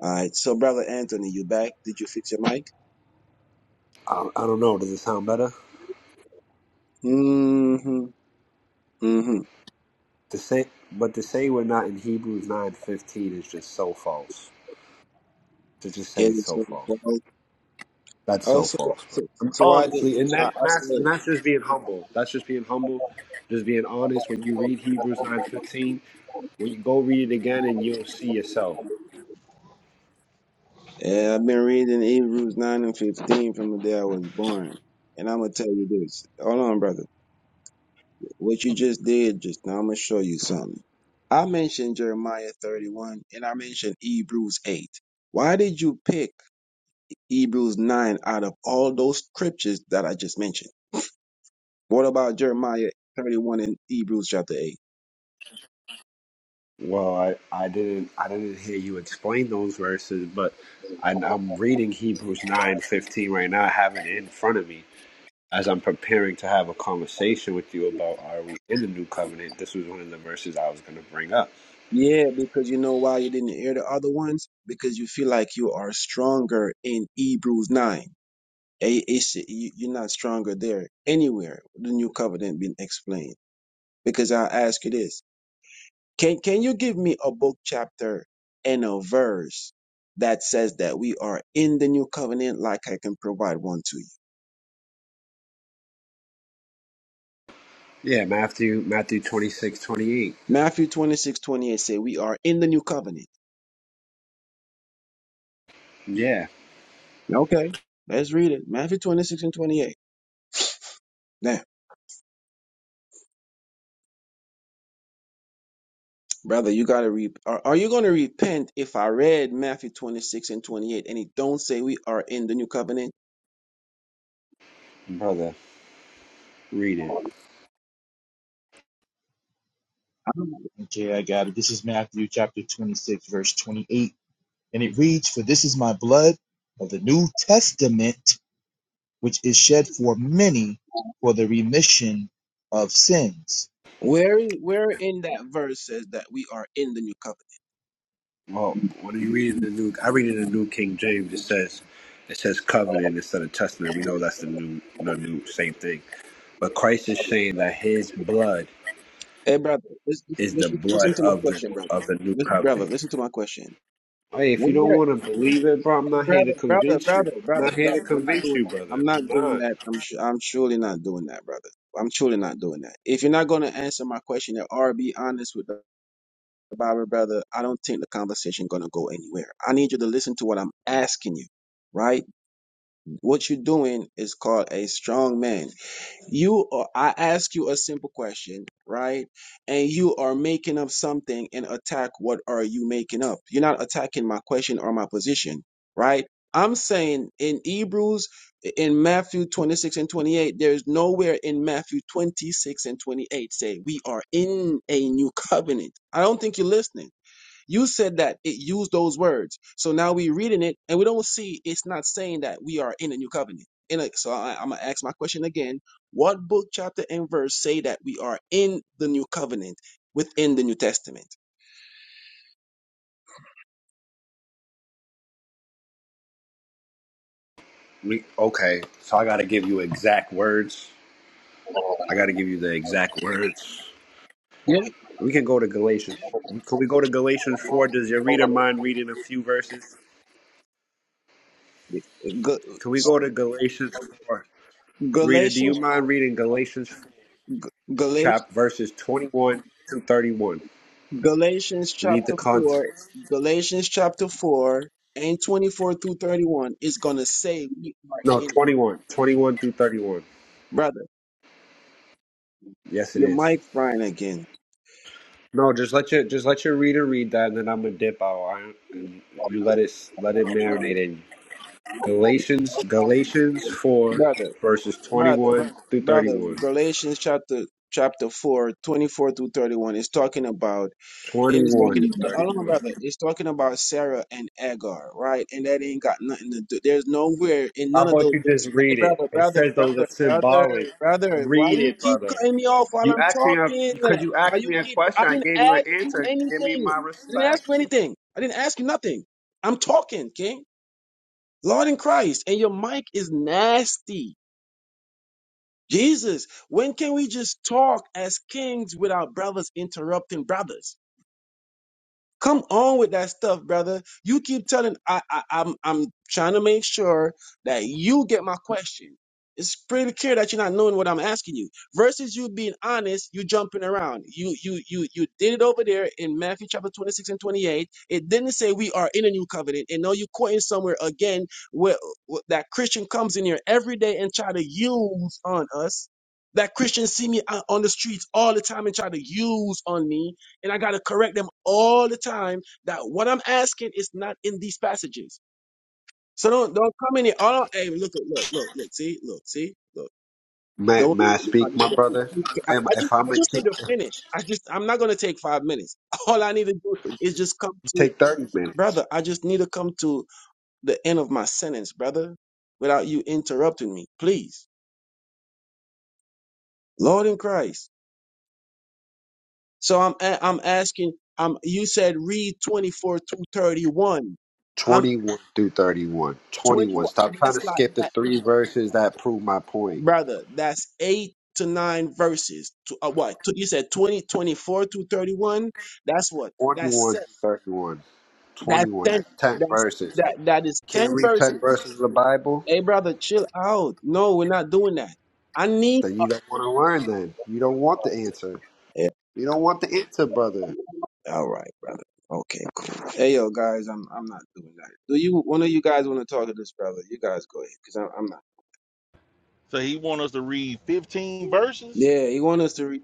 Speaker 3: All right. So brother Anthony, you back? Did you fix your mic?
Speaker 10: I, I don't know. Does it sound better?
Speaker 3: Mm-hmm. Mm-hmm.
Speaker 10: To say, but to say we're not in Hebrews nine fifteen is just so false. To just say it's
Speaker 3: And
Speaker 10: so
Speaker 3: so,
Speaker 10: false. That's so
Speaker 3: also,
Speaker 10: false, bro.
Speaker 3: so, so I did,
Speaker 10: Honestly, and
Speaker 3: I,
Speaker 10: that,
Speaker 3: I
Speaker 10: that's and
Speaker 3: said,
Speaker 10: that's just being humble. That's just being humble. Just being honest. When you read Hebrews nine fifteen When you go read it again, and you'll see yourself.
Speaker 3: Yeah, I've been reading Hebrews 9 and 15 from the day I was born. And I'm going to tell you this. Hold on, brother. What you just did just now, I'm going to show you something. I mentioned Jeremiah 31 and I mentioned Hebrews 8. Why did you pick Hebrews 9 out of all those scriptures that I just mentioned? What about Jeremiah 31 and Hebrews chapter 8?
Speaker 10: Well, I, I didn't I didn't hear you explain those verses, but I, I'm reading Hebrews nine fifteen right now. I have it in front of me as I'm preparing to have a conversation with you about are we in the new covenant. This was one of the verses I was going to bring up.
Speaker 3: Yeah, because you know why you didn't hear the other ones? Because you feel like you are stronger in Hebrews 9. A- It's, you- you're not stronger there anywhere. The new covenant being explained. Because I ask you this: Can can you give me a book chapter and a verse that says that we are in the new covenant? Like I can provide one to you.
Speaker 10: Yeah, Matthew Matthew twenty six twenty eight.
Speaker 3: Matthew 26 28 say we are in the new covenant.
Speaker 10: Yeah,
Speaker 3: Okay, let's read it. Matthew 26 and 28. Now, brother, you gotta read. Are, are you gonna repent if I read Matthew 26 and 28 and it don't say we are in the new covenant?
Speaker 10: brother, read it.
Speaker 12: Okay, I got it. This is Matthew chapter 26, verse 28. And it reads, For this is my blood of the New Testament, which is shed for many for the remission of sins.
Speaker 3: Where where in that verse says that we are in the new covenant?
Speaker 10: Well, when you read it in the new, I read it in the New King James. It says it says covenant instead of testament. We know that's the new the new same thing. But Christ is saying that his blood
Speaker 3: Hey brother, listen
Speaker 10: is the
Speaker 3: listen
Speaker 10: blood
Speaker 3: listen to my
Speaker 10: of the
Speaker 3: question, brother.
Speaker 10: of the new
Speaker 3: Lis- Brother,
Speaker 10: covenant.
Speaker 3: listen to my question.
Speaker 10: Hey, if
Speaker 3: Where,
Speaker 10: you don't want to believe it, bro, I'm not
Speaker 3: brother,
Speaker 10: here to
Speaker 3: brother,
Speaker 10: convince you.
Speaker 3: brother,
Speaker 10: I'm
Speaker 3: brother,
Speaker 10: not here to
Speaker 3: brother, we're not
Speaker 10: convince
Speaker 3: doing
Speaker 10: you,
Speaker 3: that.
Speaker 10: brother.
Speaker 3: I'm not
Speaker 10: I'm
Speaker 3: doing
Speaker 10: not.
Speaker 3: that. I'm su I'm surely not doing that, brother. I'm surely not doing that. If you're not gonna answer my question or be honest with the Bible, brother, I don't think the conversation gonna go anywhere. I need you to listen to what I'm asking you, right? What you're doing is called a strong man. You are, I ask you a simple question, right? And you are making up something and attack what are you making up? You're not attacking my question or my position, right? I'm saying in Hebrews, in Matthew 26 and 28, there's nowhere in Matthew 26 and 28 say we are in a new covenant. I don't think you're listening. You said that it used those words. So now we're reading it and we don't see it's not saying that we are in a new covenant. In a, so I, I'm gonna ask my question again. What book, chapter, and verse say that we are in the new covenant within the New Testament?
Speaker 10: We, okay, so I got to give you exact words. I got to give you the exact words.
Speaker 3: Yeah.
Speaker 10: We can go to Galatians. Can we go to Galatians 4? Does your reader mind reading a few verses?
Speaker 3: Ga-
Speaker 10: Can we go to Galatians 4? Reader, do you
Speaker 3: Galatians,
Speaker 10: mind reading Galatians
Speaker 3: Galatians,
Speaker 10: chap verses 21 to 31?
Speaker 3: Galatians
Speaker 10: We need the
Speaker 3: chapter
Speaker 10: context.
Speaker 3: four, Galatians chapter four and twenty-four through thirty-one is gonna say we are
Speaker 10: No,
Speaker 3: in,
Speaker 10: 21. 21 through 31.
Speaker 3: brother.
Speaker 10: Yes, it
Speaker 3: Your
Speaker 10: is.
Speaker 3: mic frying again.
Speaker 10: No, just let your just let your reader read that, and then I'm gonna dip out, all right? and you let it let it marinate in Galatians Galatians four
Speaker 3: Brother,
Speaker 10: verses
Speaker 3: brother,
Speaker 10: 21 through
Speaker 3: brother,
Speaker 10: 31.
Speaker 3: Galatians chapter chapter 4 24 through 31 is talking about it is
Speaker 10: 21
Speaker 3: talking
Speaker 10: through
Speaker 3: about hold on,
Speaker 10: 31.
Speaker 3: brother. It's talking about Sarah and Agar, right? And that ain't got nothing to do. There's nowhere in
Speaker 10: How
Speaker 3: none of
Speaker 10: about
Speaker 3: those
Speaker 10: you just
Speaker 3: verses. Hey
Speaker 10: read
Speaker 3: brother,
Speaker 10: it? It
Speaker 3: brother,
Speaker 10: says those are
Speaker 3: brother, brother,
Speaker 10: symbolic.
Speaker 3: brother, why
Speaker 10: Read
Speaker 3: you
Speaker 10: it,
Speaker 3: keep
Speaker 10: brother.
Speaker 3: cutting me off while
Speaker 10: You
Speaker 3: I'm
Speaker 10: asked me a
Speaker 3: talking?
Speaker 10: because you
Speaker 3: Why
Speaker 10: asked
Speaker 3: you
Speaker 10: me a
Speaker 3: keep I
Speaker 10: question. I gave you
Speaker 3: didn't
Speaker 10: an
Speaker 3: ask you
Speaker 10: answer.
Speaker 3: anything.
Speaker 10: Give me my
Speaker 3: I didn't ask
Speaker 10: respect.
Speaker 3: you anything. I didn't ask you nothing. I'm talking, okay? Lord in Christ, and your mic is nasty. Jesus, when can we just talk as kings without brothers interrupting brothers? Come on with that stuff, brother. You keep telling I, I I'm I'm trying to make sure that you get my question. It's pretty clear that you're not knowing what I'm asking you. Versus you being honest, you jumping around. You you you you did it over there in Matthew chapter 26 and 28. It didn't say we are in a new covenant. And now you're quoting somewhere again where, where that Christian comes in here every day and try to use on us. That Christians see me out on the streets all the time and try to use on me and I got to correct them all the time that what I'm asking is not in these passages. So don't don't come in here. Oh, hey, look, look, look, look, see, look, see, look.
Speaker 10: May,
Speaker 3: Don't.
Speaker 10: may I
Speaker 3: I,
Speaker 10: speak, my brother? Am,
Speaker 3: I
Speaker 10: if
Speaker 3: just
Speaker 10: I'm
Speaker 3: I
Speaker 10: a
Speaker 3: just need to finish. I just I'm not gonna take five minutes. *laughs* All I need to do is just come to
Speaker 10: Take 30 minutes.
Speaker 3: brother. I just need to come to the end of my sentence, brother, without you interrupting me, please. Lord in Christ. So I'm a- I'm asking. Um, you said read 24 to 31.
Speaker 10: 21 through 31.
Speaker 3: 21
Speaker 10: 21. Stop trying
Speaker 3: that's
Speaker 10: to
Speaker 3: like
Speaker 10: skip the
Speaker 3: that,
Speaker 10: three verses that prove my point.
Speaker 3: brother that's eight to nine verses to uh, what to, you said 20 24 to 31 that's what that's
Speaker 10: 21
Speaker 3: se-
Speaker 10: through 31.
Speaker 3: that's
Speaker 10: 21.
Speaker 3: 10
Speaker 10: That's 10
Speaker 3: that's
Speaker 10: verses.
Speaker 3: that that is 10
Speaker 10: Can't read 10
Speaker 3: verses
Speaker 10: verses of the Bible?
Speaker 3: hey brother chill out no we're not doing that i need
Speaker 10: Then you don't want to learn then. You don't want the answer.
Speaker 3: yeah.
Speaker 10: You don't want the answer, brother.
Speaker 3: all right brother okay cool hey yo guys i'm i'm not doing that do you one of you guys want to talk to this brother you guys go ahead because I'm, I'm not
Speaker 2: So he want us to read 15 verses,
Speaker 3: yeah he want us to read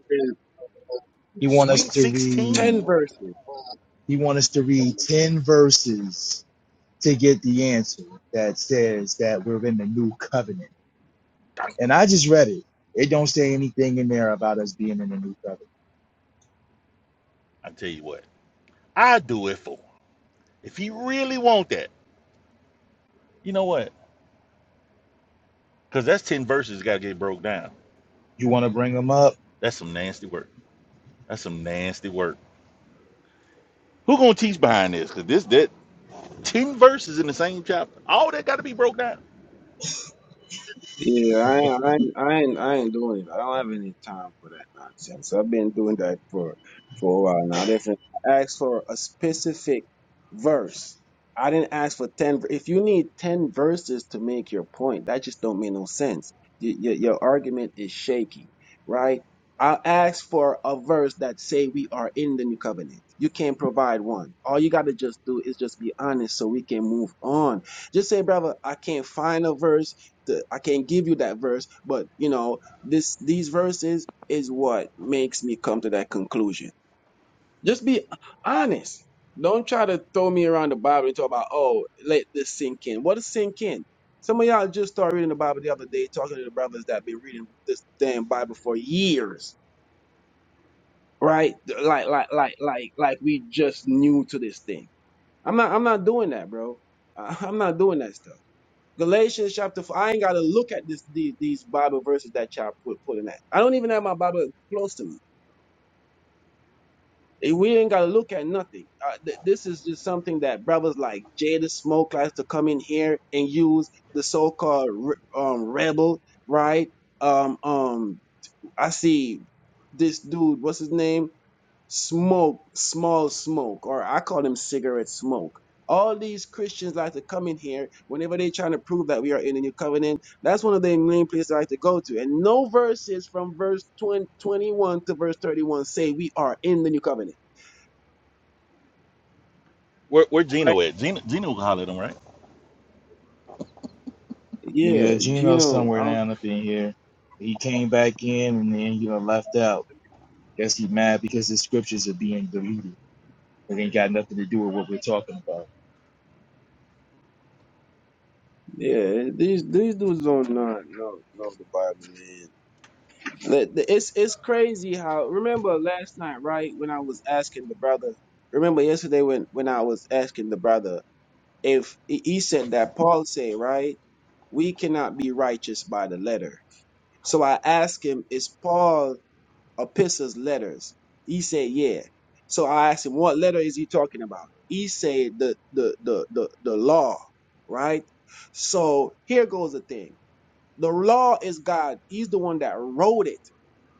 Speaker 12: He want us
Speaker 2: sweet
Speaker 12: to read,
Speaker 3: 10
Speaker 2: 16.
Speaker 3: verses
Speaker 12: he want us to read 10 verses to get the answer that says that we're in the new covenant.
Speaker 2: I
Speaker 12: And I just read it. It don't say anything in there about us being in the new covenant.
Speaker 2: tell you what, I do it for. him. If he really want that, you know what? Because that's 10 verses got to get broke down.
Speaker 12: You want to bring them up?
Speaker 2: That's some nasty work. That's some nasty work. Who gonna teach behind this? Because this that Ten verses in the same chapter. All that got to be broke down.
Speaker 3: Yeah, I, ain't- I, ain't- I, ain't, I ain't doing it. I don't have any time for that nonsense. I've been doing that for for a while now. If I asked for a specific verse, I didn't ask for ten. ver- If you need ten verses to make your point, that just don't make no sense. Y your, your argument is shaky, right? I asked for a verse that say we are in the new covenant. You can't provide one. All you got to just do is just be honest, so we can move on. Just say, brother, I can't find a verse the, I can't give you that verse, but you know, this these verses is what makes me come to that conclusion. Just be honest. Don't try to throw me around the Bible and talk about, oh, let this sink in. What is sink in? Some of y'all just started reading the Bible the other day, talking to the brothers that been reading this damn Bible for years, right? Like, like, like, like, like we just new to this thing. I'm not, I'm not doing that, bro. *laughs* I- I'm not doing that stuff. Galatians chapter four. I ain't gotta look at this these, these Bible verses that y'all put putting at. I don't even have my Bible close to me. Eh, We ain't gotta look at nothing. Uh, th- this is just something that brothers like Jada Smoke likes to come in here and use the so-called re- um rebel, right? Um, um, I see this dude. What's his name? smoke, small smoke, or I call them cigarette smoke. All these Christians like to come in here whenever they're trying to prove that we are in the new covenant. That's one of the main places I like to go to. And no verses from verse 20, 21 to verse 31 say we are in the new covenant.
Speaker 2: Where where
Speaker 3: Right?
Speaker 2: Gino at? Gino Gino can holler at him, right?
Speaker 12: Yeah,
Speaker 3: Yeah,
Speaker 12: Gino's
Speaker 3: Gino.
Speaker 12: somewhere
Speaker 3: I don't,
Speaker 12: down up in here. He came back in and then you know left out. Guess he mad because his scriptures are being deleted. It ain't got nothing to do with what we're talking about.
Speaker 3: yeah, these these dudes don't not know know the Bible, man. The- the- It's it's crazy how. Remember last night, right? When I was asking the brother. Remember yesterday when when I was asking the brother if he said that Paul say, right? We cannot be righteous by the letter. So I asked him, is Paul epistles letters? He said, yeah. So I asked him, what letter is he talking about? He said the the the the, the law, right? So here goes the thing. The law is God. He's the one that wrote it.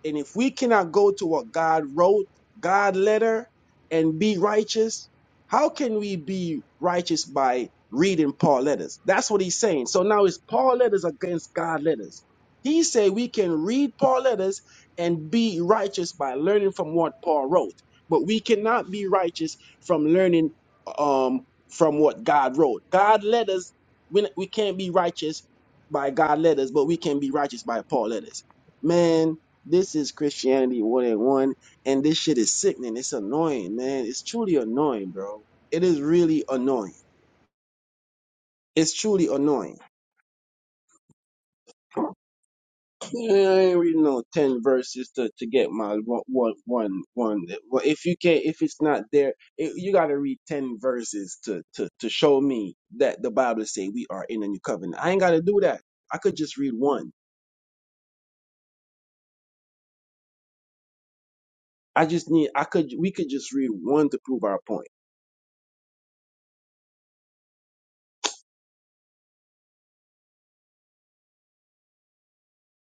Speaker 3: And if we cannot go to what God wrote, God letter, and be righteous, how can we be righteous by reading Paul letters? That's what he's saying. So now it's Paul letters against God letters. He said we can read Paul letters and be righteous by learning from what Paul wrote, but we cannot be righteous from learning um from what God wrote. God letters, we, we can't be righteous by God letters, but we can be righteous by Paul letters. Man, this is Christianity 101, and this shit is sickening. It's annoying, man. It's truly annoying, bro. It is really annoying. It's truly annoying. Man, I ain't reading no ten verses to, to get my one one one one. Well, if you can't, if it's not there, it, you got to read ten verses to to to show me that the Bible say we are in a new covenant. I ain't got to do that. I could just read one. I just need. I could. We could just read one to prove our point.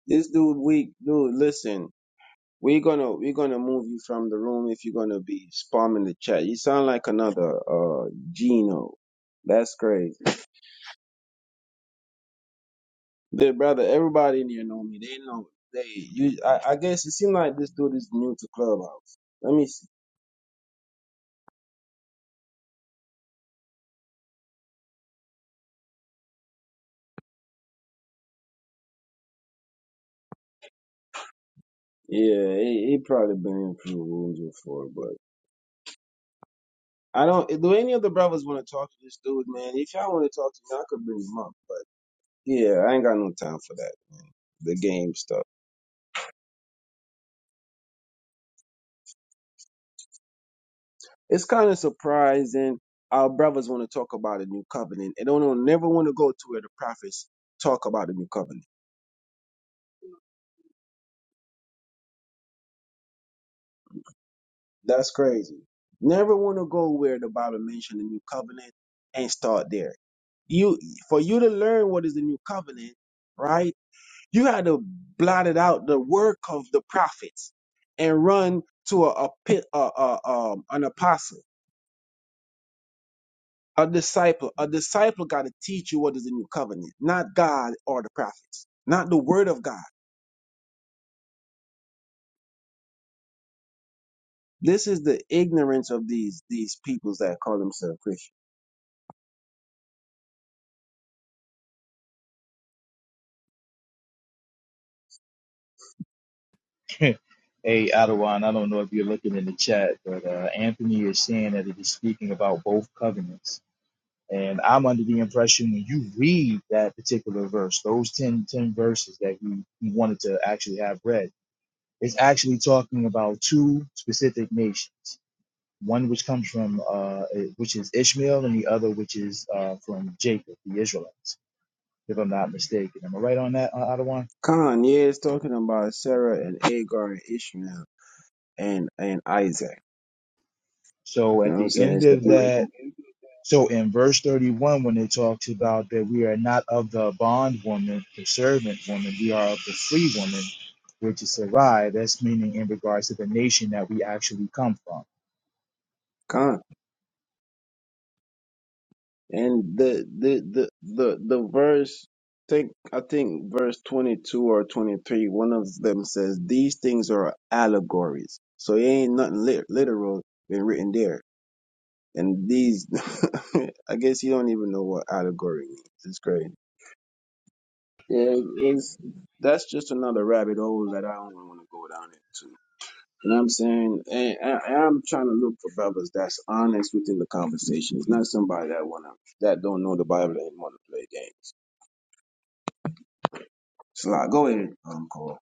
Speaker 3: This dude weak, dude. Listen, We're gonna we're gonna move you from the room if you're gonna be spamming the chat. You sound like another uh Gino. That's crazy. The brother, everybody in here know me. They know they you I, I guess it seems like this dude is new to Clubhouse. Let me see. Yeah, he, he probably been in through rooms before, but I don't do any of the brothers wanna talk to this dude, man. If y'all wanna talk to me, I could bring him up, but yeah, I ain't got no time for that, man. The game stuff. it's kind of surprising our brothers want to talk about a new covenant and don't don't never want to go to where the prophets talk about the new covenant. That's crazy. Never want to go where the Bible mentioned the new covenant and start there. You for you to learn what is the new covenant, right? You had to blot it out the work of the prophets and run to a, a, pit- a, a um, an apostle A disciple, a disciple got to teach you what is the new covenant, not God or the prophets, not the word of God. This is the ignorance of these these peoples that call themselves Christians.
Speaker 12: *laughs* hey, Adawan, I don't know if you're looking in the chat, but uh, Anthony is saying that it is speaking about both covenants. And I'm under the impression when you read that particular verse, those 10 10 verses that we, we wanted to actually have read, it's actually talking about two specific nations one which comes from uh, eh, which is Ishmael, and the other which is uh, from Jacob, the Israelites, if I'm not mistaken. Am I right on that, uh, Adawan?
Speaker 3: Khan, yeah, it's talking about Sarah and Agar and Ishmael and and Isaac.
Speaker 12: So
Speaker 3: You
Speaker 12: at
Speaker 3: know what I'm
Speaker 12: the
Speaker 3: saying?
Speaker 12: end
Speaker 3: It's
Speaker 12: of
Speaker 3: the
Speaker 12: that, so in verse 31, when it talks about that we are not of the bondwoman, the servant woman, we are of the free woman, which is Sarai. That's meaning in regards to the nation that we actually come from
Speaker 3: Khan. And the the the the the verse think I think verse 22 or 23 one of them says these things are allegories. So it ain't nothing lit- literal been written there And these, *laughs* I guess you don't even know what allegory means. It's crazy. Yeah, it's that's just another rabbit hole that I don't want to go down into. You know what I'm saying? And I, I'm trying to look for brothers that's honest within the conversation. It's not somebody that wanna that don't know the Bible and wanna play games. So like, go ahead, um, Cole.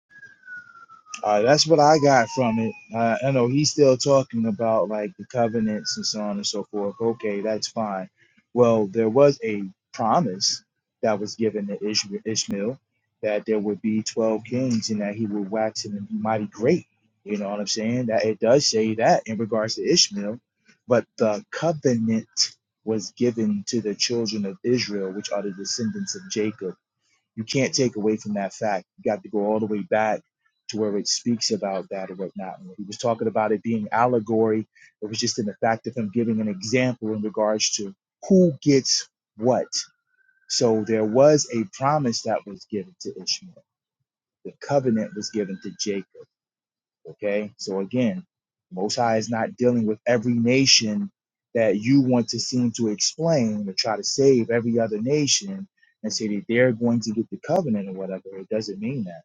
Speaker 12: Uh, that's what I got from it. Uh, I know he's still talking about like the covenants and so on and so forth. Okay, that's fine. Well, there was a promise that was given to Ishma- Ishmael that there would be 12 kings and that he would wax him and be mighty great. You know what I'm saying? That it does say that in regards to Ishmael, but the covenant was given to the children of Israel, which are the descendants of Jacob you can't take away from that fact. You got to go all the way back to where it speaks about that or whatnot. And When he was talking about it being allegory, it was just in the fact of him giving an example in regards to who gets what. So there was a promise that was given to Ishmael. The covenant was given to Jacob. Okay. So again, Most High is not dealing with every nation that you want to seem to explain or try to save every other nation and say that they're going to get the covenant or whatever. It doesn't mean that.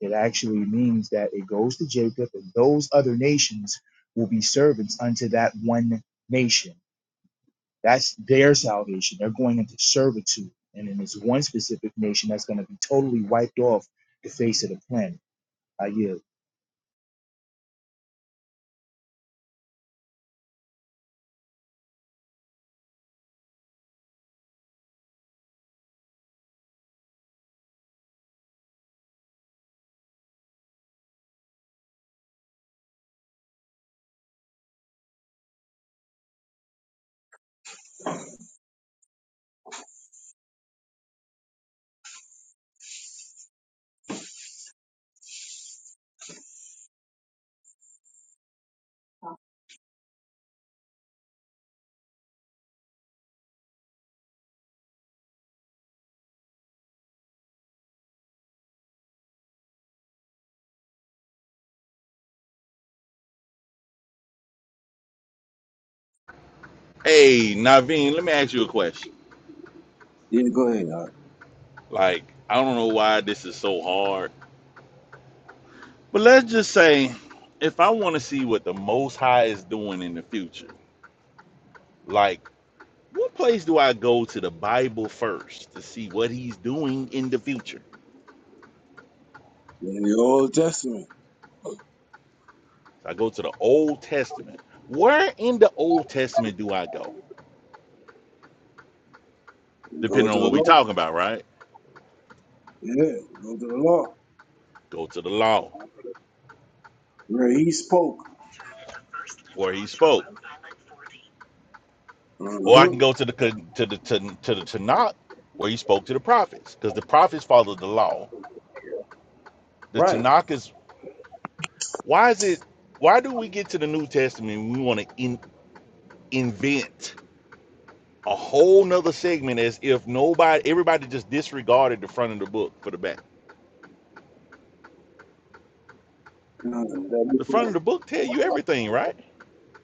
Speaker 12: It actually means that it goes to Jacob and those other nations will be servants unto that one nation. That's their salvation. They're going into servitude. And then there's one specific nation that's going to be totally wiped off the face of the planet. I yield
Speaker 2: Hey, Naveen, let me ask you a question.
Speaker 3: Yeah, go ahead. Uh,
Speaker 2: Like, I don't know why this is so hard, but let's just say, if I want to see what the Most High is doing in the future, like, what place do I go to the Bible first to see what He's doing in the future?
Speaker 3: in the Old Testament,
Speaker 2: I go to the Old Testament. Where in the Old Testament do I go?
Speaker 3: go
Speaker 2: Depending
Speaker 3: to
Speaker 2: on
Speaker 3: the
Speaker 2: what we're
Speaker 3: law.
Speaker 2: talking about, right?
Speaker 3: Yeah, go to the law
Speaker 2: Go to the law
Speaker 3: where he spoke.
Speaker 2: where He spoke. or I
Speaker 3: hmm
Speaker 2: can go to the to the to, to the Tanakh where he spoke to the prophets because the prophets followed the law. The
Speaker 3: Right.
Speaker 2: Tanakh is why is it why do we get to the New Testament and we want to in, invent a whole nother segment as if nobody everybody just disregarded the front of the book for the back.
Speaker 3: You know, that-
Speaker 2: The front of the book tell
Speaker 3: before.
Speaker 2: you everything, right?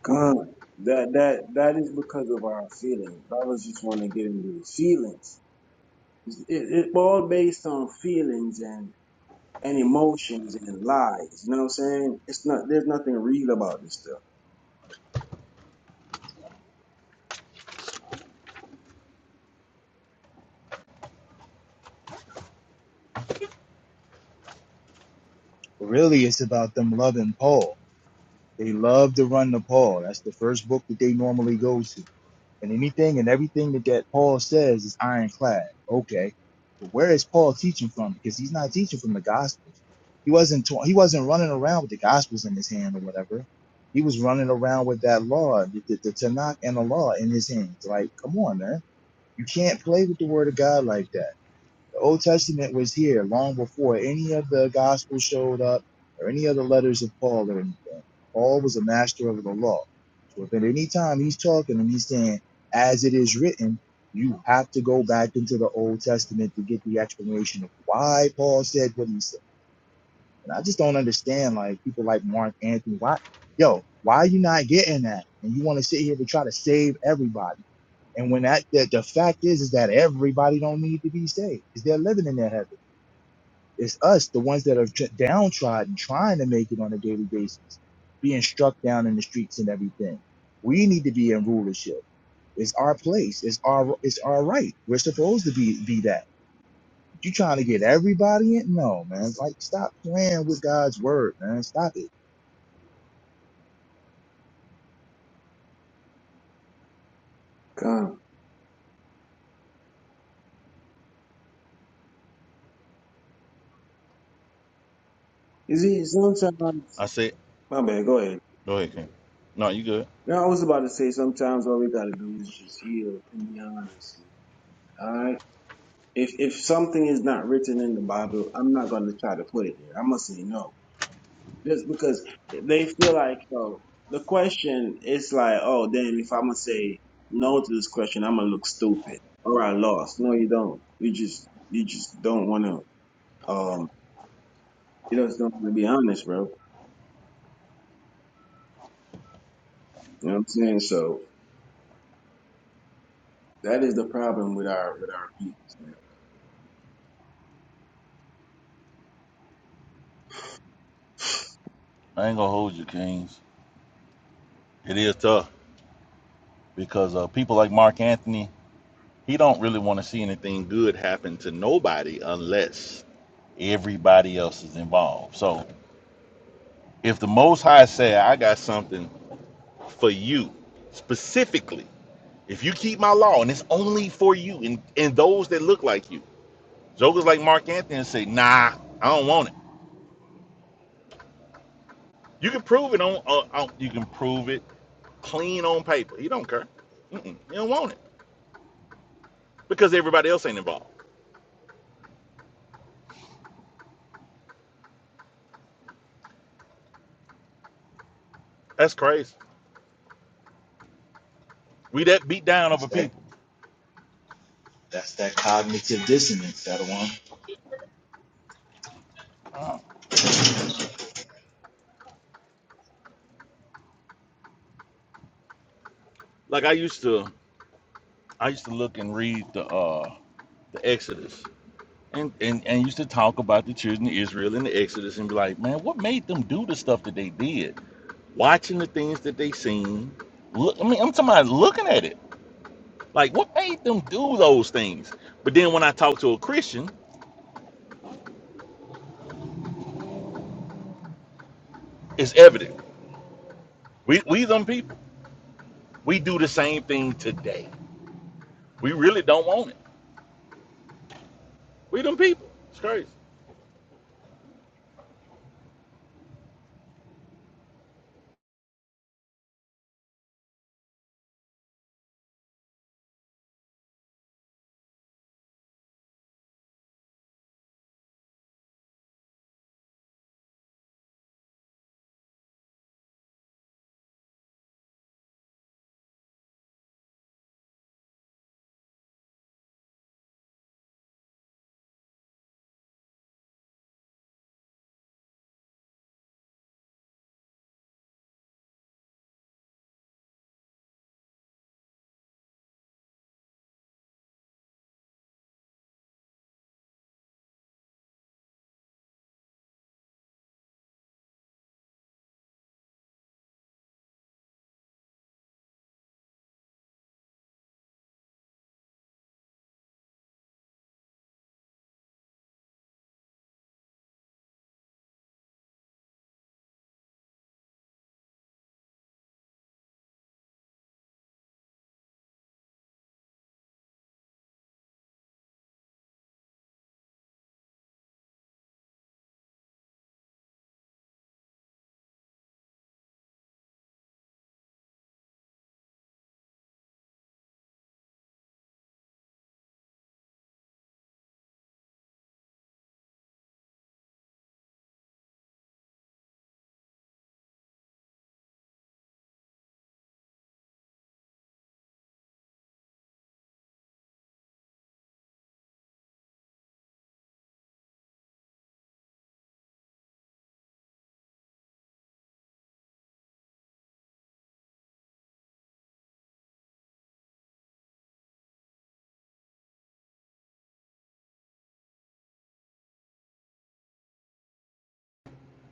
Speaker 3: God, that that that is because of our feelings. I was just want to get into the feelings. It's it, it's all based on feelings and and emotions and lies. You know what I'm saying? It's not. There's nothing real about this stuff.
Speaker 12: really it's about them loving Paul. They love to run to Paul. That's the first book that they normally go to. And anything and everything that, that Paul says is ironclad. Okay. But where is Paul teaching from? Because he's not teaching from the gospels. He wasn't tw- he wasn't running around with the gospels in his hand or whatever. He was running around with that law, the, the, the Tanakh and the law in his hands. Like, come on, man. You can't play with the word of God like that. The Old Testament was here long before any of the Gospels showed up or any other letters of Paul or anything. Paul was a master of the law. So if at any time he's talking and he's saying, as it is written, you have to go back into the Old Testament to get the explanation of why Paul said what he said. And I just don't understand, like, people like Mark Anthony, why, yo, why are you not getting that? And you want to sit here to try to save everybody. And when that, the, the fact is, is that everybody don't need to be saved because they're living in their heaven. It's us, the ones that are tr- downtrodden, trying to make it on a daily basis, being struck down in the streets and everything. We need to be in rulership. It's our place. It's our it's our right. We're supposed to be be that. You trying to get everybody in? No, man. Like stop playing with God's word, man. Stop it.
Speaker 3: God, you see, sometimes.
Speaker 2: I said,
Speaker 3: My bad. Go ahead.
Speaker 2: go ahead, King. No, you good.
Speaker 3: No, I was about to say sometimes all we gotta do is just heal and be honest, man. All right. If if something is not written in the Bible, I'm not gonna try to put it there. I'm gonna say no. just because they feel like oh the question is like oh then if I'm gonna say no to this question I'm gonna look stupid or I lost. No, you don't. You just you just don't want to um you just don't want to be honest, bro. You know what I'm saying? So that is the problem with our with our people, man.
Speaker 2: I ain't gonna hold you, Kings. It is tough because uh, people like Mark Anthony, he don't really want to see anything good happen to nobody unless Everybody else is involved. So if the Most High said, I got something for you specifically, if you keep my law and it's only for you and, and those that look like you, jokers like Mark Anthony say, Nah, I don't want it. You can prove it on, uh, on you can prove it clean on paper. He don't care. Mm-mm, he don't want it because everybody else ain't involved. That's crazy. We that beat down
Speaker 12: That's
Speaker 2: over
Speaker 12: that
Speaker 2: people.
Speaker 12: that's that cognitive dissonance, that one.
Speaker 2: Uh, Like I used to, I used to look and read the uh the Exodus and, and and used to talk about the children of Israel in the Exodus and be like, man, what made them do the stuff that they did? Watching the things that they seen. Look, I mean, I'm talking about looking at it. Like, what made them do those things? But then when I talk to a Christian, it's evident. We we them people. We do the same thing today. We really don't want it. We them people. It's crazy.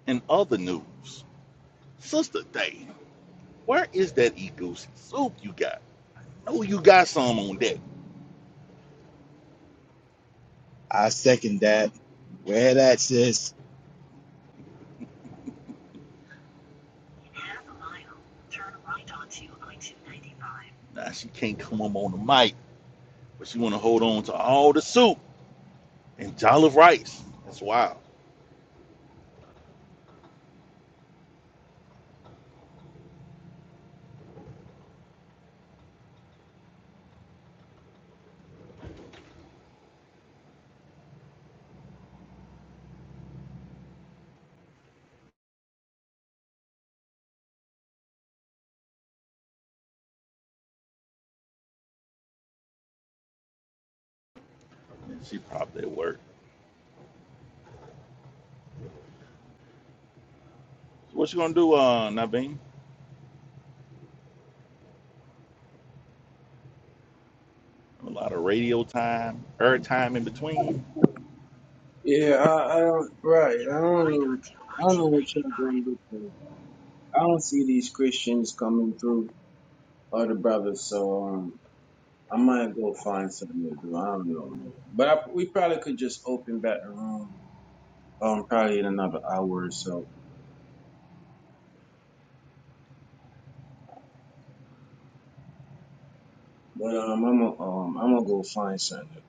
Speaker 2: In other news, Sister Day, where is that Egusi soup you got? Oh, you got some on that.
Speaker 12: I second that. Where that sis.
Speaker 2: Now she can't come up on the mic. but she want to hold on to all the soup and jollof rice. That's wild. And she probably at work. So what you gonna do, uh, Naveen? A lot of radio time, air time in between.
Speaker 3: Yeah, I, I don't right. I don't know. I don't know what you're going to do. I don't see these Christians coming through or the brothers. So um, I might go find something to do. I don't know, man. But I, we probably could just open back the room, um, probably in another hour or so. But um, I'm gonna um, I'm gonna go find something. To do.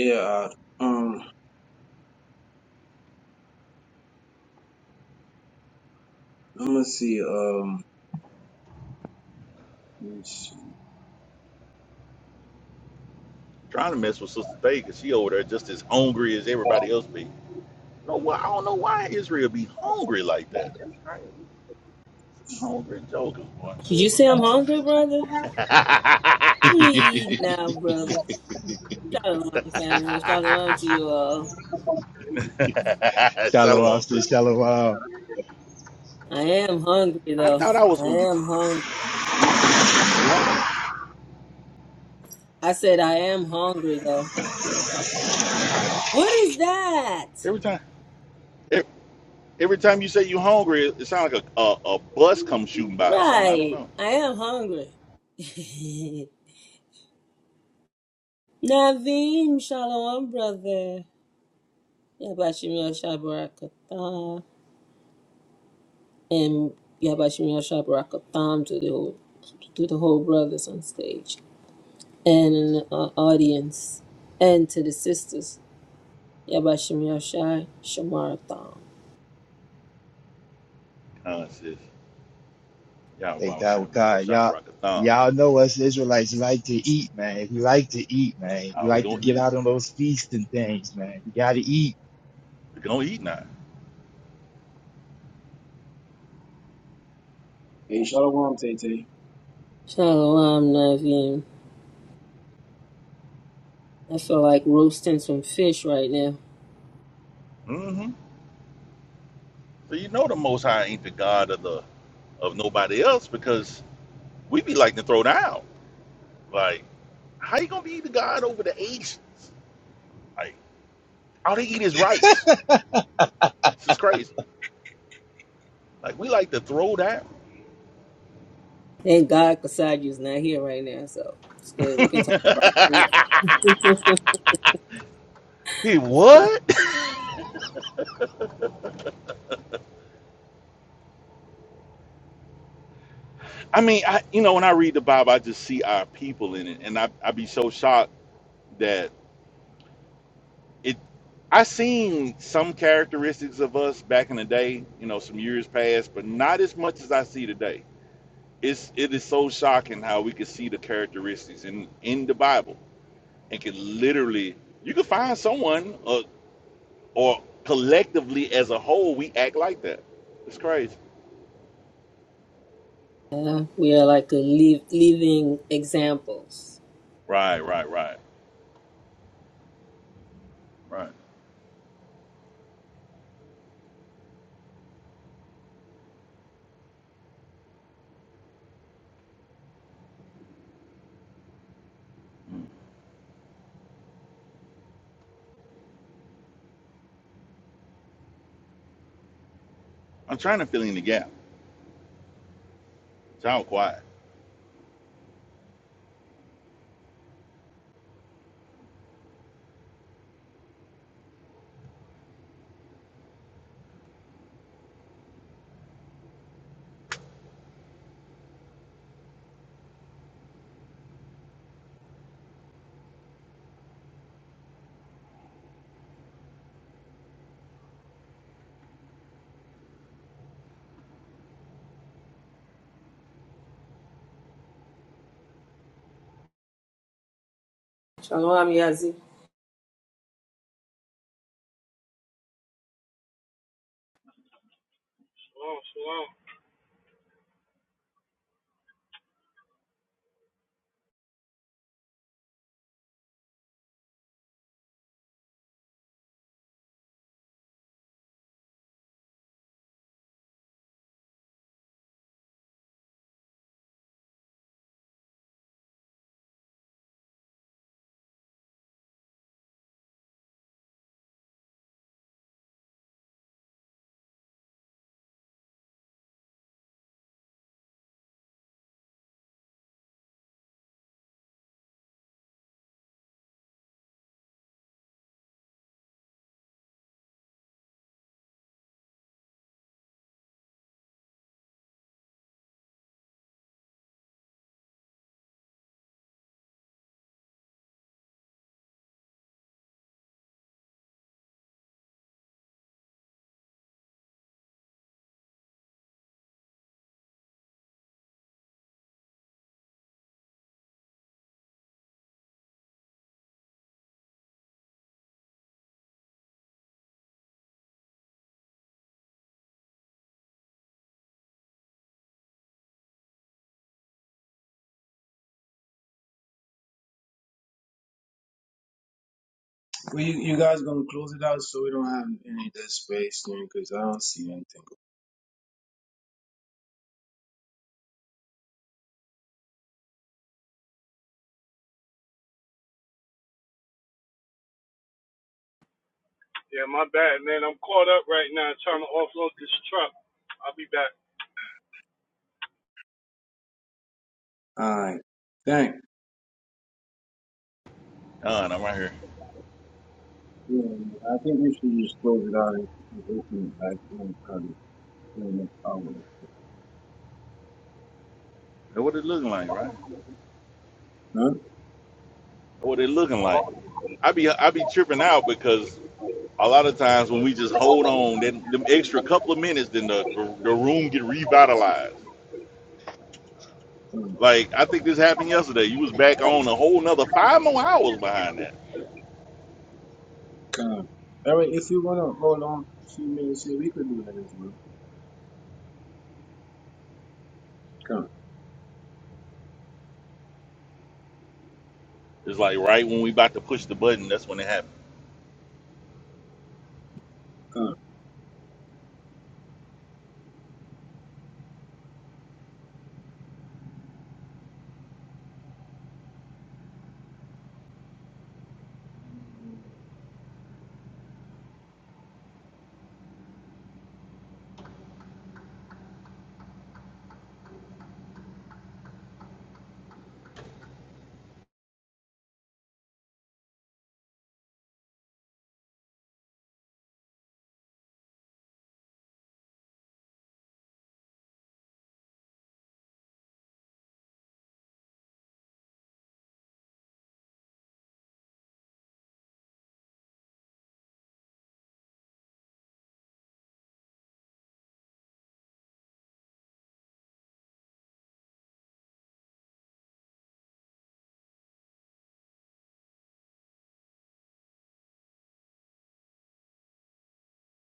Speaker 3: Yeah, uh, um, I'm gonna see. Um, let me see.
Speaker 2: Trying to mess with Sister Thea because she over there just as hungry as everybody else be. No, why I don't know why Israel be hungry like that. That's crazy. Some hungry jokers, boy.
Speaker 13: You say I'm hungry, brother? Let me eat now, brother. Shalom, family. Shalom to
Speaker 2: *laughs*
Speaker 13: you all.
Speaker 12: *laughs* Shalom,
Speaker 2: Shalom, sis.
Speaker 12: sis. Shalom.
Speaker 13: I am hungry,
Speaker 2: I
Speaker 13: though.
Speaker 2: thought I was
Speaker 13: I
Speaker 2: gonna get you.
Speaker 13: am hungry.
Speaker 2: You, you hungry
Speaker 13: I said I am hungry, though. What is that?
Speaker 2: every time. E- Every time you say you hungry, it, it sounds like a, a, a bus comes shooting by or something. I don't
Speaker 13: Right.
Speaker 2: know.
Speaker 13: I am hungry. *laughs* Naveen, shalom, brother. Yabashim Yashabarakatam. And Yabashim Yashabarakatam to the whole to the whole brothers on stage. and in the uh, audience, and to the sisters, Yabashim Yashai, Shamarathon.
Speaker 2: Uh, it's just, y'all
Speaker 12: Thank
Speaker 2: was
Speaker 12: God
Speaker 2: showing
Speaker 12: with
Speaker 2: me. I was
Speaker 12: God.
Speaker 2: shot
Speaker 12: Y'all,
Speaker 2: rock a thumb.
Speaker 12: y'all know us Israelites like to eat, man. We like to eat, man. We
Speaker 2: How we
Speaker 12: like to
Speaker 2: gonna
Speaker 12: get
Speaker 2: eat?
Speaker 12: out on those feasts and things, man. You gotta eat.
Speaker 2: We gonna eat now.
Speaker 3: Hey, Shalom, Tay Tay.
Speaker 13: Shalom, Navim. I feel like roasting some fish right now.
Speaker 2: Mm-hmm. So you know the Most High ain't the God of the of nobody else because we be like to throw down. Like, how you gonna be the God over the Asians? Like, all they eat is rice. This is crazy. Like, we like to throw down.
Speaker 13: Thank God Kasaji's not here right now, so it's good. We can talk about food. *laughs*
Speaker 2: *laughs* hey, what? I mean, I you know, when I read the Bible, I just see our people in it, and I I be so shocked that it. I seen some characteristics of us back in the day, you know, some years past, but not as much as I see today. It's it is so shocking how we can see the characteristics in in the Bible, and can literally you can find someone uh, or collectively as a whole we act like that. It's crazy.
Speaker 13: Uh, we are like a liv- living examples.
Speaker 2: Right, right, right, right. Mm. I'm trying to fill in the gap. Sound quiet.
Speaker 13: Shalom, Yazi.
Speaker 7: Shalom, shalom.
Speaker 3: Well, you, you guys gonna close it out so we don't have any dead space, man, because I don't see anything.
Speaker 7: Yeah, my bad, man. I'm caught up right now trying to offload this truck. I'll be back.
Speaker 3: All right, thanks.
Speaker 2: Done. I'm right here.
Speaker 3: Yeah, man, I think we should just close it out and open it back in probably in the next hour.
Speaker 2: That's what it looking like, right? That's what it looking like. I be I be tripping out because a lot of times when we just hold on, then them extra couple of minutes, then the the room get revitalized.
Speaker 3: Huh?
Speaker 2: Like I think this happened yesterday. You was back on a whole nother five more hours behind that.
Speaker 3: Come. All right, if you want to hold on a few minutes here, we could do that as well. Come,
Speaker 2: It's like right when we about to push the button, that's when it happened.
Speaker 3: come.